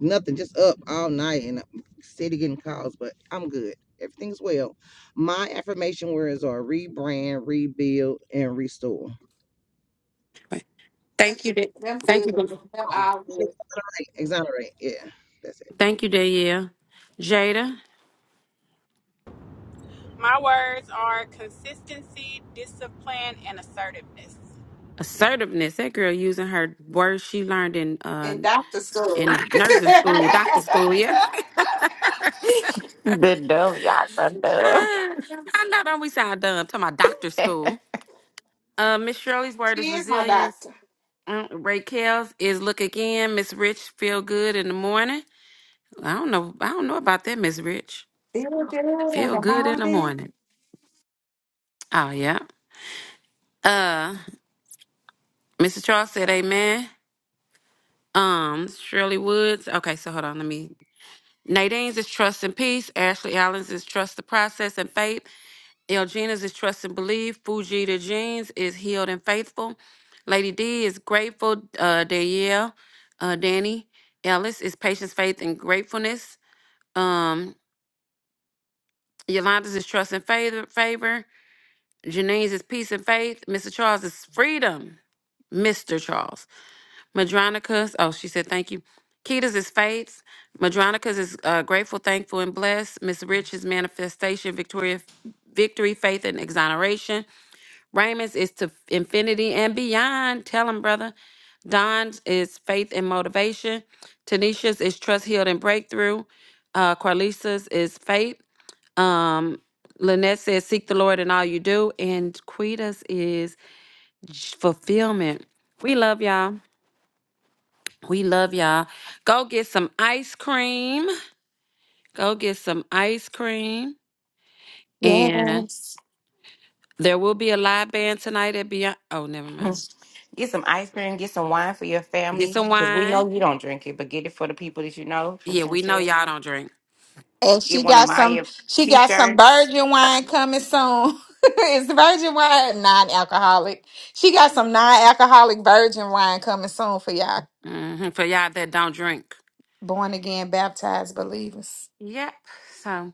nothing, just up all night and city getting calls, but I'm good. Everything's well. My affirmation words are rebrand, rebuild, and restore. thank you. Da- Them Thank good. you. Dan- Them all good. Exonerate. Exonerate. Yeah. Thank you, Danielle. Jada, my words are consistency, discipline, and assertiveness. assertiveness. That girl using her words she learned in uh In doctor school. in nursing school, doctor school, yeah. the dumb, y'all so I know don't we sound dumb talking about doctor dumb. school. Uh, Miss Shirley's word is she is my resilience. doctor. Mm, Raquel's is look again. Miss Rich feel good in the morning. I don't know. I don't know about that, Miss Rich. Feel good in Feel the good in the morning. morning. Oh yeah. Uh, Mrs. Charles said amen. Um, Shirley Woods. Okay, so hold on. Let me. Nadine's is trust and peace. Ashley Allen's is trust the process and faith. El Gina's is Trust and Believe. Fujita Jeans is Healed and Faithful. Lady D is Grateful. Uh, Danielle, uh, Danny Ellis is Patience, Faith, and Gratefulness. Um, Yolanda's is Trust and Favor. favor. Janine's is Peace and Faith. Mr. Charles is Freedom. Mr. Charles. Madronica's, oh, she said thank you. Kita's is Faith's. Madronica's is uh, Grateful, Thankful, and Blessed. Miss Rich is Manifestation, Victoria, Victory, Faith, and Exoneration. Raymond's is to infinity and beyond. Tell him, brother. Don's is faith and motivation. Tanisha's is trust, healed, and breakthrough. Uh, Carlisa's is faith. Um, Lynette says, seek the Lord in all you do. And Quita's is j- fulfillment. We love y'all. We love y'all. Go get some ice cream. Go get some ice cream. And Yes. there will be a live band tonight at Beyond. Oh, never mind. Get some ice cream, get some wine for your Get family, some because we wine. know you don't drink it, but get it for the people that you know from Yeah, we know Chantel. y'all don't drink. And she Get one of got some Maya she t got some shirts. virgin wine coming soon. it's virgin wine, non-alcoholic. She got some non-alcoholic virgin wine coming soon for y'all hmm For y'all that don't drink. born again baptized believers. Yep. So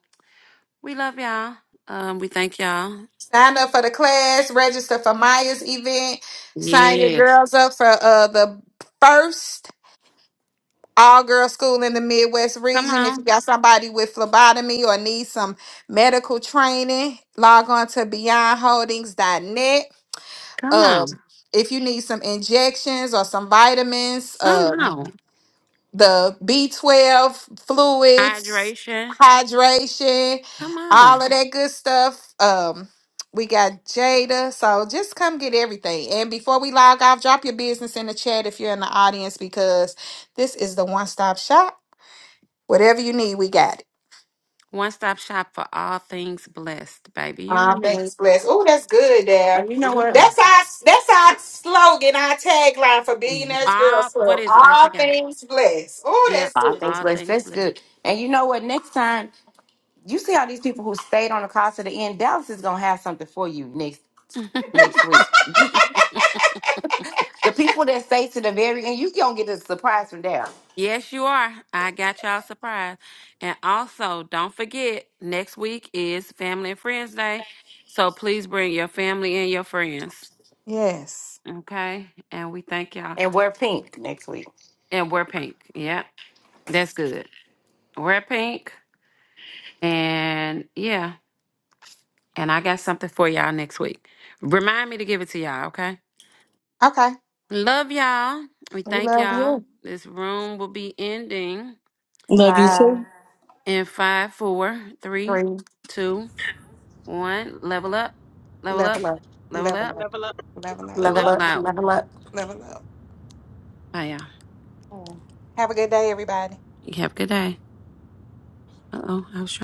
we love y'all. Um, we thank y'all. Sign up for the class, register for Maya's event, sign your Yes. girls up for uh, the first all girl school in the Midwest Come region. If you on. got somebody with phlebotomy or need some medical training, log on to beyond holdings dot net. Come Um, on. if you need some injections or some vitamins, Come um on. the B12 fluids, Hydration. hydration, Come all on. of that good stuff. Um, we got Jada. So just come get everything. And before we log off, drop your business in the chat if you're in the audience because this is the one stop shop. Whatever you need, we got it. One stop shop for all things blessed, baby. You hear Ah, me? thanks, bless. Oh, that's good there. And you know what? Come That's our that's our slogan, our tagline for on. Billionaires All Girls what Club. is it? I All forgot. things blessed. Oh, Yep. that's All good. things All blessed. things That's good. And you know what? Next time, you see how these people who stayed on the call to the end, Dallas is going to have something for you next blessed. next week. the people that stay to the very end, you going to get a surprise from Dallas Yes, you are. I got y'all surprised. And also, don't forget, next week is Family and Friends Day. So please bring your family and your friends. Yes. Okay? And we thank y'all. and wear pink next week. And wear pink. Yeah, that's good. Wear pink. And yeah. And I got something for y'all next week. Remind me to give it to y'all, okay? Okay. Love y'all. We We thank love y'all. you. This room will be ending Love you Five, too. in five, four, three, three, two. One, level up, level up, level up, level level up, up, Level up, level up, level up. level out. level up. level up. Bye, y'all. Have a good day, everybody. You have a good day. Uh oh, I was trying.